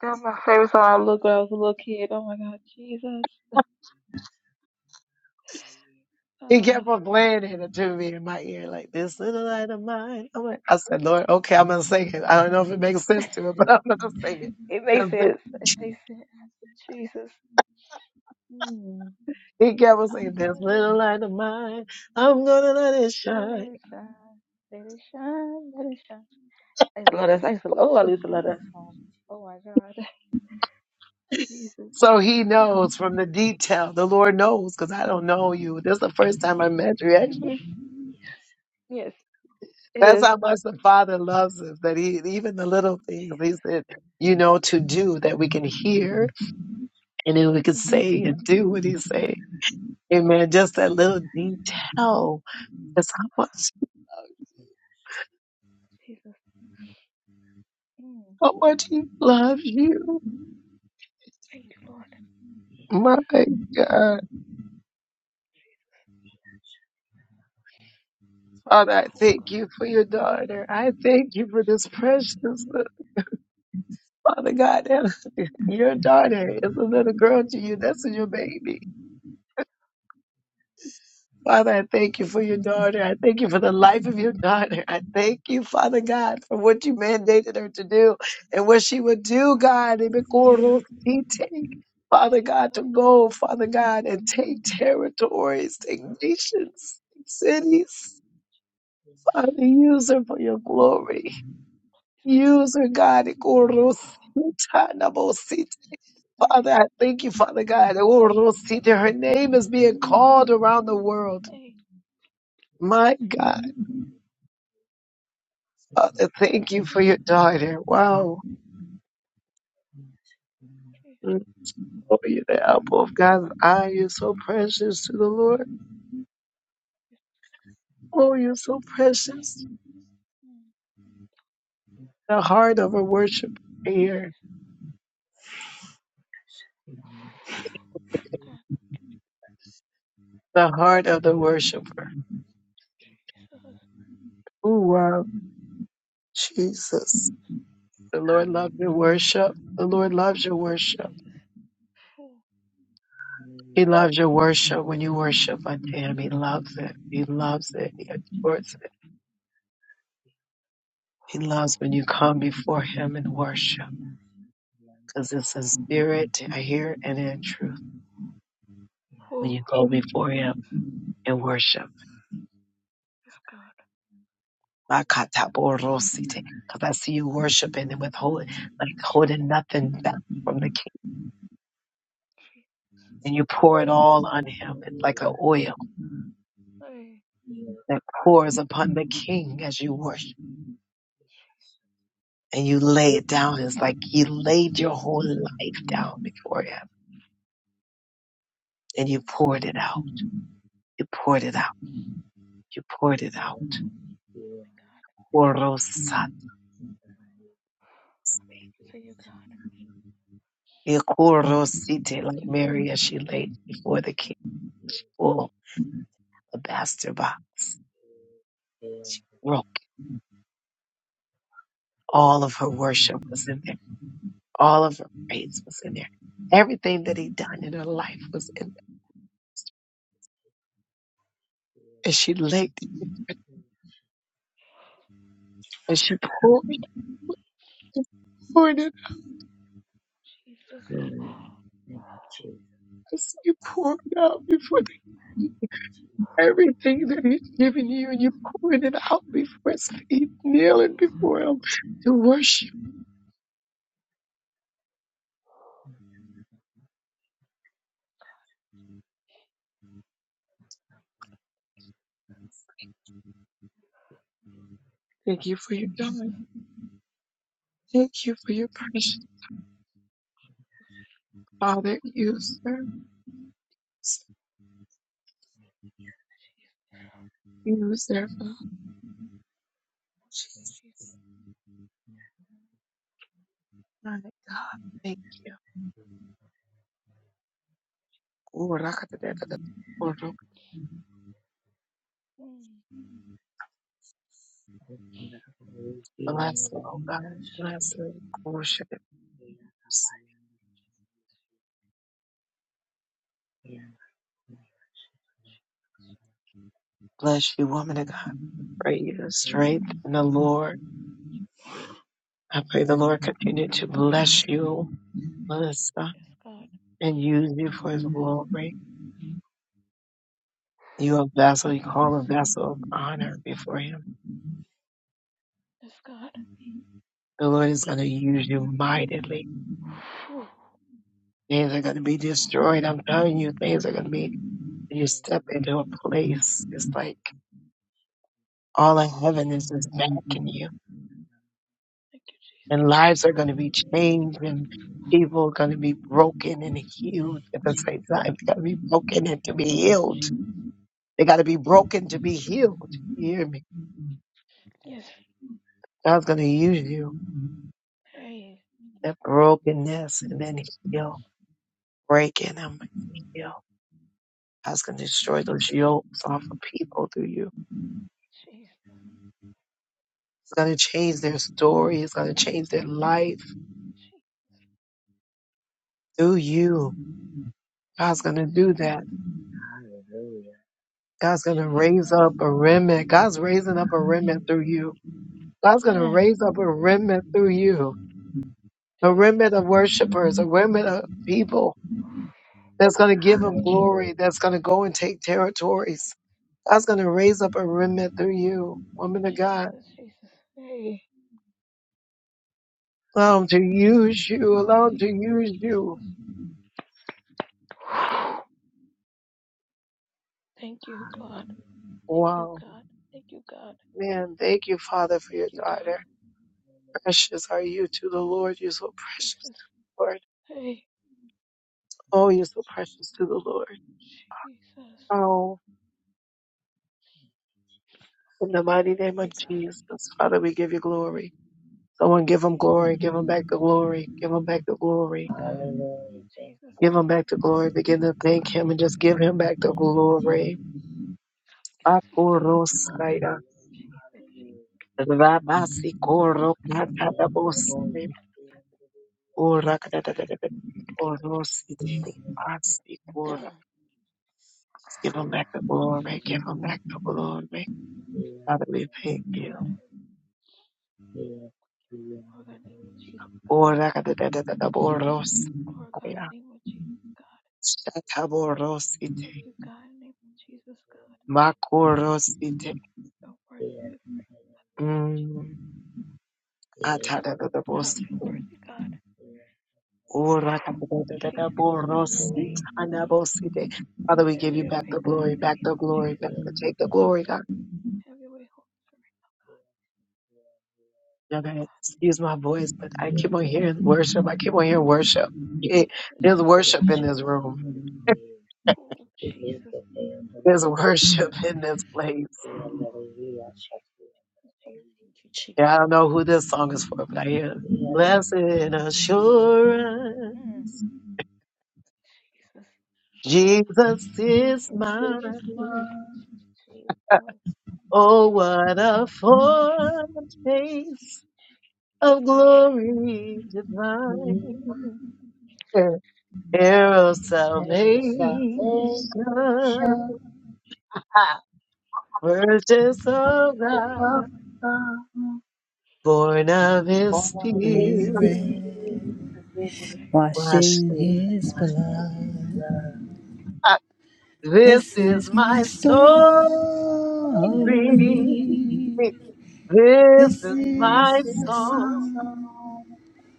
Speaker 3: got my favorite song I looked when I was a little kid. Oh my God, Jesus.
Speaker 1: [laughs] he
Speaker 3: Ah,
Speaker 1: kept on playing it to me in my ear, like this little light of mine. I'm like, I said, Lord, okay, I'm gonna sing it. I don't know if it makes sense to him, [laughs] but I'm gonna sing it.
Speaker 3: it makes
Speaker 1: 'Cause He
Speaker 3: sense. It makes sense. Jesus. Hmm.
Speaker 1: he kept on
Speaker 3: I'm
Speaker 1: saying, This
Speaker 3: gonna let it,
Speaker 1: little light of mine, I'm gonna let it
Speaker 3: gonna
Speaker 1: shine.
Speaker 3: let it shine. Let it shine. Let it shine. I used to love that. I used to, oh, I used to love that song. Oh my God, [laughs] Jesus.
Speaker 1: So he knows from the detail. The Lord knows because I don't know you. This is the first time I met you. Actually,
Speaker 3: hmm Yes, it
Speaker 1: that's
Speaker 3: is.
Speaker 1: how much the Father loves us. That He even the little things He
Speaker 3: Jesus.
Speaker 1: said, you know, to do that we can hear and then we can
Speaker 3: hmm
Speaker 1: say and do what He say. Amen. Just that
Speaker 3: Yes,
Speaker 1: little detail. That's how much
Speaker 3: Jesus. Mm.
Speaker 1: how much He loves you.
Speaker 3: Thank you, Lord.
Speaker 1: My God. Father, I
Speaker 3: Oh God,
Speaker 1: thank you for your daughter. I thank you for this
Speaker 3: Jesus,
Speaker 1: preciousness, Father God. Your daughter
Speaker 3: Jesus,
Speaker 1: is a little girl to you. That's your baby. Father, I thank you for your daughter. I thank you for the life of your daughter. I thank you, Father God, for what you mandated her to do and what she would do, God. Father God, to
Speaker 3: Jesus.
Speaker 1: go, Father God, and take territories, take nations, take cities. Father, use her for your
Speaker 3: Mm.
Speaker 1: glory.
Speaker 3: Yes,
Speaker 1: Use her, God. Father,
Speaker 3: God.
Speaker 1: I thank you, Father God. Oh, Rosita, her name is being called around the world.
Speaker 3: Mm.
Speaker 1: My God, Father, thank you for
Speaker 3: Jesus,
Speaker 1: your daughter. Wow.
Speaker 3: Jesus,
Speaker 1: Mm. Oh, you're the apple of God's eye. You're so precious to the Lord. Oh, you're so precious.
Speaker 3: mm,
Speaker 1: The heart of a worshiper here.
Speaker 3: Jesus, God,
Speaker 1: The heart of the worshiper.
Speaker 3: Jesus,
Speaker 1: Oh, wow.
Speaker 3: Jesus,
Speaker 1: Jesus. The Lord
Speaker 3: Jesus,
Speaker 1: loves your worship. The Lord loves your worship.
Speaker 3: Jesus. Oh,
Speaker 1: He loves your worship when you worship unto him. He loves it. He loves it. He adores it.
Speaker 3: yes,
Speaker 1: He loves when you come before him in worship because it's in spirit, I hear, and in truth when
Speaker 3: oh,
Speaker 1: you go before him in worship.
Speaker 3: yes, God.
Speaker 1: Makataborosi, Because I see you worshiping and
Speaker 3: Mm,
Speaker 1: withholding, like holding nothing back from the king.
Speaker 3: Jesus,
Speaker 1: And you pour it all on him. It's like an oil
Speaker 3: hey,
Speaker 1: that pours upon the king as you worship. And you lay it down. It's like you laid your whole life down before him. And you
Speaker 3: mm,
Speaker 1: poured it out. You poured
Speaker 3: yeah,
Speaker 1: it out. You poured it out.
Speaker 3: God.
Speaker 1: Orosat.
Speaker 3: I can say you, God.
Speaker 1: Ikorosite,
Speaker 3: Thank
Speaker 1: like
Speaker 3: you, Holy
Speaker 1: Mary as she laid before the king, full alabaster box, broke. All of her worship was in there. All of her praise was in there. Everything that he done in her life was in there. And she laid it, and she poured it, and poured it,
Speaker 3: Spirit. Jesus,
Speaker 1: as you poured it out before the king. Everything that he's given you, and you pouring it out before his feet, kneeling
Speaker 3: Jesus,
Speaker 1: before him to worship. Thank you for your time.
Speaker 3: Jesus,
Speaker 1: Thank you for your precious Father, you, sir.
Speaker 3: Jesus,
Speaker 1: Use serve a Jesus.
Speaker 3: Jesus.
Speaker 1: My God, thank you. Ooh, rakatadakata. Oh, Lord, oh,
Speaker 3: Mm,
Speaker 1: Bless her, oh God. Bless her. Worship it. Bless you, woman of God. Pray you the
Speaker 3: Jesus,
Speaker 1: strength in the Lord. I pray the Lord continue to bless you, Melissa,
Speaker 3: yes, God,
Speaker 1: and use you for
Speaker 3: yes,
Speaker 1: his
Speaker 3: God.
Speaker 1: glory. You a vessel, you
Speaker 3: Jesus,
Speaker 1: call a vessel of honor before him.
Speaker 3: yes, God.
Speaker 1: The Lord is going to use you mightily.
Speaker 3: Oh,
Speaker 1: Things are going to be
Speaker 3: thank you, Lord.
Speaker 1: destroyed. I'm telling you, things are going to be, you
Speaker 3: Jesus,
Speaker 1: step into a place. It's like, all of heaven is is backing you
Speaker 3: thank you,
Speaker 1: and
Speaker 3: Jesus.
Speaker 1: lives are going to be changed and people are going to be broken and healed at the same time they got to be broken and to be healed they got to be broken to
Speaker 3: Thank
Speaker 1: be
Speaker 3: you, Jesus.
Speaker 1: healed you hear me
Speaker 3: Yes,
Speaker 1: god's going to use you
Speaker 3: hey, thank you,
Speaker 1: that brokenness and then heal breaking them heal god's going to
Speaker 3: Jesus.
Speaker 1: destroy those yokes off of people through you
Speaker 3: Jesus,
Speaker 1: it's going to change their story it's going to change their life
Speaker 3: Je-
Speaker 1: through you god's going to
Speaker 3: Jesus,
Speaker 1: do
Speaker 3: Je-
Speaker 1: that God's going to raise
Speaker 3: Jesus,
Speaker 1: up a remnant. God's raising up a remnant through you. God's going to
Speaker 3: Mm.
Speaker 1: raise up a remnant through you, a remnant
Speaker 3: Jesus,
Speaker 1: of worshipers, a remnant of people that's going to give him glory, that's going to go and take
Speaker 3: Je-
Speaker 1: territories. God's going to raise up a remnant through you, woman of God.
Speaker 3: Jesus, Jesus, hey,
Speaker 1: Allow him to use you. Allow him to
Speaker 3: hey,
Speaker 1: use you.
Speaker 3: Jesus. Thank you, God. Thank you,
Speaker 1: Wow.
Speaker 3: God. Thank you, God.
Speaker 1: Man, thank you, Father, for
Speaker 3: Thank
Speaker 1: your
Speaker 3: you, God.
Speaker 1: daughter. Precious are you to the Lord. You're so precious to
Speaker 3: Jesus,
Speaker 1: the Lord.
Speaker 3: hey,
Speaker 1: Oh, you're so precious to the Lord.
Speaker 3: Jesus.
Speaker 1: Oh. In the mighty
Speaker 3: Thank
Speaker 1: name
Speaker 3: you,
Speaker 1: of
Speaker 3: God.
Speaker 1: Jesus, Father, we give you glory. Someone
Speaker 3: Thank you,
Speaker 1: give him
Speaker 3: Jesus.
Speaker 1: glory. Give him back the glory. Give him back the
Speaker 3: Thank you,
Speaker 1: glory.
Speaker 3: God. Thank you, Jesus.
Speaker 1: Give him back the glory. Begin to
Speaker 3: Oh,
Speaker 1: thank
Speaker 3: God.
Speaker 1: him and
Speaker 3: Thank
Speaker 1: just
Speaker 3: you,
Speaker 1: give
Speaker 3: Lord.
Speaker 1: him back the glory.
Speaker 3: Thank you, God.
Speaker 1: Akorosaya,
Speaker 3: Jesus, Jesus.
Speaker 1: rabasikorokanadabosai, orakadadadadada, orosite,
Speaker 3: [clears throat] Thank
Speaker 1: asikora. Give him back the
Speaker 3: you,
Speaker 1: glory. Give him
Speaker 3: Jesus.
Speaker 1: back the glory. Father, we
Speaker 3: Thank
Speaker 1: thank
Speaker 3: you, God.
Speaker 1: you.
Speaker 3: Lord, in the name of Jesus, God.
Speaker 1: Orakadadadadada,
Speaker 3: We give glory God, in the name of Jesus, God.
Speaker 1: oros-
Speaker 3: Thank you, God, in the name of Jesus, God.
Speaker 1: Makorosite.
Speaker 3: You're worthy to be praised. God, Jesus,
Speaker 1: Mm.
Speaker 3: God, you're
Speaker 1: Atadadadabosite.
Speaker 3: worthy, God. [sighs] Jesus, have your
Speaker 1: Orakatadadadaborosite.
Speaker 3: way.
Speaker 1: Anabosite. Father, we give
Speaker 3: Have
Speaker 1: you
Speaker 3: your
Speaker 1: back
Speaker 3: way,
Speaker 1: the
Speaker 3: God,
Speaker 1: glory,
Speaker 3: in the
Speaker 1: back
Speaker 3: name
Speaker 1: the
Speaker 3: of
Speaker 1: glory, back
Speaker 3: Jesus.
Speaker 1: the take the glory, God.
Speaker 3: Have your way, Holy Spirit.
Speaker 1: Now,
Speaker 3: Oh,
Speaker 1: God,
Speaker 3: God, in
Speaker 1: Excuse my voice, but I keep on hearing
Speaker 3: Jesus,
Speaker 1: worship. I keep on hearing worship. Eh,
Speaker 3: Jesus,
Speaker 1: There's
Speaker 3: Jesus,
Speaker 1: worship in this
Speaker 3: Jesus.
Speaker 1: room.
Speaker 3: Oh, Jesus. [sighs]
Speaker 1: There's [laughs] worship in this place.
Speaker 3: Jesus.
Speaker 4: Thank you, Jesus.
Speaker 1: Yeah, I don't know who this song is for, but I hear it.
Speaker 3: Mm,
Speaker 1: Blessed assurance,
Speaker 3: mm. Jesus.
Speaker 1: Jesus is
Speaker 5: This is
Speaker 1: mine.
Speaker 5: my
Speaker 3: Jesus.
Speaker 1: Oh, what a foretaste
Speaker 3: Yes,
Speaker 1: of
Speaker 3: God.
Speaker 1: glory divine, heir of
Speaker 3: Jesus,
Speaker 5: only
Speaker 1: salvation,
Speaker 5: salvation.
Speaker 3: Jesus,
Speaker 1: Ah. purchase of
Speaker 3: Jesus,
Speaker 5: Horses of
Speaker 1: God,
Speaker 3: Jesus.
Speaker 5: God,
Speaker 1: born of his
Speaker 3: Mm.
Speaker 5: His
Speaker 1: spirit,
Speaker 5: spirit.
Speaker 2: Every
Speaker 5: This
Speaker 1: washed
Speaker 2: washing
Speaker 1: in-
Speaker 2: his blood.
Speaker 1: Ah. This
Speaker 2: This
Speaker 1: is
Speaker 2: is
Speaker 3: Yes,
Speaker 2: my
Speaker 1: my
Speaker 2: story.
Speaker 1: story,
Speaker 3: God.
Speaker 1: this
Speaker 2: This
Speaker 1: is
Speaker 3: Mm.
Speaker 2: is
Speaker 1: my
Speaker 2: my
Speaker 5: is
Speaker 1: song.
Speaker 5: my song.
Speaker 2: song.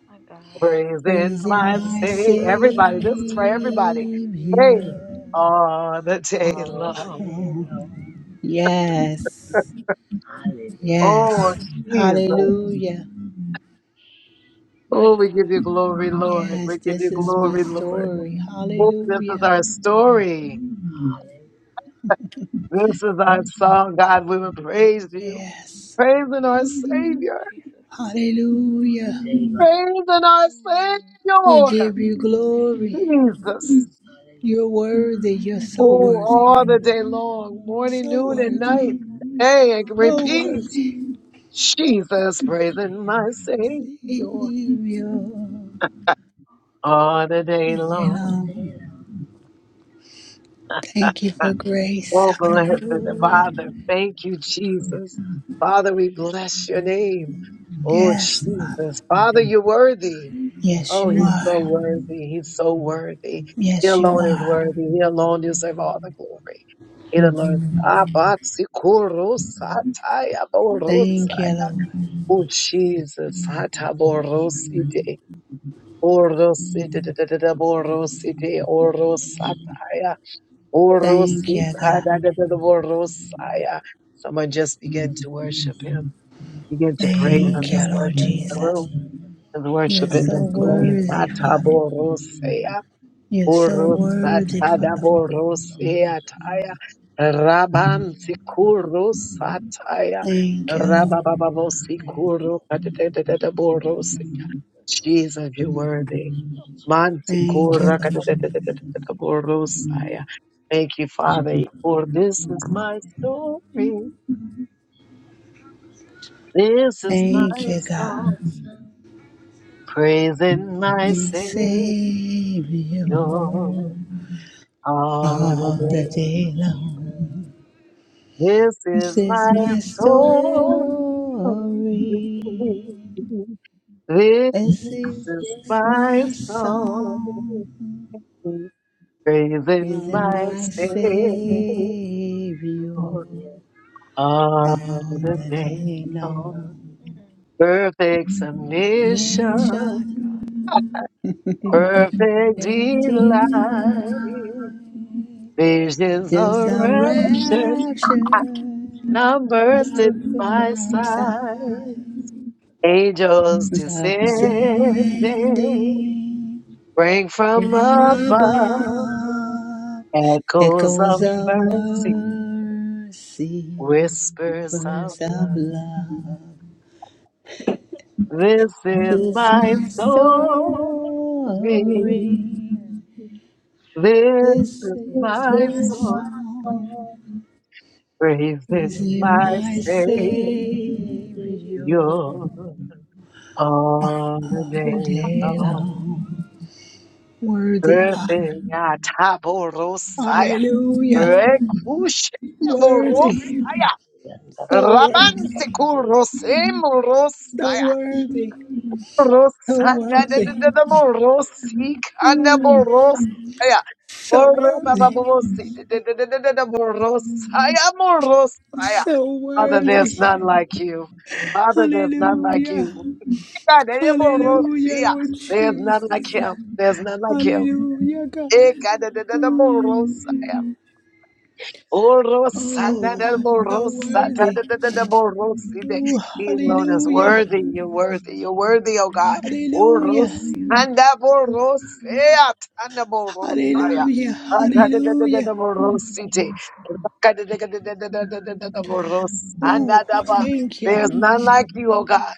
Speaker 3: My God.
Speaker 1: praising
Speaker 2: Praising
Speaker 1: my
Speaker 2: my
Speaker 1: Savior.
Speaker 2: Savior.
Speaker 1: Everybody, this is for everybody. Hey,
Speaker 3: Jesus.
Speaker 1: all the
Speaker 2: I
Speaker 1: day
Speaker 5: for the
Speaker 1: long.
Speaker 3: Day long. Jesus. [sighs]
Speaker 2: Yes,
Speaker 1: Oh,
Speaker 2: yes.
Speaker 1: Jesus.
Speaker 3: Mm.
Speaker 2: Hallelujah.
Speaker 3: My
Speaker 1: Oh, we give
Speaker 3: God.
Speaker 1: you
Speaker 3: My
Speaker 1: glory,
Speaker 3: God.
Speaker 1: Lord. We
Speaker 2: Yes,
Speaker 1: give
Speaker 2: this
Speaker 1: you
Speaker 2: is my
Speaker 1: glory, Lord.
Speaker 2: story.
Speaker 1: Oh, this is
Speaker 2: Hallelujah.
Speaker 1: our
Speaker 3: Jesus.
Speaker 1: story. This is our song,
Speaker 3: Jesus.
Speaker 1: God. We will praise you.
Speaker 2: Yes.
Speaker 1: Praising our
Speaker 3: Jesus.
Speaker 1: Savior.
Speaker 3: Jesus.
Speaker 2: Hallelujah.
Speaker 5: Day long.
Speaker 1: Praising our
Speaker 3: Mm.
Speaker 2: We
Speaker 1: Savior.
Speaker 2: give you
Speaker 3: Jesus.
Speaker 2: glory.
Speaker 3: Jesus.
Speaker 1: Jesus.
Speaker 3: Jesus.
Speaker 5: My
Speaker 2: You're worthy.
Speaker 3: God
Speaker 2: You're
Speaker 3: have it.
Speaker 2: so
Speaker 1: Oh,
Speaker 2: worthy.
Speaker 3: Jesus.
Speaker 1: all
Speaker 3: Jesus.
Speaker 1: the day long, morning,
Speaker 2: So
Speaker 1: noon, and
Speaker 2: worthy.
Speaker 1: night.
Speaker 3: All the day
Speaker 1: Hey, and
Speaker 2: So
Speaker 3: long.
Speaker 1: repeat.
Speaker 2: worthy.
Speaker 3: Mm.
Speaker 1: Jesus praising my
Speaker 3: Jesus.
Speaker 1: Savior
Speaker 2: Savior.
Speaker 3: All the day
Speaker 1: all
Speaker 3: long.
Speaker 1: the day
Speaker 2: You
Speaker 1: long.
Speaker 2: know,
Speaker 3: Jesus.
Speaker 2: thank you for grace.
Speaker 1: Oh, blessed
Speaker 2: Hallelujah.
Speaker 1: Father,
Speaker 3: Jesus.
Speaker 1: thank
Speaker 3: Jesus.
Speaker 1: you,
Speaker 3: Jesus.
Speaker 1: Jesus. Father, we bless your name. Oh,
Speaker 2: Yes.
Speaker 3: Mm.
Speaker 1: Jesus. Father, you're worthy.
Speaker 2: Yes,
Speaker 1: Oh,
Speaker 2: you
Speaker 1: he's
Speaker 2: are.
Speaker 1: so
Speaker 3: Jesus.
Speaker 1: worthy. He's so worthy. He
Speaker 2: Yes, you
Speaker 1: alone
Speaker 3: Hmm.
Speaker 1: is
Speaker 2: are.
Speaker 1: worthy. He alone deserves all the glory. He alone.
Speaker 2: hmm
Speaker 3: Jesus,
Speaker 1: Abatsikurusataya
Speaker 2: Thank you,
Speaker 1: borosaya.
Speaker 2: Lord.
Speaker 1: Oh, Jesus. Hataborosite. Orosite orosite orosataya
Speaker 2: Thank you, God.
Speaker 1: orositaya. Someone just begin to worship him. Begin to praise him.
Speaker 2: Thank you,
Speaker 1: His worship
Speaker 2: Lord
Speaker 1: in the
Speaker 2: Jesus.
Speaker 1: room.
Speaker 3: thank you, Lord
Speaker 1: His
Speaker 2: You're
Speaker 1: worship
Speaker 3: God.
Speaker 1: in
Speaker 2: so
Speaker 1: this place.
Speaker 3: Jesus,
Speaker 2: worthy,
Speaker 3: God,
Speaker 2: Father.
Speaker 1: Ataborosea
Speaker 3: oh
Speaker 2: You're
Speaker 3: God,
Speaker 2: so
Speaker 3: you are
Speaker 2: worthy,
Speaker 3: worthy, Lord
Speaker 2: Father.
Speaker 3: God, in the name of Jesus, Lord
Speaker 1: orosatadaborosataya.
Speaker 3: God, we praise your name,
Speaker 1: Raban
Speaker 3: Lord God, in the name of Jesus, Lord
Speaker 1: sikurosataya.
Speaker 3: God.
Speaker 2: Thank you, Lord.
Speaker 3: Holy Spirit, have your way in the mighty name
Speaker 1: Rabababosikurokatataborosea.
Speaker 3: of Jesus, Lord God.
Speaker 1: Jesus, you're worthy.
Speaker 3: So powerful, Lord
Speaker 2: Thank you,
Speaker 1: Mantikora
Speaker 3: God,
Speaker 2: Lord
Speaker 3: in the name
Speaker 2: Jesus.
Speaker 3: of Jesus, God.
Speaker 1: kadadadadadadaborosaya. Thank you, Father,
Speaker 3: Oh God,
Speaker 1: for
Speaker 3: just
Speaker 1: this
Speaker 3: flow, oh
Speaker 1: is
Speaker 3: God,
Speaker 1: my
Speaker 3: in the name of
Speaker 1: story.
Speaker 3: Jesus, God.
Speaker 5: song.
Speaker 3: Oh God, in the name of
Speaker 1: This is
Speaker 3: Jesus,
Speaker 1: my
Speaker 3: Lord
Speaker 2: Thank
Speaker 3: God.
Speaker 2: you, God.
Speaker 5: my
Speaker 1: song.
Speaker 5: song,
Speaker 3: Yes, Jesus,
Speaker 1: Praising my
Speaker 2: My
Speaker 1: Savior
Speaker 3: Savior.
Speaker 2: Savior,
Speaker 1: all the
Speaker 2: all the
Speaker 1: day.
Speaker 2: day
Speaker 3: Jesus, Jesus.
Speaker 2: long.
Speaker 1: This
Speaker 2: This
Speaker 1: is
Speaker 2: is
Speaker 1: my
Speaker 2: my
Speaker 1: story.
Speaker 2: story.
Speaker 1: This
Speaker 2: This is
Speaker 1: is my
Speaker 2: my
Speaker 1: song.
Speaker 2: song, is
Speaker 1: Praising my
Speaker 2: my Savior
Speaker 1: Savior. Ah,
Speaker 2: all
Speaker 1: the
Speaker 2: the
Speaker 1: name
Speaker 2: day
Speaker 1: of
Speaker 2: long.
Speaker 3: Mm.
Speaker 1: perfect submission,
Speaker 3: My
Speaker 2: Mission,
Speaker 3: God. hey.
Speaker 1: perfect
Speaker 5: This
Speaker 1: delight,
Speaker 2: faithful
Speaker 5: is my
Speaker 2: life,
Speaker 5: song.
Speaker 1: visions
Speaker 2: just
Speaker 1: of
Speaker 2: a
Speaker 5: This is
Speaker 3: Jesus,
Speaker 1: raptures,
Speaker 3: Jesus,
Speaker 2: rapture,
Speaker 1: numbers
Speaker 2: love
Speaker 1: in
Speaker 2: from
Speaker 1: my
Speaker 2: both sides,
Speaker 1: sight,
Speaker 3: Jesus, Jesus.
Speaker 1: angels descending,
Speaker 2: upstanding
Speaker 1: bring from
Speaker 2: from
Speaker 1: above,
Speaker 2: above.
Speaker 1: echoes
Speaker 2: Echoes
Speaker 1: of
Speaker 2: of
Speaker 1: mercy,
Speaker 2: mercy,
Speaker 1: whispers of
Speaker 2: bursts of
Speaker 1: love.
Speaker 2: love.
Speaker 1: This
Speaker 2: This
Speaker 1: is
Speaker 2: is
Speaker 1: my
Speaker 2: my
Speaker 3: Oh my
Speaker 1: story.
Speaker 3: God.
Speaker 2: story.
Speaker 3: Hmm.
Speaker 1: This
Speaker 2: This
Speaker 1: is
Speaker 2: is
Speaker 1: my
Speaker 2: my
Speaker 1: song,
Speaker 5: my
Speaker 2: song.
Speaker 5: song.
Speaker 1: praising
Speaker 2: Praising
Speaker 1: my
Speaker 2: my
Speaker 3: Say,
Speaker 1: Savior
Speaker 3: Jesus,
Speaker 2: Savior all
Speaker 1: all the
Speaker 2: the
Speaker 1: days
Speaker 2: day
Speaker 1: long.
Speaker 2: long. Worthy Father.
Speaker 1: Perfect Yataborosaya,
Speaker 2: Hallelujah.
Speaker 1: Rekushaborosaya,
Speaker 2: Worthy. So worthy.
Speaker 1: Rabansekurosaya,
Speaker 2: So worthy. So
Speaker 1: Rosana
Speaker 2: worthy.
Speaker 1: de
Speaker 2: Mm,
Speaker 3: Jesus,
Speaker 1: Morosikanaborosaya.
Speaker 2: so worthy.
Speaker 1: Orabababosaya, Morosaya, Morosaya.
Speaker 2: so
Speaker 1: Father, there's
Speaker 2: worthy.
Speaker 1: none like you. Father, there's none like
Speaker 2: Hallelujah.
Speaker 1: you.
Speaker 2: Hallelujah, Lord
Speaker 1: There's none
Speaker 2: Jesus.
Speaker 3: Jesus,
Speaker 1: like him. There's none like him.
Speaker 2: Hallelujah, God.
Speaker 3: Jesus,
Speaker 2: Mm. Oh, so worthy.
Speaker 1: Orosandadaborosadadadadaboroside.
Speaker 2: Oh,
Speaker 1: He alone is
Speaker 2: hallelujah.
Speaker 1: worthy. You're worthy. You're worthy, oh God.
Speaker 3: Jesus,
Speaker 1: Orosandaborosatanaborosaya.
Speaker 2: Hallelujah.
Speaker 3: Jesus, Jesus,
Speaker 2: Hallelujah. Hallelujah.
Speaker 1: Atadadadadaborosite.
Speaker 3: Jesus, Jesus, Jesus. Jesus,
Speaker 2: Oh,
Speaker 1: Rakadadadadadadadadaborosandadaba.
Speaker 2: thank
Speaker 3: Jesus,
Speaker 2: you.
Speaker 1: There's none like you, oh God.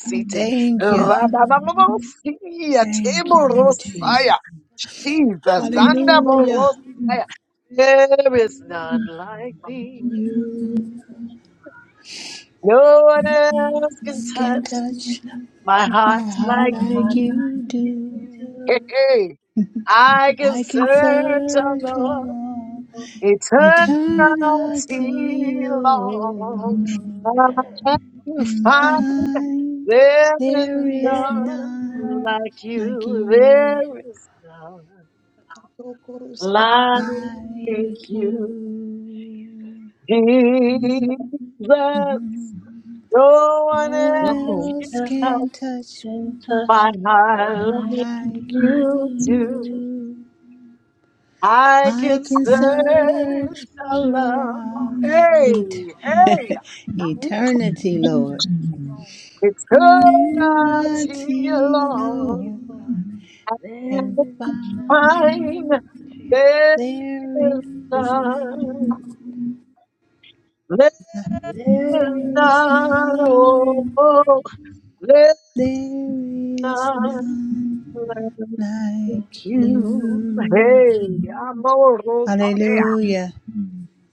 Speaker 3: Jesus.
Speaker 2: Thank you.
Speaker 1: Rababababosiyate
Speaker 2: Thank you, Lord Jesus.
Speaker 1: borosaya. Jesus.
Speaker 2: Hallelujah.
Speaker 5: I
Speaker 1: Sandaborosaya. There is none like thee.
Speaker 2: You
Speaker 1: No one else can
Speaker 2: can
Speaker 1: touch
Speaker 5: My
Speaker 2: touch
Speaker 1: my
Speaker 2: my
Speaker 1: heart
Speaker 2: heart
Speaker 1: like
Speaker 2: like
Speaker 5: heart
Speaker 2: you do.
Speaker 5: rises,
Speaker 1: hey. hey. I can
Speaker 2: I can
Speaker 1: search, oh
Speaker 2: search for
Speaker 1: Lord,
Speaker 2: all
Speaker 5: I'm
Speaker 2: eternity,
Speaker 1: eternity
Speaker 3: Yes,
Speaker 1: long.
Speaker 3: God. [clears throat]
Speaker 1: I
Speaker 2: Lord,
Speaker 1: can
Speaker 2: and
Speaker 1: find
Speaker 2: find
Speaker 1: there is
Speaker 2: there is
Speaker 5: still
Speaker 1: none
Speaker 3: Thank
Speaker 2: none
Speaker 1: like
Speaker 2: like
Speaker 1: you.
Speaker 3: you,
Speaker 2: you,
Speaker 1: There
Speaker 3: yes,
Speaker 1: is none
Speaker 4: Tokorosite,
Speaker 1: like
Speaker 5: on you.
Speaker 2: like you.
Speaker 1: you,
Speaker 3: Jesus,
Speaker 1: Jesus.
Speaker 2: Mhm.
Speaker 1: No
Speaker 2: No
Speaker 1: one
Speaker 2: one
Speaker 1: else can
Speaker 2: else
Speaker 5: Nothing
Speaker 1: touch.
Speaker 2: can touch
Speaker 5: touch
Speaker 1: But
Speaker 2: my
Speaker 5: my
Speaker 1: I
Speaker 5: heart
Speaker 2: heart
Speaker 1: love
Speaker 2: like
Speaker 5: like
Speaker 1: you
Speaker 2: you
Speaker 5: you.
Speaker 1: too.
Speaker 2: do.
Speaker 1: I
Speaker 2: I
Speaker 1: can
Speaker 2: can
Speaker 1: search
Speaker 2: search
Speaker 1: the love.
Speaker 2: throughout
Speaker 1: Hey,
Speaker 2: et-
Speaker 1: hey,
Speaker 2: [laughs] eternity,
Speaker 3: Jesus.
Speaker 2: Lord
Speaker 3: Belong in my heart.
Speaker 1: eternity
Speaker 3: There's
Speaker 2: Mighty
Speaker 3: no one like
Speaker 1: long.
Speaker 3: you, God.
Speaker 2: Lord and found
Speaker 1: Find
Speaker 3: Jesus,
Speaker 1: there
Speaker 2: there
Speaker 1: is
Speaker 2: is
Speaker 1: none.
Speaker 2: none,
Speaker 1: There is
Speaker 2: there is
Speaker 1: none. Oh,
Speaker 2: none,
Speaker 1: oh, there is
Speaker 2: there is
Speaker 1: none
Speaker 2: none
Speaker 1: like
Speaker 2: like
Speaker 1: you.
Speaker 2: you.
Speaker 1: Hey, amor.
Speaker 2: Hallelujah.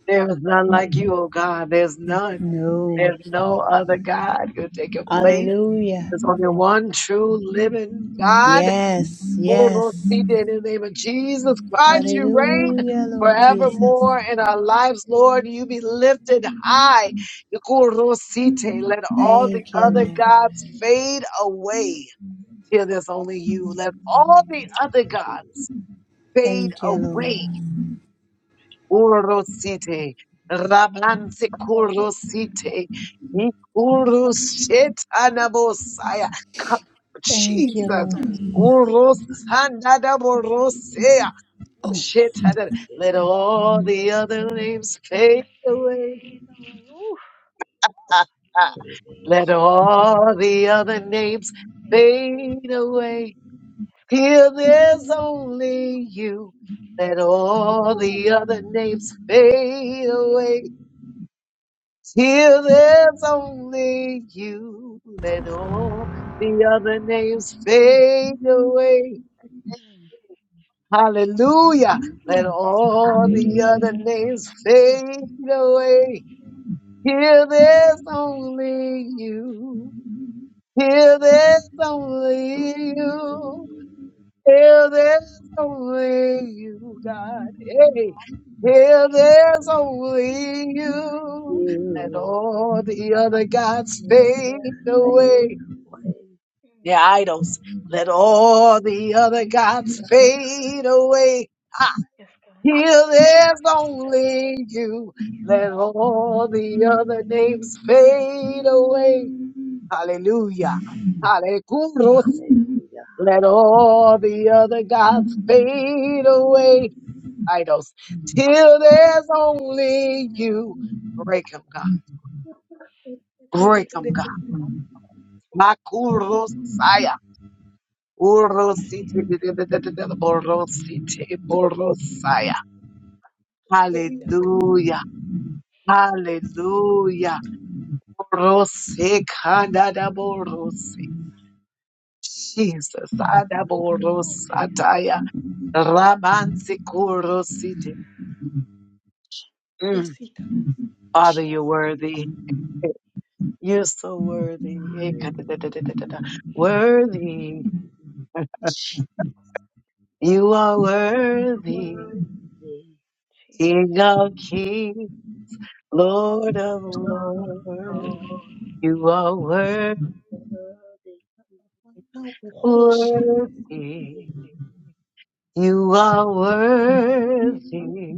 Speaker 1: There is none like you, O God. There's none.
Speaker 2: No.
Speaker 1: There's no other God who take your place.
Speaker 2: Hallelujah.
Speaker 1: There's only one true living God.
Speaker 2: Yes,
Speaker 1: Lord,
Speaker 2: yes.
Speaker 1: In the name of Jesus Christ, you reign
Speaker 2: Hallelujah, Lord Jesus.
Speaker 1: forevermore in our lives, Lord. You be lifted
Speaker 3: Jesus,
Speaker 1: high. Let all the
Speaker 2: Thank you,
Speaker 1: other
Speaker 2: Lord.
Speaker 3: Jesus,
Speaker 1: gods fade away till there's only you. Let all the
Speaker 3: Jesus,
Speaker 1: other
Speaker 3: Jesus.
Speaker 1: gods fade
Speaker 2: Thank you, Lord.
Speaker 1: away Urosite, Rabanse
Speaker 3: Jesus.
Speaker 1: Kurosite, Ikurushetanabosaya. Come,
Speaker 2: Thank you,
Speaker 1: Jesus.
Speaker 2: Lord.
Speaker 1: Urosanadaborosea.
Speaker 2: Oh,
Speaker 1: Shetanada- Let all the other names fade away. [laughs]
Speaker 3: Faith. Ooh.
Speaker 1: Ah, ah.
Speaker 3: Ooh.
Speaker 1: Let all the other names
Speaker 3: Faith. Faith.
Speaker 1: fade away. Here there's only you. Let all
Speaker 3: Ooh.
Speaker 1: the other names fade away. Here, there's only you, let all the other names fade away.
Speaker 3: Mm.
Speaker 1: Hallelujah. Let all the other
Speaker 5: Hallelujah.
Speaker 1: names fade away. Here, there's only you. Here, there's only you. Till there's only you, God. Hey, till
Speaker 3: Mm.
Speaker 1: there's only you, let all the other gods fade
Speaker 5: Hallelujah.
Speaker 1: away. The
Speaker 3: Mm.
Speaker 1: idols, let all the other gods
Speaker 3: Jesus.
Speaker 1: fade away.
Speaker 3: Yes, God.
Speaker 1: Till there's
Speaker 3: Yes,
Speaker 1: only
Speaker 3: God.
Speaker 1: you, let all the other names fade away. Hallelujah. Hallelujah.
Speaker 5: Hallelujah.
Speaker 1: Let all the other gods fade away. idols till there's only
Speaker 3: Mm.
Speaker 1: you. Break them, God. Break them, God.
Speaker 4: ekererererere,
Speaker 1: Makurosaya. Urosite-
Speaker 3: Jesus.
Speaker 1: borosite- borosaya.
Speaker 4: ukeya
Speaker 1: Hallelujah.
Speaker 3: Mm.
Speaker 1: Hallelujah. Orosekadadaborose. Jesus.
Speaker 3: Oh, Jesus.
Speaker 1: Adaborosataya. Rabansikurosite. Mm.
Speaker 4: kasasika,
Speaker 1: Father, you're worthy. You're so worthy. Ekadadadadadada. Worthy. You are
Speaker 3: Jesus.
Speaker 1: worthy.
Speaker 5: Worthy
Speaker 3: Jesus.
Speaker 1: King of kings, Lord of lords.
Speaker 3: Mm.
Speaker 5: Lord,
Speaker 1: You are wor-
Speaker 4: wana
Speaker 3: You,
Speaker 4: uhoshe,
Speaker 3: Jesus.
Speaker 1: worthy. You are worthy.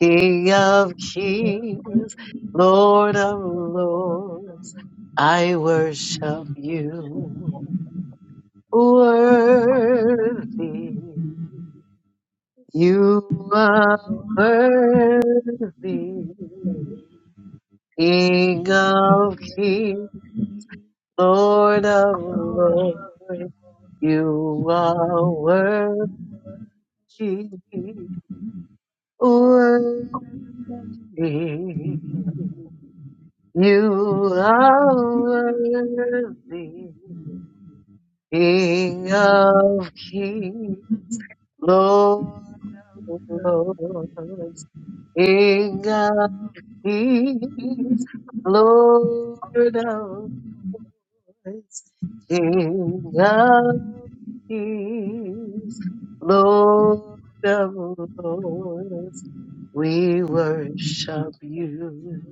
Speaker 1: King of kings, Lord of lords. I worship you. Worthy. You are worthy, King of kings, Lord of lords. You are worthy, worthy.
Speaker 5: worthy
Speaker 1: You are worthy, King of kings, Lord of lords. King Kings, Lord of Lords, King of Kings, Lord of Lords, we worship you.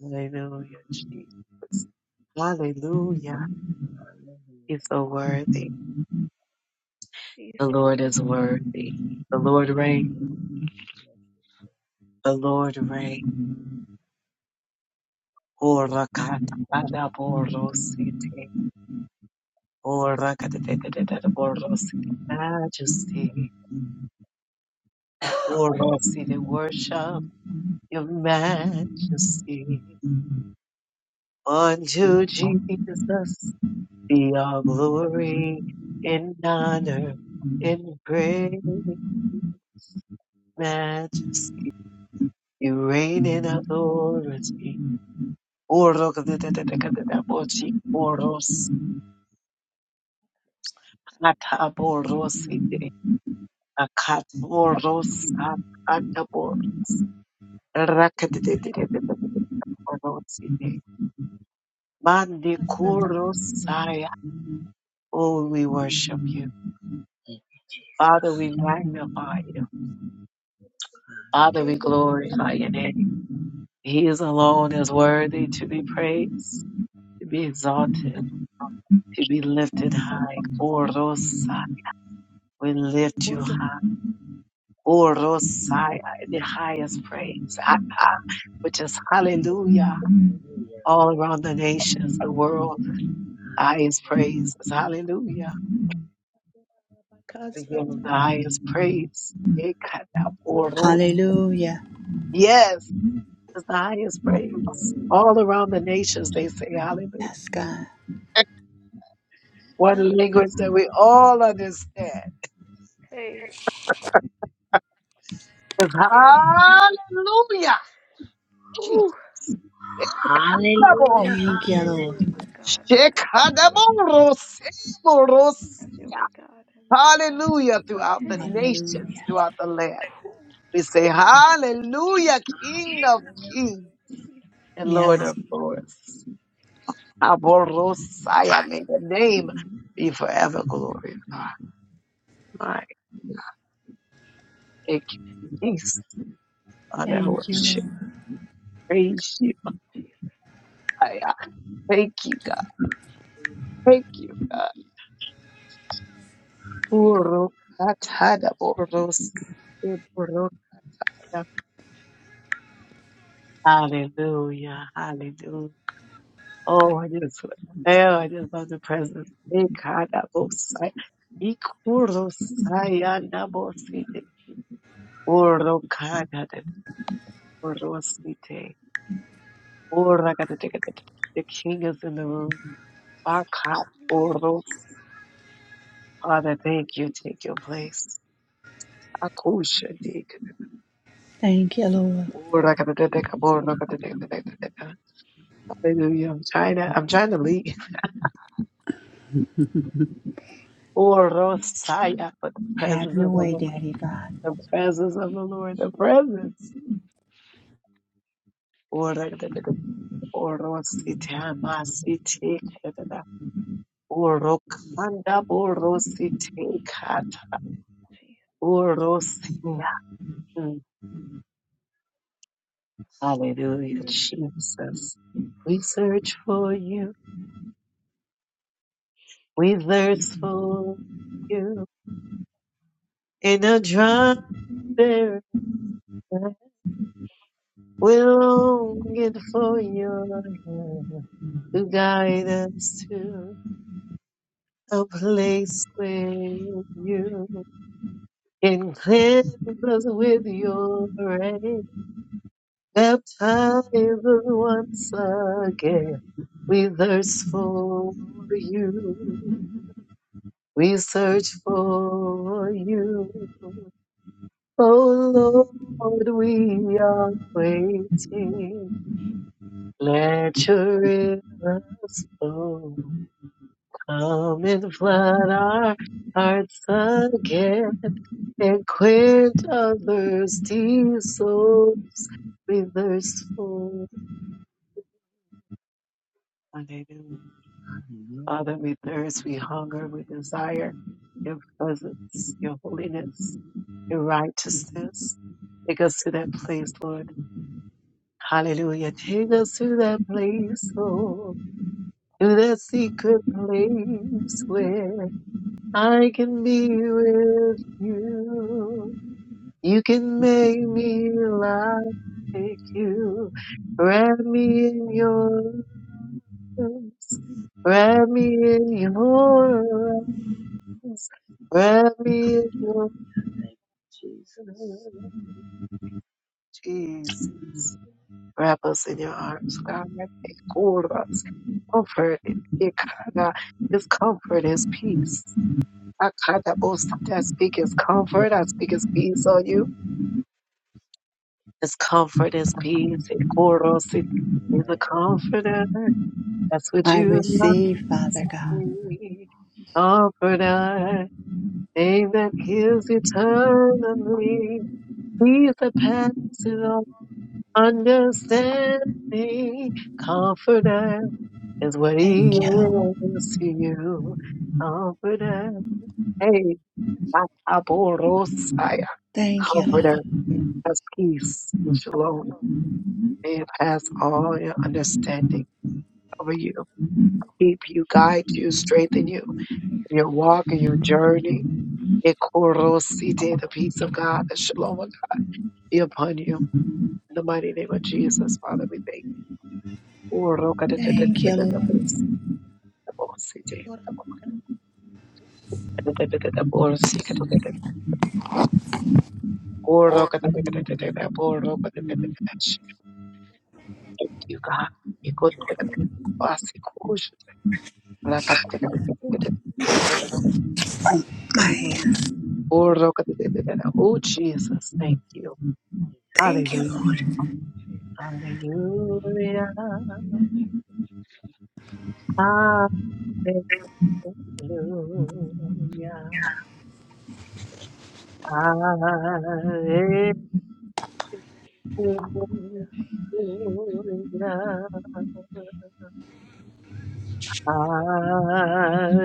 Speaker 1: Hallelujah, Jesus. Hallelujah. He's so worthy. The
Speaker 3: Jesus.
Speaker 1: Lord is worthy. The Lord reigns.
Speaker 3: Jesus.
Speaker 1: The Lord reigns. Ora kata adaborosite. Oh, Rakatatatata, Borosity, Majesty. Oh, Rosity, worship your majesty. Unto Jesus be all glory and honor and praise, majesty. You reign in authority. Oh, Rakatatatata, Bochi, Boros,
Speaker 4: usatara,
Speaker 1: Hata Borosity,
Speaker 4: tetere,
Speaker 1: Mandikurosaya.
Speaker 4: bakasate,
Speaker 1: Oh, we worship you. Father, we magnify you. Father, we
Speaker 4: tekebo bobe,
Speaker 1: glorify your name. He is alone is worthy to be praised, to be exalted, to be
Speaker 4: atwabore
Speaker 1: lifted high. Orosaya. We lift you
Speaker 4: boto,
Speaker 1: high. Orosaya, the highest praise, Aka, which is hallelujah. All around the nations, the world, the highest praise is hallelujah. We give
Speaker 4: bakasata,
Speaker 1: him the highest praise. It got that portal.
Speaker 2: hallelujah.
Speaker 1: Yes, it's the highest praise. All around the nations, they say
Speaker 3: Jesus.
Speaker 1: hallelujah.
Speaker 2: Yes, God.
Speaker 4: katitara,
Speaker 1: One language
Speaker 4: kasaya,
Speaker 3: Mm.
Speaker 1: that we all understand
Speaker 3: Hey.
Speaker 1: is
Speaker 3: Hey, [laughs] Jesus.
Speaker 1: hallelujah.
Speaker 3: Ooh.
Speaker 1: Jesus.
Speaker 3: My God.
Speaker 2: Thank you, Lord.
Speaker 3: My God. My God. Have your way.
Speaker 1: Shekadaboroseboros.
Speaker 3: Have your way, God. Have your way, God.
Speaker 1: Hallelujah throughout the
Speaker 3: Hey,
Speaker 1: nations,
Speaker 2: Hallelujah.
Speaker 1: throughout the land.
Speaker 3: Whew,
Speaker 1: We say
Speaker 3: Jesus,
Speaker 1: hallelujah, King of kings
Speaker 3: Jesus,
Speaker 1: and Lord
Speaker 2: Yes.
Speaker 1: of lords. Aborosaya, may the name be forever glorified. My, thank
Speaker 3: Jesus,
Speaker 1: you, Jesus. Lord, I
Speaker 2: Thank you,
Speaker 1: worship,
Speaker 2: Lord.
Speaker 1: praise you. I, I thank you, God. Thank you, God.
Speaker 3: thank you, Jesus,
Speaker 1: Urukatana borosi, eborokaya. Hallelujah, hallelujah. Oh, I just, oh, I just love the presence.
Speaker 3: Jesus,
Speaker 1: Ikada bosai, ikurosaya nabosi, urokada, de borosite. Ora kata teka teka. The king is in the room. Baka
Speaker 3: mm,
Speaker 1: oros. Father, thank you. Take your place. Akusha dig.
Speaker 2: Thank you, Lord.
Speaker 1: Ora kata teka teka. Ora
Speaker 3: Jesus,
Speaker 1: kata teka teka teka. Hallelujah. I'm trying to, I'm trying to leave.
Speaker 3: Jesus, mm,
Speaker 1: Orosaya for the
Speaker 2: Have
Speaker 1: presence
Speaker 2: your
Speaker 1: of the
Speaker 2: way,
Speaker 1: Lord.
Speaker 2: Daddy God.
Speaker 1: The presence of the Lord. The presence. Ora kata teka. Orosita masite kata teka. Orokanda borosite kata.
Speaker 3: Jesus,
Speaker 1: Orosia. Hallelujah, Jesus. We search for you. We thirst for
Speaker 3: mm,
Speaker 1: you. In a dry, barren land, we're longing for your hand to guide us to a place with you. And cleanse us with your rain. Baptize us once again. We thirst for you. We search for you.
Speaker 5: Lord.
Speaker 1: Oh Lord, we are waiting. Let your rivers flow. Come and flood our hearts again and quench our thirsty souls. We thirst for Hallelujah. Father, we thirst, we hunger, we desire your presence, your holiness. your righteousness. Take us to that place, Lord. Hallelujah. Take us to that place, Lord. To that secret place where I can be with you. You can make me like you. Wrap me in your arms. Wrap me in your arms. Wrap me in your arms. Jesus. Wrap us in your arms, God. Hold us. Comfort, Ikada, His comfort, His peace. Akada bosi. I speak His comfort. I speak His peace on you. His comfort, His peace. Ikorosi. He's a comforter. That's what
Speaker 2: I
Speaker 1: you love
Speaker 2: receive, Father God.
Speaker 3: Jesus,
Speaker 1: to me. Comforter. Name that heals eternally. He's the past Understanding, confident is what he
Speaker 2: Thank you, Lord.
Speaker 4: arikote,
Speaker 1: is to you. Confident. Hey, Aborosaya.
Speaker 2: Thank you, Lord.
Speaker 1: Confident. That's peace and shalom. May it pass all your understanding over you. Keep you, guide you, strengthen you.
Speaker 3: Jesus,
Speaker 1: in Your walk and your journey. Ekorosite, The peace of God, the shalom of God be upon you. In the mighty name of Jesus, Father, we thank
Speaker 2: Thank you, Lord.
Speaker 1: you. Thank
Speaker 4: aritora,
Speaker 1: you, God. You go to the
Speaker 4: bakasata,
Speaker 1: bossy coach. Like I did
Speaker 4: arikote,
Speaker 2: My hands.
Speaker 1: it. Oh, Jesus. Thank you.
Speaker 2: Thank you,
Speaker 1: Hallelujah.
Speaker 2: Lord.
Speaker 3: Jesus, Jesus,
Speaker 1: Hallelujah. Hallelujah. Hallelujah.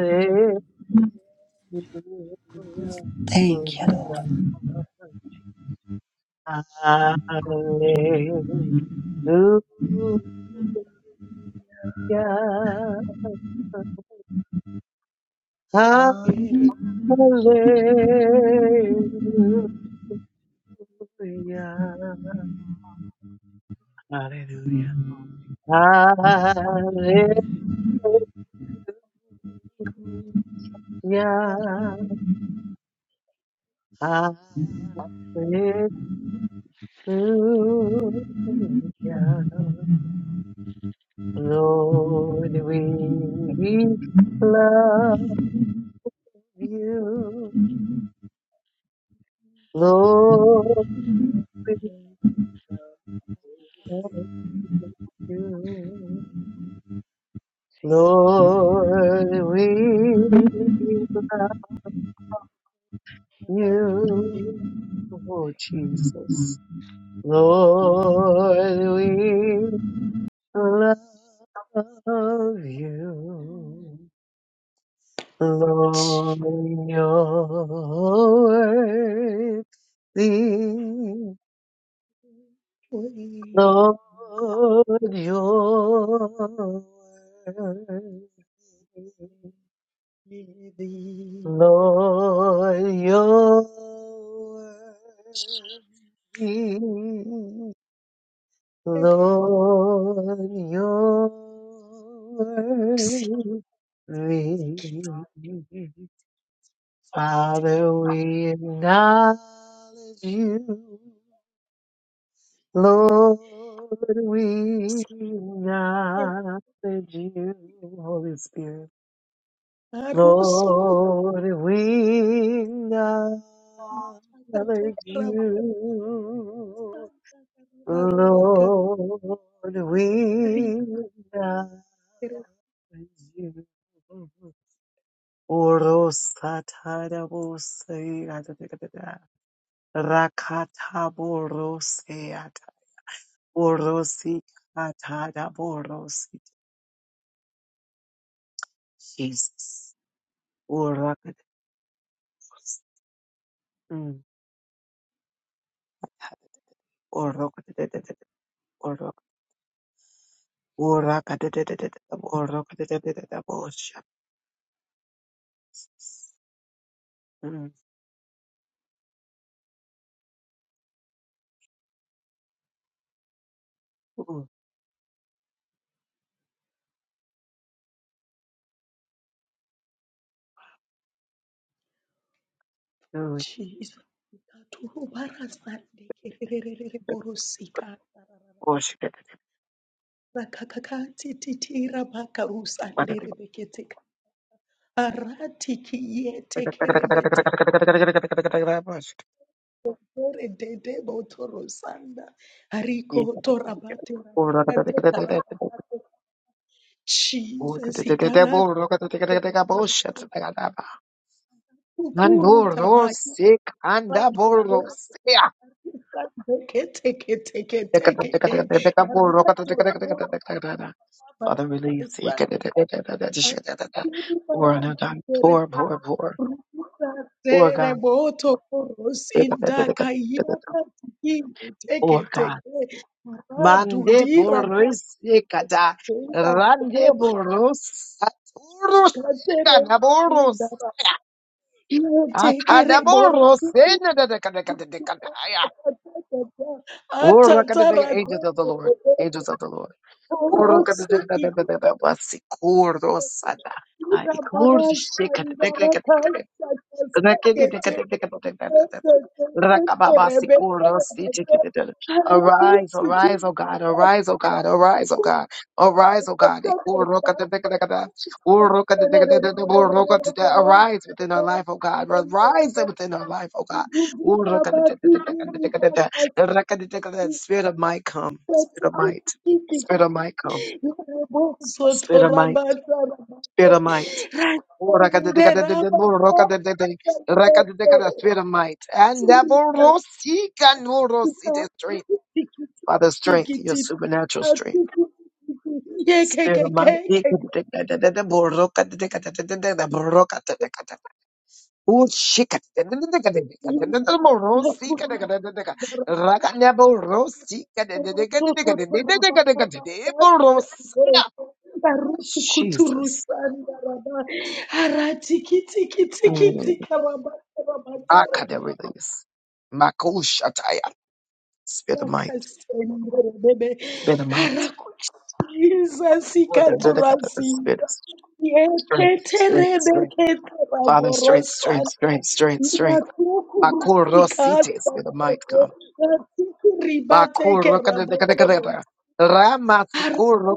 Speaker 1: Hallelujah.
Speaker 4: Jesus.
Speaker 1: Hallelujah.
Speaker 2: Thank you, Lord.
Speaker 1: Hallelujah. Hallelujah. Hallelujah. Hallelujah. Lord, we love you. Lord, we love you. Lord, we love you. Oh, Jesus. Lord, we love
Speaker 3: mm,
Speaker 1: you. Lord, you're worthy. Lord, you're worthy. Lord, your word, Lord, your word, Father, we acknowledge you. Lord, we acknowledge you, Holy Spirit. Lord, we acknowledge you. Lord, we acknowledge you. Orosataravosea, rakatavorosea, orosikataravorosi. Jesus. Orokat- mm, orokatatatat- Father, release. Or,
Speaker 4: Rakakakati titi rabaka rusa ndere bekete Arati kiyete kerebete tore dede botoro sanda hariko torabate rabakate tarabakate Jesus hikarate kukuru tabaki kete kete kete kete arato
Speaker 1: God, poor, poor, poor, poor
Speaker 4: Tereboto poros indaka
Speaker 1: God.
Speaker 4: yaka tiki teke
Speaker 1: Oh God.
Speaker 4: teke maradu
Speaker 1: Mande
Speaker 4: dira
Speaker 1: burris ekata.
Speaker 4: Ira toko
Speaker 1: Rande burros. Aturus
Speaker 4: katere
Speaker 1: ekanaboros.
Speaker 4: indara iyo teke rebo boro
Speaker 1: Akanaboros. Enadadakadakadakadaya.
Speaker 4: atatara
Speaker 1: Urakadadaka- Angels of the
Speaker 4: toro
Speaker 1: Lord. Angels of the Lord.
Speaker 4: orosi
Speaker 1: Urakadadakadakadakadabasi. Kurdosata. Ay, kurdshikadakadakadakadakada. Arise, arise, oh God, arise, oh God, arise, oh God, arise, oh God. Arise within our life, oh God, arise within our life, oh God. Spirit of might come, spirit of might,
Speaker 4: Thank
Speaker 1: spirit
Speaker 4: you.
Speaker 1: of might come, spirit of might, spirit of might. Oh, the spirit of might. And the strength. Father, strength, your supernatural strength. Spirit of might. Ikadadekadadede, bo rokadadekadadede, bo rokadadekadada. Oh, shikadadekadadede, bo rosikadadekadadeka. Rakadebo rosikadadekadadekadadekadadekadadekadadekadadede, bo rosina. Jesus.
Speaker 4: Arati kiti kiti kiti
Speaker 1: Mm.
Speaker 4: karabata
Speaker 1: I
Speaker 4: rabata
Speaker 1: can release. Makushataya. Spit the might,
Speaker 4: rakasendrebebe
Speaker 1: spit the might, spit
Speaker 4: rakuchizasikaturasinda
Speaker 1: strength, strength, strength. Father, strength, strength,
Speaker 4: yeteterebeketeraborosanda
Speaker 1: strength, strength, strength. Bakurro cities, spit the might,
Speaker 4: rakukurusikasaee
Speaker 1: come. Bakurro,
Speaker 4: ratikuribatekerabotoro
Speaker 1: ramati, bakurro,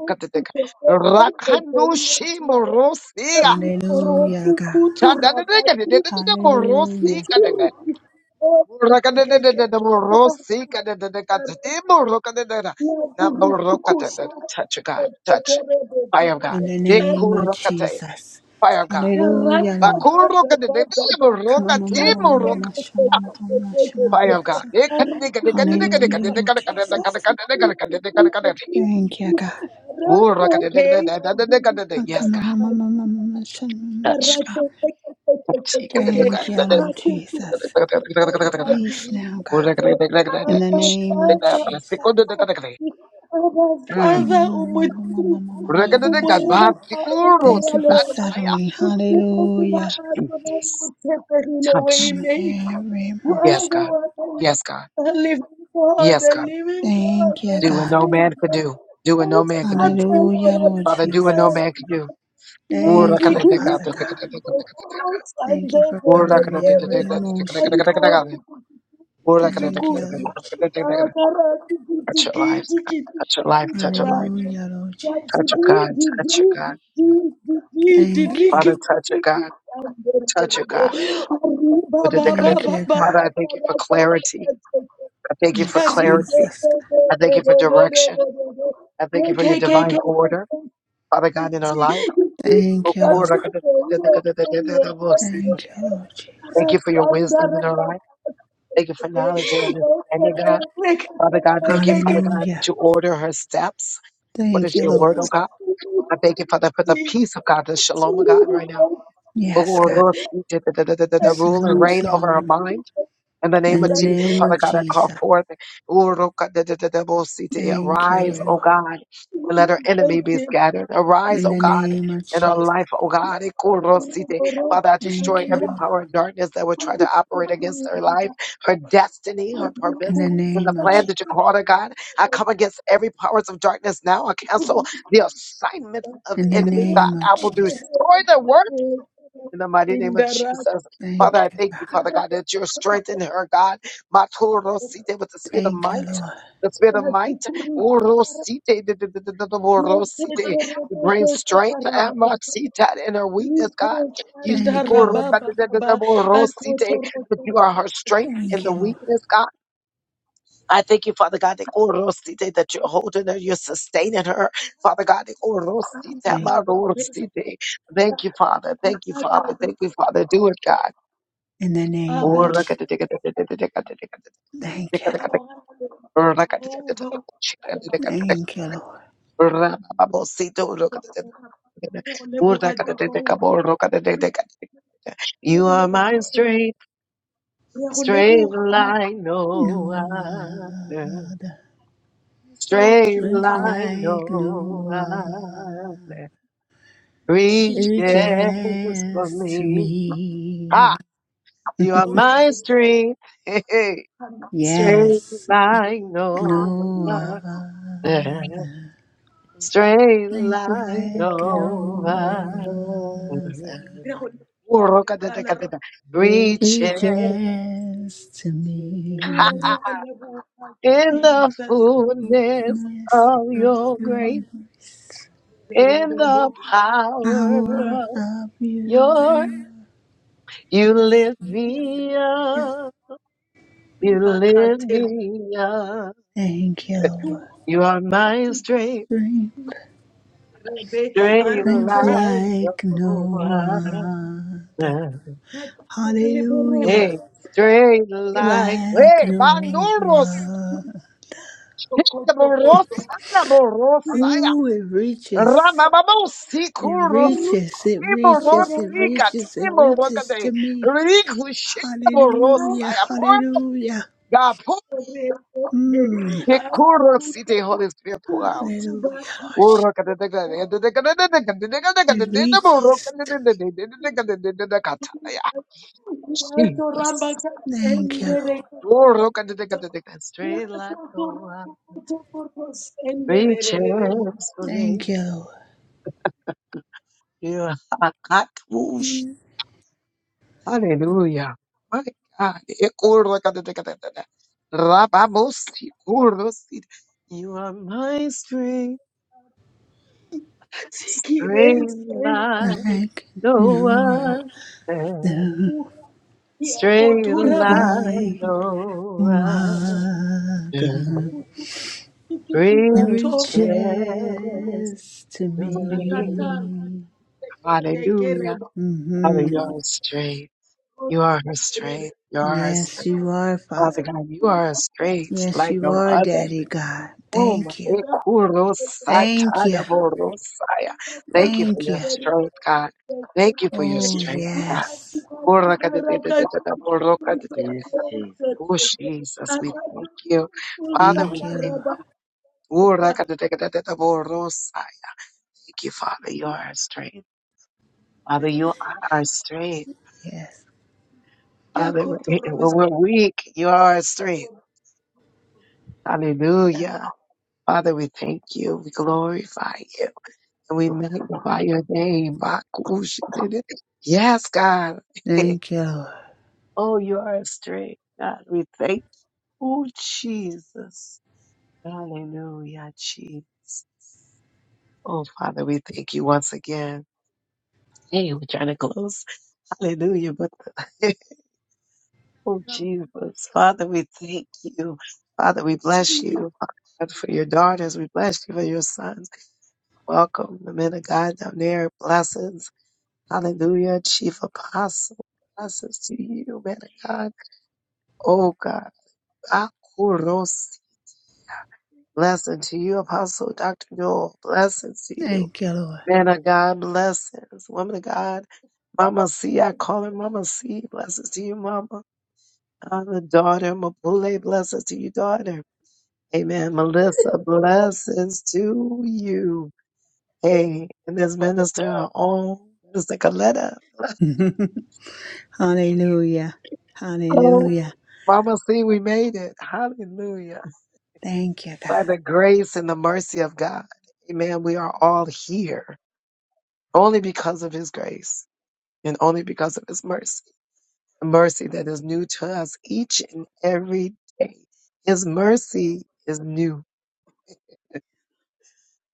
Speaker 1: rakandushi, murro, siya,
Speaker 2: Hallelujah, God.
Speaker 1: murro, siya, murro, siya,
Speaker 4: ariporotukuturabati
Speaker 1: murro,
Speaker 2: Hallelujah.
Speaker 1: siya, murro, siya. Touch
Speaker 4: itirikikeekekeke
Speaker 1: God, touch. Fire of God,
Speaker 2: In the name of
Speaker 1: bakurro,
Speaker 2: Jesus.
Speaker 1: fire of God.
Speaker 2: Hallelujah,
Speaker 1: I
Speaker 2: Lord.
Speaker 1: hold the key to your
Speaker 2: Come on, mama, mama, mama,
Speaker 1: heart.
Speaker 2: mama, mama, mama, mama, mama, mama. Hallelujah, Lord Jesus. Thank you, God.
Speaker 4: Okay, I'll give it to you
Speaker 1: Yes,
Speaker 4: back.
Speaker 1: God.
Speaker 4: to my
Speaker 1: Touch. God.
Speaker 2: Thank you, Lord Jesus. Peace now, God. In the name of Jesus.
Speaker 4: Father, umutulivu, umurapa,
Speaker 2: Thank you
Speaker 4: umhalalo,
Speaker 2: for settling.
Speaker 4: usipo bila
Speaker 2: Hallelujah.
Speaker 1: Mm.
Speaker 4: Adonai, utepelile
Speaker 1: Touch.
Speaker 2: On
Speaker 4: waymaker.
Speaker 2: every
Speaker 4: You are
Speaker 1: Yes,
Speaker 2: emotion.
Speaker 4: the
Speaker 1: God.
Speaker 4: one,
Speaker 1: Yes, God.
Speaker 4: the living God,
Speaker 1: Yes,
Speaker 4: the
Speaker 1: God.
Speaker 4: living God,
Speaker 2: Thank you,
Speaker 4: the
Speaker 1: Doing
Speaker 2: God.
Speaker 1: no man can
Speaker 4: Savior.
Speaker 1: do. Doing
Speaker 4: Oh,
Speaker 1: no man can do.
Speaker 4: Father,
Speaker 2: Hallelujah,
Speaker 4: our
Speaker 2: Lord
Speaker 1: Father, do what no
Speaker 2: Jesus.
Speaker 1: man
Speaker 4: Redeemer.
Speaker 1: can do.
Speaker 4: Lord,
Speaker 1: Touch
Speaker 2: Thank
Speaker 4: we
Speaker 2: you,
Speaker 4: give you
Speaker 2: Father God.
Speaker 4: praise for us and
Speaker 2: Thank you
Speaker 4: the
Speaker 2: for
Speaker 4: the the
Speaker 2: covering every emotion, God. Thank you,
Speaker 4: Kutukutukutukutukutukutu.
Speaker 2: Lord Jesus.
Speaker 4: Akara
Speaker 1: your lives, God. Touch your life,
Speaker 4: tukutikitikitikitiki
Speaker 3: Jesus,
Speaker 1: touch your
Speaker 4: karaka.
Speaker 1: life.
Speaker 2: Hallelujah,
Speaker 3: Jesus,
Speaker 2: Lord Jesus.
Speaker 3: Jesus,
Speaker 1: Touch your
Speaker 3: right
Speaker 1: God,
Speaker 3: now, God.
Speaker 1: touch your God.
Speaker 2: Thank you,
Speaker 1: Father,
Speaker 2: Lord.
Speaker 1: touch your God, touch your God.
Speaker 2: Thank you,
Speaker 1: Father,
Speaker 2: God.
Speaker 1: I thank you for clarity. I thank you for
Speaker 2: Yes,
Speaker 1: clarity.
Speaker 2: Jesus.
Speaker 1: I thank you for direction. I thank you for your divine order,
Speaker 4: Arriba,
Speaker 1: Father God, in our
Speaker 4: Thank
Speaker 1: life.
Speaker 2: Thank you, Lord.
Speaker 1: Thank
Speaker 2: Thank you, Lord Jesus.
Speaker 1: you for your wisdom in our life. Thank you for knowledge and understanding, God. Father God, thank you, Father God,
Speaker 2: Hallelujah.
Speaker 1: that you order her steps according
Speaker 2: Thank
Speaker 1: to
Speaker 2: you,
Speaker 1: your
Speaker 2: Lord.
Speaker 1: word, oh God. I thank you, Father, for the peace of God, the shalom of God right now. Oh,
Speaker 2: Yes,
Speaker 1: Lord,
Speaker 2: God.
Speaker 1: Lord, you did the the- the- the- the Rule and
Speaker 2: Shalom,
Speaker 1: reign over her
Speaker 2: shalom.
Speaker 1: mind. In the name
Speaker 2: In
Speaker 1: of
Speaker 2: the
Speaker 1: Jesus,
Speaker 2: name
Speaker 1: Father
Speaker 2: of
Speaker 1: God, I call
Speaker 2: Jesus.
Speaker 1: forth, Urukadadadabosite,
Speaker 2: Thank you,
Speaker 1: arise, O
Speaker 2: Lord.
Speaker 1: God, and let our enemy be scattered. Arise,
Speaker 2: In
Speaker 1: O
Speaker 2: the
Speaker 1: God,
Speaker 2: name of
Speaker 1: in our
Speaker 2: Jesus.
Speaker 1: life, O God. Ikurosite. Father, I
Speaker 2: Thank
Speaker 1: destroy
Speaker 2: you,
Speaker 1: every
Speaker 2: Lord.
Speaker 1: power of darkness that would try to operate against her life, her destiny, her
Speaker 2: In
Speaker 1: purpose.
Speaker 2: the
Speaker 1: And the
Speaker 2: name of
Speaker 1: plan
Speaker 2: Jesus.
Speaker 1: that you called her, God, I come against every powers of darkness now. I cancel
Speaker 4: you.
Speaker 1: the assignments of the
Speaker 2: In the
Speaker 1: enemy, God.
Speaker 2: name of
Speaker 1: I will destroy
Speaker 2: Jesus.
Speaker 1: the work. In the mighty name of
Speaker 4: Indara
Speaker 1: Jesus. Father,
Speaker 2: Thank
Speaker 1: I
Speaker 2: you.
Speaker 1: thank
Speaker 2: God.
Speaker 1: you, Father God, that you're strengthening her, God. Matorosite with the spirit of
Speaker 2: Thank you,
Speaker 1: might.
Speaker 2: Lord.
Speaker 1: The spirit of might.
Speaker 4: Hatukuri Sahara
Speaker 1: Orosite, d- d- d- d- d- d- orosite. You bring
Speaker 4: Yoketorobeke
Speaker 1: strength and
Speaker 4: Sakarabata
Speaker 1: matita in her weakness,
Speaker 4: Riko
Speaker 1: God. You speak
Speaker 2: Thank
Speaker 4: Sandara
Speaker 2: you,
Speaker 1: orosite,
Speaker 2: Lord.
Speaker 4: Baba
Speaker 1: d- d- d-
Speaker 4: Baba
Speaker 1: d- orosite, that
Speaker 4: Akotoroke
Speaker 1: you are her strength in
Speaker 2: Thank
Speaker 1: the
Speaker 2: you, Lord.
Speaker 1: weakness, God. I thank you, Father God, that Orosite, that you're holding her, you're sustaining her. Father God, that Orosite,
Speaker 2: Thank
Speaker 4: Sandoroke
Speaker 1: Amarosite. thank you, Father. Thank you, Father. Thank you, Father. Do it, God.
Speaker 2: in the name
Speaker 4: Abba
Speaker 2: of Jesus. Thank you, Lord.
Speaker 4: Jehovah
Speaker 2: Thank you, Lord.
Speaker 4: Jehovah
Speaker 1: You are my
Speaker 4: Jehovah
Speaker 1: strength,
Speaker 4: Re a go
Speaker 1: straight
Speaker 4: leboga Makwetla
Speaker 1: line, no
Speaker 2: No
Speaker 1: other.
Speaker 2: other
Speaker 4: o
Speaker 1: Straight
Speaker 2: is
Speaker 4: Tufa,
Speaker 1: line,
Speaker 2: like
Speaker 1: no
Speaker 2: no other. It
Speaker 4: Jesus
Speaker 1: Reaches for
Speaker 2: is to
Speaker 1: me.
Speaker 2: me.
Speaker 1: Ah, you are my
Speaker 4: rotlhe.
Speaker 1: strength. [laughs] Straight
Speaker 2: Yes,
Speaker 1: like no
Speaker 2: no
Speaker 1: other.
Speaker 2: other.
Speaker 1: Straight
Speaker 2: Life
Speaker 1: like
Speaker 2: like
Speaker 1: no
Speaker 2: no
Speaker 1: other.
Speaker 2: other.
Speaker 4: Re a go leboga lerato,
Speaker 1: Reaching
Speaker 2: It is to
Speaker 4: re a
Speaker 2: me.
Speaker 4: re a go leboga
Speaker 1: in the
Speaker 4: Jesus.
Speaker 1: fullness
Speaker 2: Miss
Speaker 1: of
Speaker 2: of
Speaker 1: your
Speaker 2: your
Speaker 1: grace.
Speaker 2: voice.
Speaker 4: Re re
Speaker 1: In
Speaker 4: re bo
Speaker 1: the power
Speaker 4: re a
Speaker 2: Power
Speaker 1: of
Speaker 2: of you.
Speaker 1: your, you lift me
Speaker 4: go
Speaker 1: up, you
Speaker 4: riba ka
Speaker 1: lift
Speaker 4: thero.
Speaker 1: me up.
Speaker 2: Thank you,
Speaker 1: You are my straight,
Speaker 2: Lord.
Speaker 4: Rebe
Speaker 1: straight
Speaker 4: a
Speaker 2: Live
Speaker 4: rube
Speaker 1: light.
Speaker 2: like
Speaker 1: Oh,
Speaker 2: no
Speaker 1: my
Speaker 2: other.
Speaker 4: re rebe
Speaker 2: Hallelujah.
Speaker 1: hey,
Speaker 4: rebe
Speaker 1: straight
Speaker 4: rebe
Speaker 1: light.
Speaker 2: Like
Speaker 1: Hey,
Speaker 2: no
Speaker 1: Banduros,
Speaker 2: other.
Speaker 4: toko toko toko.
Speaker 1: Borosaya, Borosaya,
Speaker 2: Oh, it reaches.
Speaker 4: Re
Speaker 1: Ramababosi,
Speaker 2: It
Speaker 1: Kuros,
Speaker 2: reaches. It
Speaker 4: re re
Speaker 2: reaches. It
Speaker 1: Iborosika,
Speaker 4: re
Speaker 2: reaches. It
Speaker 4: re re.
Speaker 2: reaches
Speaker 1: Timorokade,
Speaker 2: to me.
Speaker 1: Rikushia,
Speaker 4: Thank
Speaker 2: Hallelujah.
Speaker 1: Borosaya,
Speaker 2: Hallelujah.
Speaker 1: Porga, Porga,
Speaker 2: Mm.
Speaker 1: Kuros, City, Holy Spirit, wow.
Speaker 2: Hallelujah, Lord. Jesus. It reaches. to
Speaker 1: Jesus.
Speaker 2: me. Thank you, Lord.
Speaker 1: Oh, Straight like no one reaches for me.
Speaker 2: Thank you,
Speaker 1: You are cut whoosh.
Speaker 2: Lord.
Speaker 1: Hallelujah. My God. Ekorokadadekadadada. Rababosi, kurdosi. You are my strength. Straight like
Speaker 2: Like
Speaker 1: no
Speaker 2: no
Speaker 1: one.
Speaker 2: other.
Speaker 1: Straight like
Speaker 2: Like
Speaker 1: no
Speaker 2: What
Speaker 1: one,
Speaker 2: the riches
Speaker 1: Reaches to
Speaker 2: to
Speaker 1: me.
Speaker 2: me.
Speaker 1: Hallelujah. Father,
Speaker 2: hmm
Speaker 1: you are our
Speaker 4: you.
Speaker 1: strength. You are her strength. You are her
Speaker 2: Yes,
Speaker 1: strength.
Speaker 2: you are,
Speaker 1: Father
Speaker 2: Father.
Speaker 1: God, you are her strength
Speaker 2: Yes,
Speaker 1: like
Speaker 2: you
Speaker 1: no
Speaker 2: are,
Speaker 1: other.
Speaker 2: Daddy God.
Speaker 1: Om
Speaker 2: Thank you. Thank you.
Speaker 1: ekurosatadaborosaya. Thank you for
Speaker 2: Thank
Speaker 1: your
Speaker 2: you.
Speaker 1: strength, God. Thank you for your
Speaker 2: Oh,
Speaker 1: strength, God.
Speaker 2: yes.
Speaker 1: Orakadadadadadaborokadatadada. Oh, Jesus, we thank you. Father,
Speaker 2: Thank
Speaker 1: we
Speaker 2: you,
Speaker 1: thank
Speaker 2: Lord.
Speaker 1: you. Orakadadadadadaborosaya. Thank you, Father. You are our strength. Father, you are our strength.
Speaker 2: Yes.
Speaker 1: Father, when we're weak, you are our strength. Hallelujah. Father, we thank you. We glorify you. And we magnify your name. [laughs] Bakush. Yes, God. [laughs]
Speaker 2: Thank you, Lord.
Speaker 1: Oh, you are a strength. God, we thank you, Oh, Jesus. Hallelujah, Jesus. Oh, Father, we thank you once again. Hey, we're trying to close. Hallelujah. But [laughs] oh, Jesus. Father, we thank you. Father, we bless you. Father, for your daughters. We bless you for your sons. Welcome the men of God down there. Blessings. Hallelujah. Chief apostle. Blessings to you, man of God. Oh God. Akuros. Blessing to you, apostle Dr. Noel. Blessings to you.
Speaker 2: Thank you, Lord.
Speaker 1: Man of God, blessings. Woman of God. Mama C, I call her Mama C. Blessings to you, Mama. Uh, the daughter, Mapule, blessings to you, daughter. Amen. Melissa, blessings to you. Hey, and this minister, our own Minister Coletta.
Speaker 2: [laughs] Hallelujah.
Speaker 1: Oh,
Speaker 2: Hallelujah.
Speaker 1: Mama, see, we made it. Hallelujah.
Speaker 2: Thank you,
Speaker 1: By
Speaker 2: God.
Speaker 1: the grace and the mercy of God. Amen. We are all here only because of his grace and only because of his mercy. The mercy that is new to us each and every day. His mercy is new.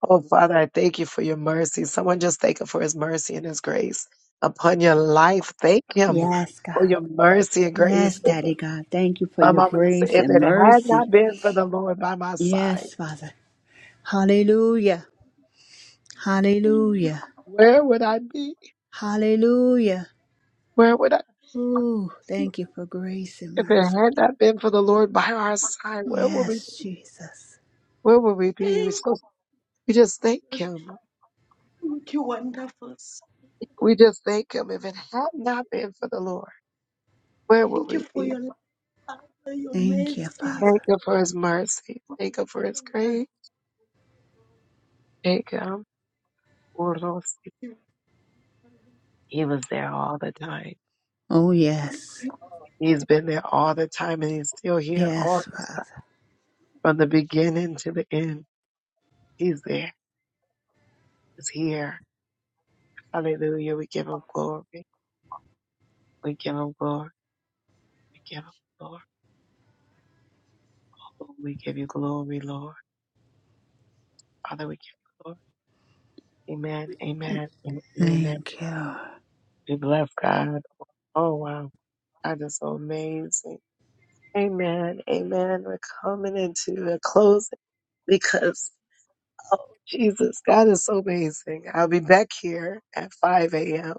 Speaker 1: Oh, Father, I thank you for your mercy. Someone just thank him for his mercy and his grace upon your life. Thank him
Speaker 2: Yes, God.
Speaker 1: for your mercy and grace.
Speaker 2: Yes,
Speaker 1: If-
Speaker 2: Daddy God. Thank you for
Speaker 1: My
Speaker 2: your
Speaker 1: mama said,
Speaker 2: grace
Speaker 1: if
Speaker 2: and
Speaker 1: it had
Speaker 2: mercy.
Speaker 1: not been for the Lord by my side,
Speaker 2: Yes, Father. Hallelujah. Hallelujah.
Speaker 1: Where would I be?
Speaker 2: Hallelujah.
Speaker 1: Where would I
Speaker 2: Ooh, thank you for grace and
Speaker 1: if it
Speaker 2: mercy.
Speaker 1: had not been for the Lord by our side? Where would we be?
Speaker 2: Yes, Jesus.
Speaker 1: Where would we be? We so we just thank Him.
Speaker 4: Thank you, wonderful.
Speaker 1: We just thank Him. If it had not been for the Lord, where would
Speaker 4: Thank you
Speaker 1: we
Speaker 4: for
Speaker 1: be?
Speaker 4: your love, Father, your
Speaker 2: Thank you,
Speaker 4: mercy, your
Speaker 1: Thank
Speaker 2: Father.
Speaker 1: Him for His mercy. Thank Him for His
Speaker 4: kindness.
Speaker 1: grace. Thank Him for those. He was there all the time.
Speaker 2: Oh,
Speaker 4: We
Speaker 2: yes.
Speaker 4: praise you,
Speaker 1: He's been there all the time, and He's still here all
Speaker 2: Yes,
Speaker 1: the time,
Speaker 2: Father.
Speaker 1: from the
Speaker 4: Jesus.
Speaker 1: beginning to the end. He's there. He's here. Hallelujah. We give Him glory. We give Him glory. We give up, Lord. Oh, We give you glory, Lord. Father, we give you glory. Amen, amen, and amen.
Speaker 2: Thank you.
Speaker 1: We bless God. Oh, wow. God is so amazing. Amen, amen. We're coming into a closing because, oh, Jesus, God is so amazing. I'll be back here at 5 a.m.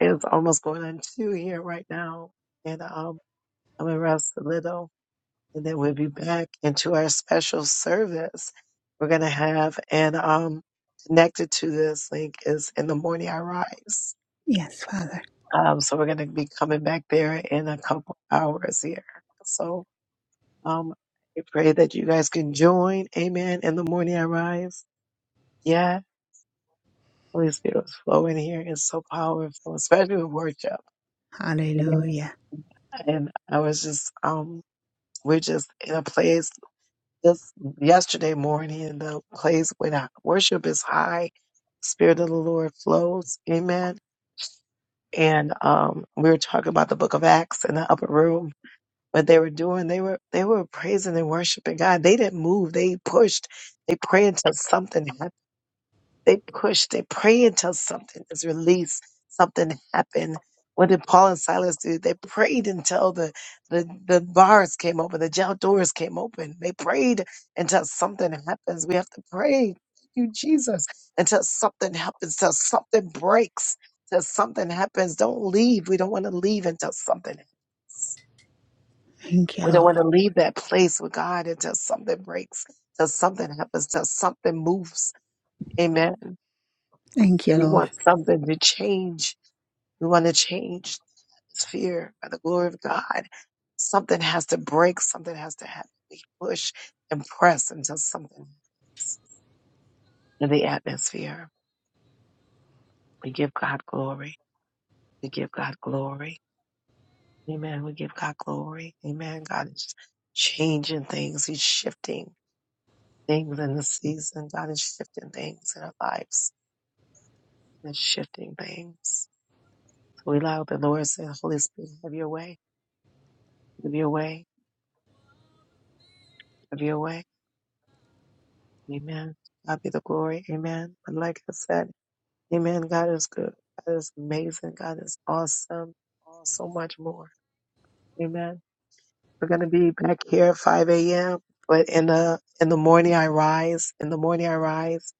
Speaker 1: It's almost going on 2 here right now. And um, I'm going to rest a little. and then we'll be back into our special service we're going to have and um connected to this link is in the morning i rise
Speaker 2: Yes, Father.
Speaker 1: um so we're going to be coming back there in a couple hours here so um i pray that you guys can join amen in the morning i rise yeah holy spirit was flowing here. It's so powerful especially with worship Amen.
Speaker 2: Hallelujah.
Speaker 1: and i was just um we're just in a place Just yesterday morning, in the place when I- worship is high, Spirit of the Lord flows. Amen. And um, we were talking about the Book of Acts in the upper room. What they were doing, they were they were praising and worshiping God. They didn't move. They pushed. They prayed until something happened they push, they pray until something is released, something happened. What did Paul and Silas do? They prayed until the, the, the bars came open, the jail doors came open. They prayed until something happens. We have to pray. Thank you, Jesus. Until something happens, until something breaks, until something happens. Don't leave. We don't want to leave until something.
Speaker 2: Thank you,
Speaker 1: We don't
Speaker 2: Lord.
Speaker 1: want to leave that place with God until something breaks, until something happens, until something moves. Amen.
Speaker 2: Thank you,
Speaker 1: We
Speaker 2: Lord.
Speaker 1: want something to change. We want to change the atmosphere by the glory of God. Something has to break, something has to happen. We push and press until something happens in the atmosphere. We give God glory. We give God glory. Amen. We give God glory. Amen. God is changing things. He's shifting things in the season. God is shifting things in our lives. God is shifting things. So we allow the Lord to say, Holy Spirit, have your way. Have your way. Have your way Amen. God be the glory. Amen. And like I said, Amen. God is good. God is amazing. God is awesome. Oh, so much more. Amen. We're gonna be back here at 5 a.m. But in the in the morning I rise. In the morning I rise.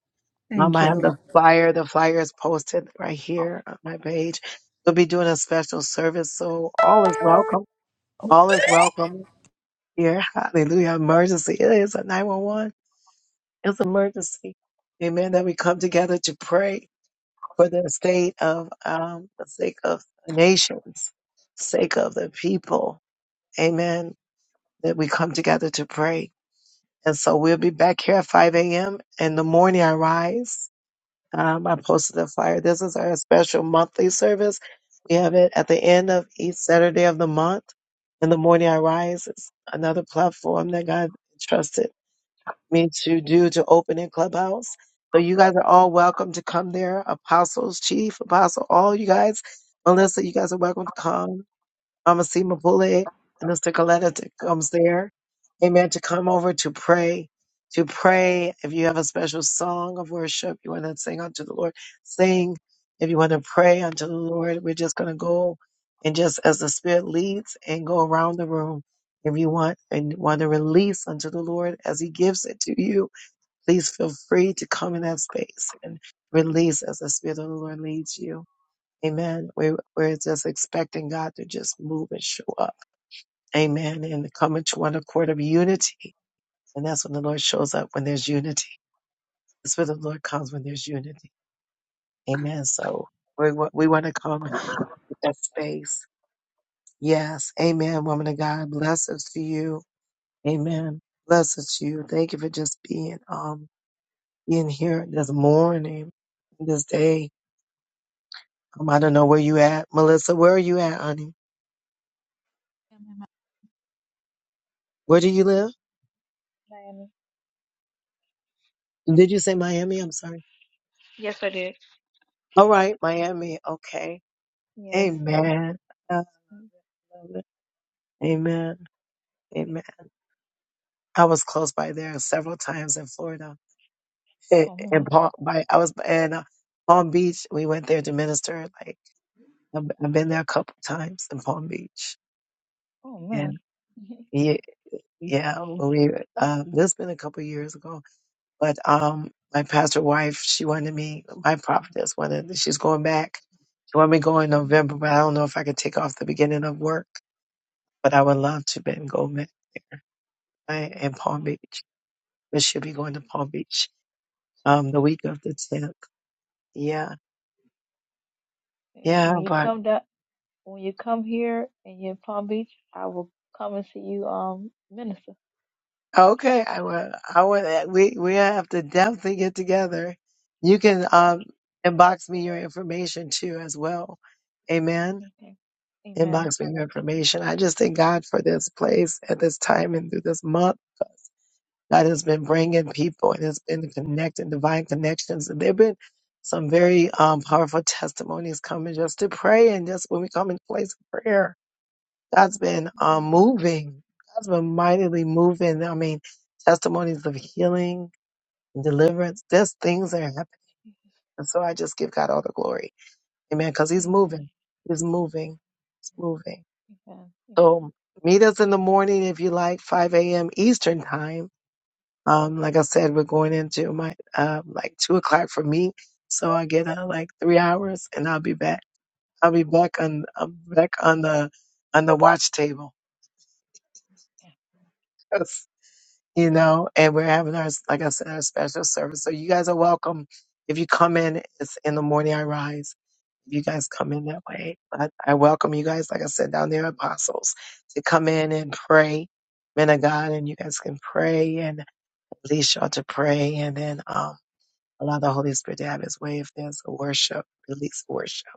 Speaker 1: Um,
Speaker 2: Thank
Speaker 1: I
Speaker 2: you,
Speaker 1: have
Speaker 2: Lord.
Speaker 1: the flyer. The flyer is posted right here on my page. We'll be doing a special service, so all is welcome. All is welcome here. Hallelujah. Emergency. It is a 911. It's an emergency. Amen. That we come together to pray for the state of um, the sake of the nations, sake of the people. Amen. That we come together to pray. And so we'll be back here at 5 a.m. In the morning, I rise. Um, I posted a flyer. This is our special monthly service. We have it at the end of each Saturday of the month. In the morning, I rise is another platform that God entrusted me to do to open in Clubhouse. So you guys are all welcome to come there. Apostles, Chief, Apostle, all you guys. Melissa, you guys are welcome to come. Mama C. Mapule, Minister Coletta to, comes there. Amen. To come over to pray, to pray. If you have a special song of worship you want to sing unto the Lord, sing. If you want to pray unto the Lord, we're just going to go and just as the Spirit leads and go around the room. If you want and want to release unto the Lord as He gives it to you, please feel free to come in that space and release as the Spirit of the Lord leads you. Amen. We're, we're just expecting God to just move and show up. Amen. And come into one accord of unity. And that's when the Lord shows up when there's unity. That's where the Lord comes when there's unity. Amen. So we, wa- we want to come with that space. Yes. Amen. Woman of God, blessings to you. Amen. Blessings to you. Thank you for just being, um, being here this morning, this day. Um, I don't know where you at. Melissa, where are you at, honey?
Speaker 3: Am I am in my-
Speaker 1: Where do you live?
Speaker 3: Miami?
Speaker 1: Did you say Miami? I'm sorry.
Speaker 3: Yes, I did.
Speaker 1: All right, Miami. Okay.
Speaker 3: Yes.
Speaker 1: Amen. I
Speaker 3: Mm,
Speaker 1: Amen.
Speaker 3: yeah.
Speaker 1: Amen. I was close by there several times in Florida. In,
Speaker 3: Oh
Speaker 1: in
Speaker 3: man.
Speaker 1: Palm, by I was in uh, Palm Beach. We went there to minister. Like I've, I've been there a couple times in Palm Beach.
Speaker 3: Oh man.
Speaker 1: And
Speaker 3: [laughs]
Speaker 1: yeah, yeah. When we um, this been a couple years ago, but um, my pastor wife, she wanted me. My prophetess wanted. She's going back. She wanted me to go in
Speaker 3: Mm-hmm.
Speaker 1: November, but I don't know if I could take off the beginning of work but I would love to Ben Gomez. I- in Palm
Speaker 3: Oh.
Speaker 1: Beach. But she'll be going to Palm Beach um the week of the tenth. Yeah,
Speaker 3: And
Speaker 1: yeah.
Speaker 3: When you
Speaker 1: But
Speaker 3: come down, when you come here and you're in Palm Beach, I will come and see you, um, minister.
Speaker 1: okay, I would, I would. uh, We we have to definitely get together. You can um
Speaker 3: Yeah.
Speaker 1: inbox me your information too as well. Amen.
Speaker 3: Okay. Amen.
Speaker 1: Inbox me your information. I just thank God for this place at this time and through this month. God has been bringing people and has been connecting divine connections. And there have been some very um, powerful testimonies coming just to pray and just when we come in place of prayer God's been um,
Speaker 3: Amen.
Speaker 1: moving. God's been mightily moving. I mean, testimonies of healing and deliverance. There's things that are happening. And so I just give God all the glory. Amen. Because He's
Speaker 3: Jesus.
Speaker 1: moving. He's moving. He's moving.
Speaker 3: Amen. Amen.
Speaker 1: So meet us in the morning if you like, 5 a.m. Eastern time. Um, like I said, we're going into my um, like two o'clock for me. So I get uh, like three hours and I'll be back. I'll be back on I'm back on the on the watch table.
Speaker 3: Yeah,
Speaker 1: [laughs] you know, and we're having our, like I said, our special service. So you guys are welcome. If you come in, it's in the morning I rise. If you guys come in that way, but I welcome you guys, like I said, down there, apostles, to come in and pray, men of God, and you guys can pray and release y'all to pray and then, um, allow the Holy Spirit to have his way. If there's a worship, release worship.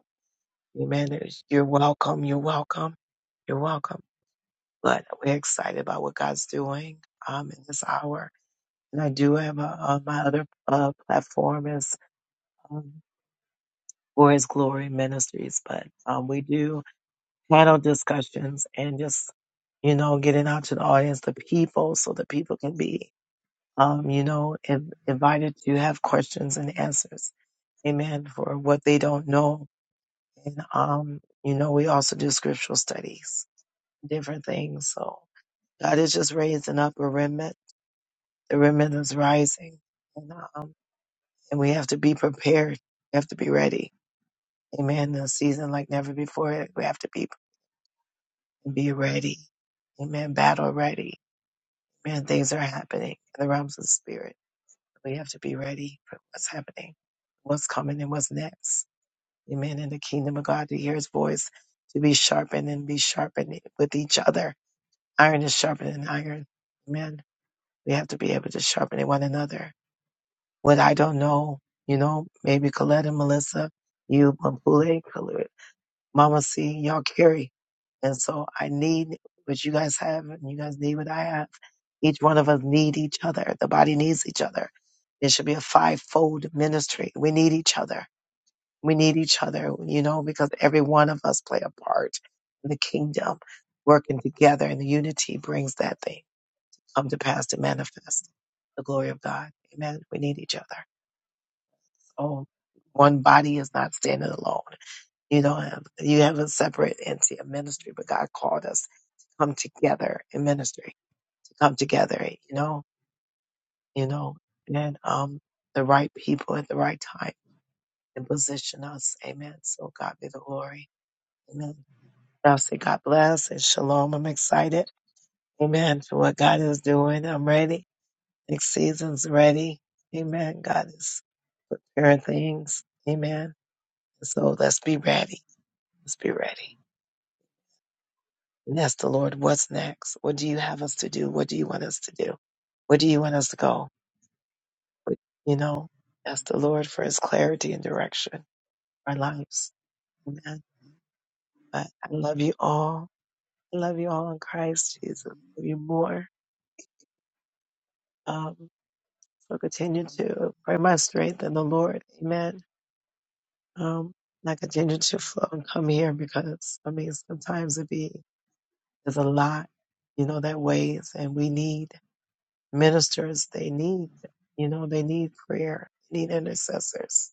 Speaker 1: Amen. You're welcome. You're welcome. You're welcome. But we're excited about what God's doing, um, in this hour and I do have a, uh, my other uh, platform is um, for His Glory Ministries, but um, we do panel discussions and just you know getting out to the audience, the people, so the people can be um, you know in, invited to have questions and answers, amen, for what they don't know. And um, you know we also do scriptural studies, different things. So God is just raising up a remnant. The remnant is rising. and we have to be prepared. We have to be ready. Amen. In a season like never before, we have to be be ready. Amen. Battle ready. Amen. Things are happening in the realms of the spirit. We have to be ready for what's happening, what's coming, and what's next. Amen. In the kingdom of God, to hear His voice, to be sharpened and be sharpened with each other. Iron is sharpening iron. Amen. We have to be able to sharpen one another. What I don't know, you know, maybe Colette and Melissa, you Mapule, Mama C, y'all carry. And so I need what you guys have and you guys need what I have. Each one of us need each other. The body needs each other. It should be a five-fold ministry. We need each other. We need each other, you know, because every one of us play a part in the kingdom. Working together and the unity brings that thing come to pass to manifest the glory of God. Amen. We need each other. So one body is not standing alone. You don't have you have a separate entity of ministry, but God called us to come together in ministry, to come together, you know, you know, and um the right people at the right time and position us. Amen. So God be the glory. Amen. I'll say God bless and shalom. I'm excited. Amen. For what God is doing. I'm ready. Next season's ready. Amen. God is preparing things. Amen. So let's be ready. Let's be ready. and ask the Lord, what's next? What do you have us to do? What do you want us to do? Where do you want us to go? But, You know, ask the Lord for his clarity and direction for our lives. Amen. But I love you all. I love you all in Christ Jesus. I love you more. Um, so continue to pray my strength in the Lord. Amen. Um, and I continue to flow and come here because, I mean, sometimes it be, there's a lot, you know, that weighs and we need ministers they need you know they need prayer they need intercessors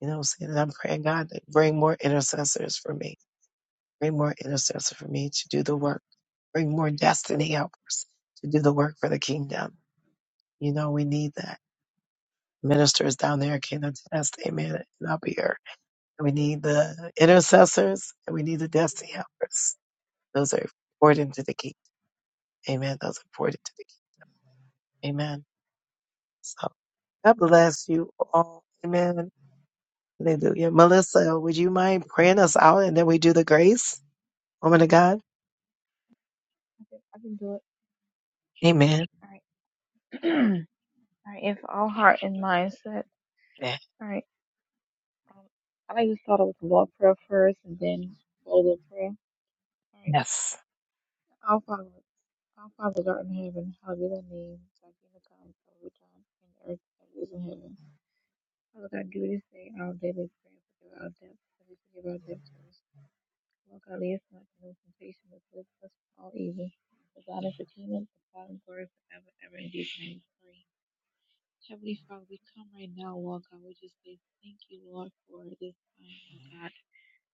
Speaker 1: you know what i'm saying and i'm praying god to bring more intercessors for me bring more intercessors for me to do the work bring more destiny helpers to do the work for the kingdom you know we need that ministers down there can attest amen and up here we need the intercessors and we need the destiny helpers those are important to the kingdom amen those are important to the kingdom amen so god bless you all amen Hallelujah. Melissa, would you mind praying us out and then we do the grace? Woman of God.
Speaker 3: I can, I can do
Speaker 1: Amen.
Speaker 3: it. All right. [clears throat] all right. If all heart and mind set.
Speaker 1: Amen.
Speaker 3: All right. Um, I like to start out with the Lord prayer first, and then follow the prayer. All right.
Speaker 1: Yes.
Speaker 3: Our Father, our Father God in heaven, hallowed be thy name. Thy kingdom come, thy will be done, in earth as it is in heaven. Father God, give this day our daily prayer, forgive our debts, as we forgive our debtors. Lord God, lead us not into temptation, but deliver us from all evil. For God is the kingdom, the power, and glory forever, and ever. In Jesus' name, we pray. Heavenly Father, we come right now, Lord God. We just say thank you, Lord, for this time, Lord God.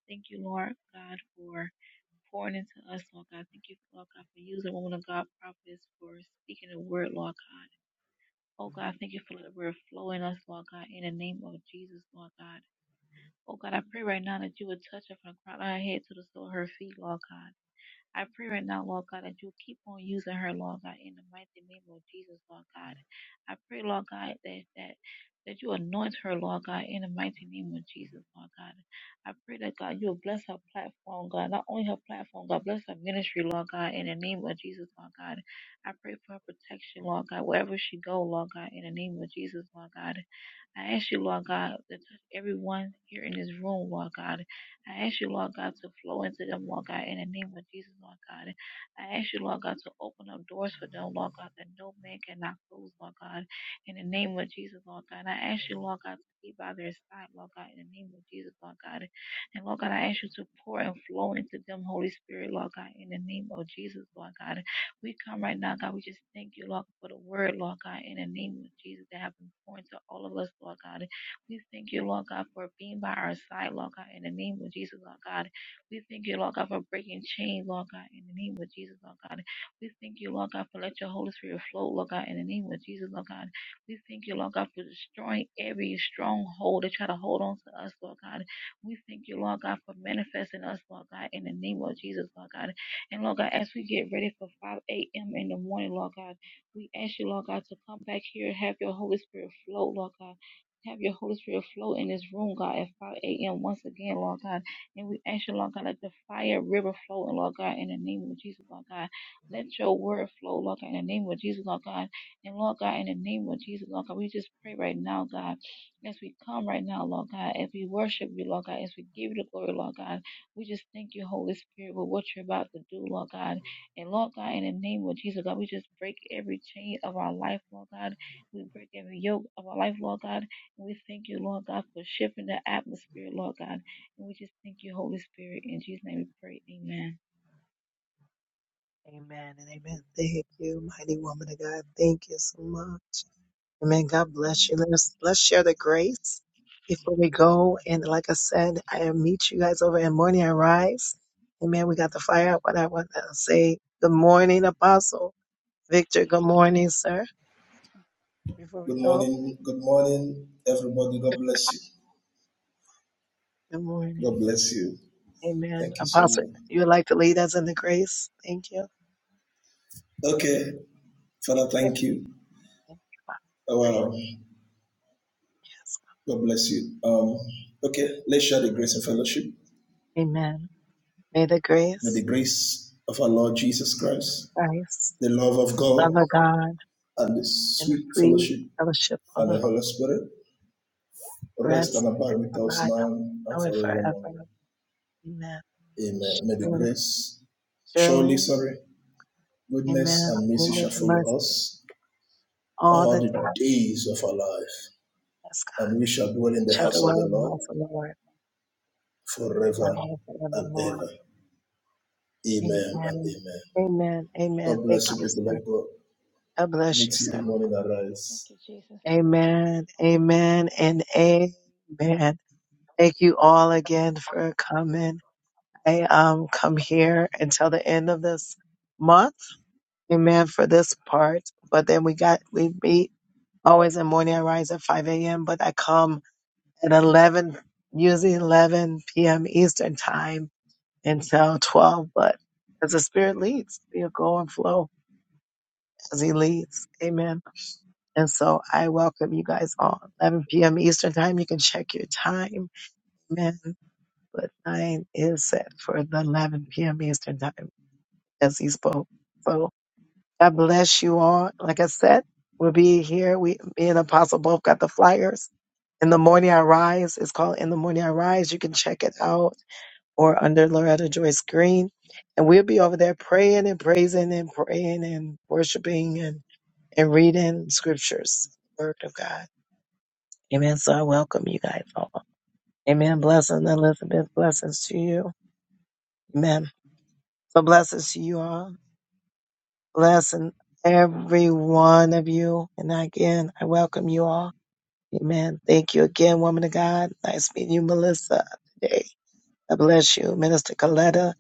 Speaker 3: Thank you, Lord God, for pouring into us, Lord God. Thank you, Lord God, for using woman of God prophets for speaking the word, Lord God. Oh God, thank you for the word flowing us, Lord God, in the name of Jesus, Lord God. Oh God, I pray right now that you would touch her from the crown of her head to the sole of her feet, Lord God. I pray right now, Lord God, that you'll keep on using her, Lord God, in the mighty name of Jesus, Lord God. I pray, Lord God, that that that you anoint her, Lord God, in the mighty name of Jesus, Lord God. I pray that God, you'll bless her platform, God. Not only her platform, God, bless her ministry, Lord God, in the name of Jesus, Lord God. I pray for her protection, Lord God, wherever she go, Lord God, in the name of Jesus, Lord God. I ask you, Lord God, to touch everyone here in this room, Lord God. I ask you, Lord God, to flow into them, Lord God, in the name of Jesus, Lord God. I ask you, Lord God, to open up doors for them, Lord God, that no man cannot close, Lord God, in the name of Jesus, Lord God. And I ask you, Lord God, to be by their side, Lord God, in the name of Jesus, Lord God. And Lord God, I ask you to pour and flow into them, Holy Spirit, Lord God, in the name of Jesus, Lord God. We come right now, God, we just thank you, Lord, for the word, Lord God, in the name of Jesus that have been poured to all of us, Lord God. We thank you, Lord God, for being by our side, Lord God, in the name of Jesus, Lord God. We thank you, Lord God, for breaking chains, Lord God, in the name of Jesus, Lord God. We thank you, Lord God, for let your Holy Spirit flow, Lord God, in the name of Jesus, Lord God. We thank you, Lord God, for destroying every stronghold that try to hold on to us, Lord God. We thank you, Lord God, for manifesting us, Lord God, in the name of Jesus, Lord God. And Lord God, as we get ready for 5 a.m. in the morning, Lord God, we ask you, Lord God, to come back here and have your Holy Spirit flow, Lord God. Have your Holy Spirit flow in this room, God, at 5 a.m. once again, Lord God. And we ask you, Lord God, let the fire river flow, and Lord God, in the name of Jesus, Lord God. Let your word flow, Lord God, in the name of Jesus, Lord God. And Lord God, in the name of Jesus, Lord God, we just pray right now, God, as we come right now, Lord God, as we worship you, Lord God, as we give you the glory, Lord God. We just thank you, Holy Spirit, for what you're about to do, Lord God. And Lord God, in the name of Jesus, God, we just break every chain of our life, Lord God. We break every yoke of our life, Lord God. We thank you, Lord God, for shifting the atmosphere, Lord God. And we just thank you, Holy Spirit. In Jesus' name we pray. Amen.
Speaker 1: Amen and amen. Thank you, mighty woman of God. Thank you so much. Amen. God bless you.
Speaker 3: Amen.
Speaker 1: Let us let's share the grace before we go. And like I said, I meet you guys over in morning I rise. Amen. We got the fire up, but I want to say good morning, Apostle Victor. Good morning, sir. Before we
Speaker 6: Good
Speaker 1: go,
Speaker 6: morning. Good morning, everybody. God bless you.
Speaker 1: good
Speaker 6: God
Speaker 1: morning.
Speaker 6: bless you.
Speaker 1: Amen.
Speaker 6: Thank you so
Speaker 1: Apostle,
Speaker 6: much.
Speaker 1: you would like to lead us in the grace? Thank you.
Speaker 6: Okay,
Speaker 1: Thank
Speaker 6: Father,
Speaker 1: you.
Speaker 6: thank you.
Speaker 1: Thank you, Father.
Speaker 6: Oh,
Speaker 1: Great.
Speaker 6: Wow.
Speaker 1: Yes.
Speaker 6: God bless you. Um, okay, let's share the grace and fellowship.
Speaker 1: Amen. May the
Speaker 6: May the
Speaker 1: grace,
Speaker 6: grace of our Lord Jesus Christ,
Speaker 1: of Christ,
Speaker 6: the love of
Speaker 1: love
Speaker 6: God,
Speaker 1: of God,
Speaker 6: and the
Speaker 1: and the
Speaker 6: sweet
Speaker 1: free
Speaker 6: fellowship
Speaker 1: fellowship of
Speaker 6: and the
Speaker 1: the
Speaker 6: Holy Spirit rest
Speaker 1: rest
Speaker 6: and
Speaker 1: and
Speaker 6: abide with us
Speaker 1: provide
Speaker 6: now
Speaker 1: us
Speaker 6: and
Speaker 1: now and forever.
Speaker 6: forevermore.
Speaker 1: Amen.
Speaker 6: Amen. May the
Speaker 1: Surely,
Speaker 6: grace, surely,
Speaker 1: surely,
Speaker 6: sorry, goodness
Speaker 1: amen.
Speaker 6: and
Speaker 1: We
Speaker 6: mercy
Speaker 1: know
Speaker 6: shall
Speaker 1: the mercy.
Speaker 6: follow us
Speaker 1: All
Speaker 6: all
Speaker 1: the day,
Speaker 6: the days of our life
Speaker 1: yes, God
Speaker 6: and we shall dwell in the
Speaker 1: shall
Speaker 6: house of
Speaker 1: dwell
Speaker 6: the
Speaker 1: in the
Speaker 6: Lord
Speaker 1: house of the Lord, now
Speaker 6: forever
Speaker 1: and
Speaker 6: and
Speaker 1: forevermore.
Speaker 6: ever. Amen and
Speaker 1: Amen.
Speaker 6: amen.
Speaker 1: Amen. Amen.
Speaker 6: God
Speaker 1: Thank
Speaker 6: bless you,
Speaker 1: you,
Speaker 6: people
Speaker 1: sir.
Speaker 6: of God.
Speaker 1: God bless
Speaker 6: Meet
Speaker 1: you,
Speaker 6: you
Speaker 1: sir.
Speaker 6: in morning
Speaker 3: Thank
Speaker 6: arise.
Speaker 3: you, Jesus.
Speaker 1: Amen. Amen. And amen. Thank you all again for coming. I um come here until the end of this month. Amen for this part. But then we got we meet always in morning. I rise at five a.m. But I come at eleven, usually eleven p.m. Eastern time until twelve. But as the Spirit leads, we'll go and flow as He leads. Amen. And so I welcome you guys all. 11 p.m. Eastern time. You can check your time. Amen But nine is set for the 11 p.m. Eastern time, as he spoke. So God bless you all. Like I said, we'll be here. We, me and Apostle both got the flyers. In the morning I rise. It's called In the Morning I Rise. You can check it out or under Loretta Joyce Green. And we'll be over there praying and praising and praying and worshiping and, and reading scriptures, word of God. Amen. So I welcome you guys all. Amen. Blessings, Elizabeth. Blessings to you. Amen. So blessings to you all. Blessing every one of you. And again, I welcome you all. Amen. Thank you again, woman of God. Nice meeting you, Melissa, today. I bless you. Minister Coletta,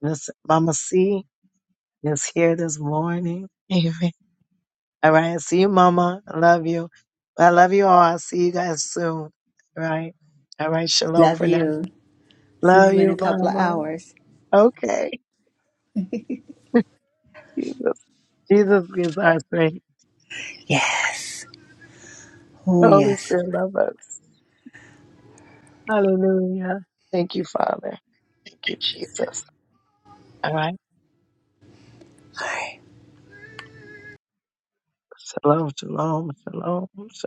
Speaker 1: Miss Mama C is here this morning. Amen. All right. I See you, Mama. I love you. I love you all. I'll see you guys soon. All right. All right. Shalom
Speaker 2: Love
Speaker 1: for now.
Speaker 2: you. See
Speaker 1: Love
Speaker 2: you in
Speaker 1: you,
Speaker 2: a couple of
Speaker 1: Mama.
Speaker 2: hours.
Speaker 1: Okay. [laughs] Jesus. Jesus is our strength.
Speaker 2: Yes. Oh,
Speaker 1: Holy
Speaker 2: yes.
Speaker 1: Spirit, love us. Hallelujah. Thank you, Father. Thank you, Jesus. All right.
Speaker 2: All right.
Speaker 1: Shalom, shalom, shalom, shalom.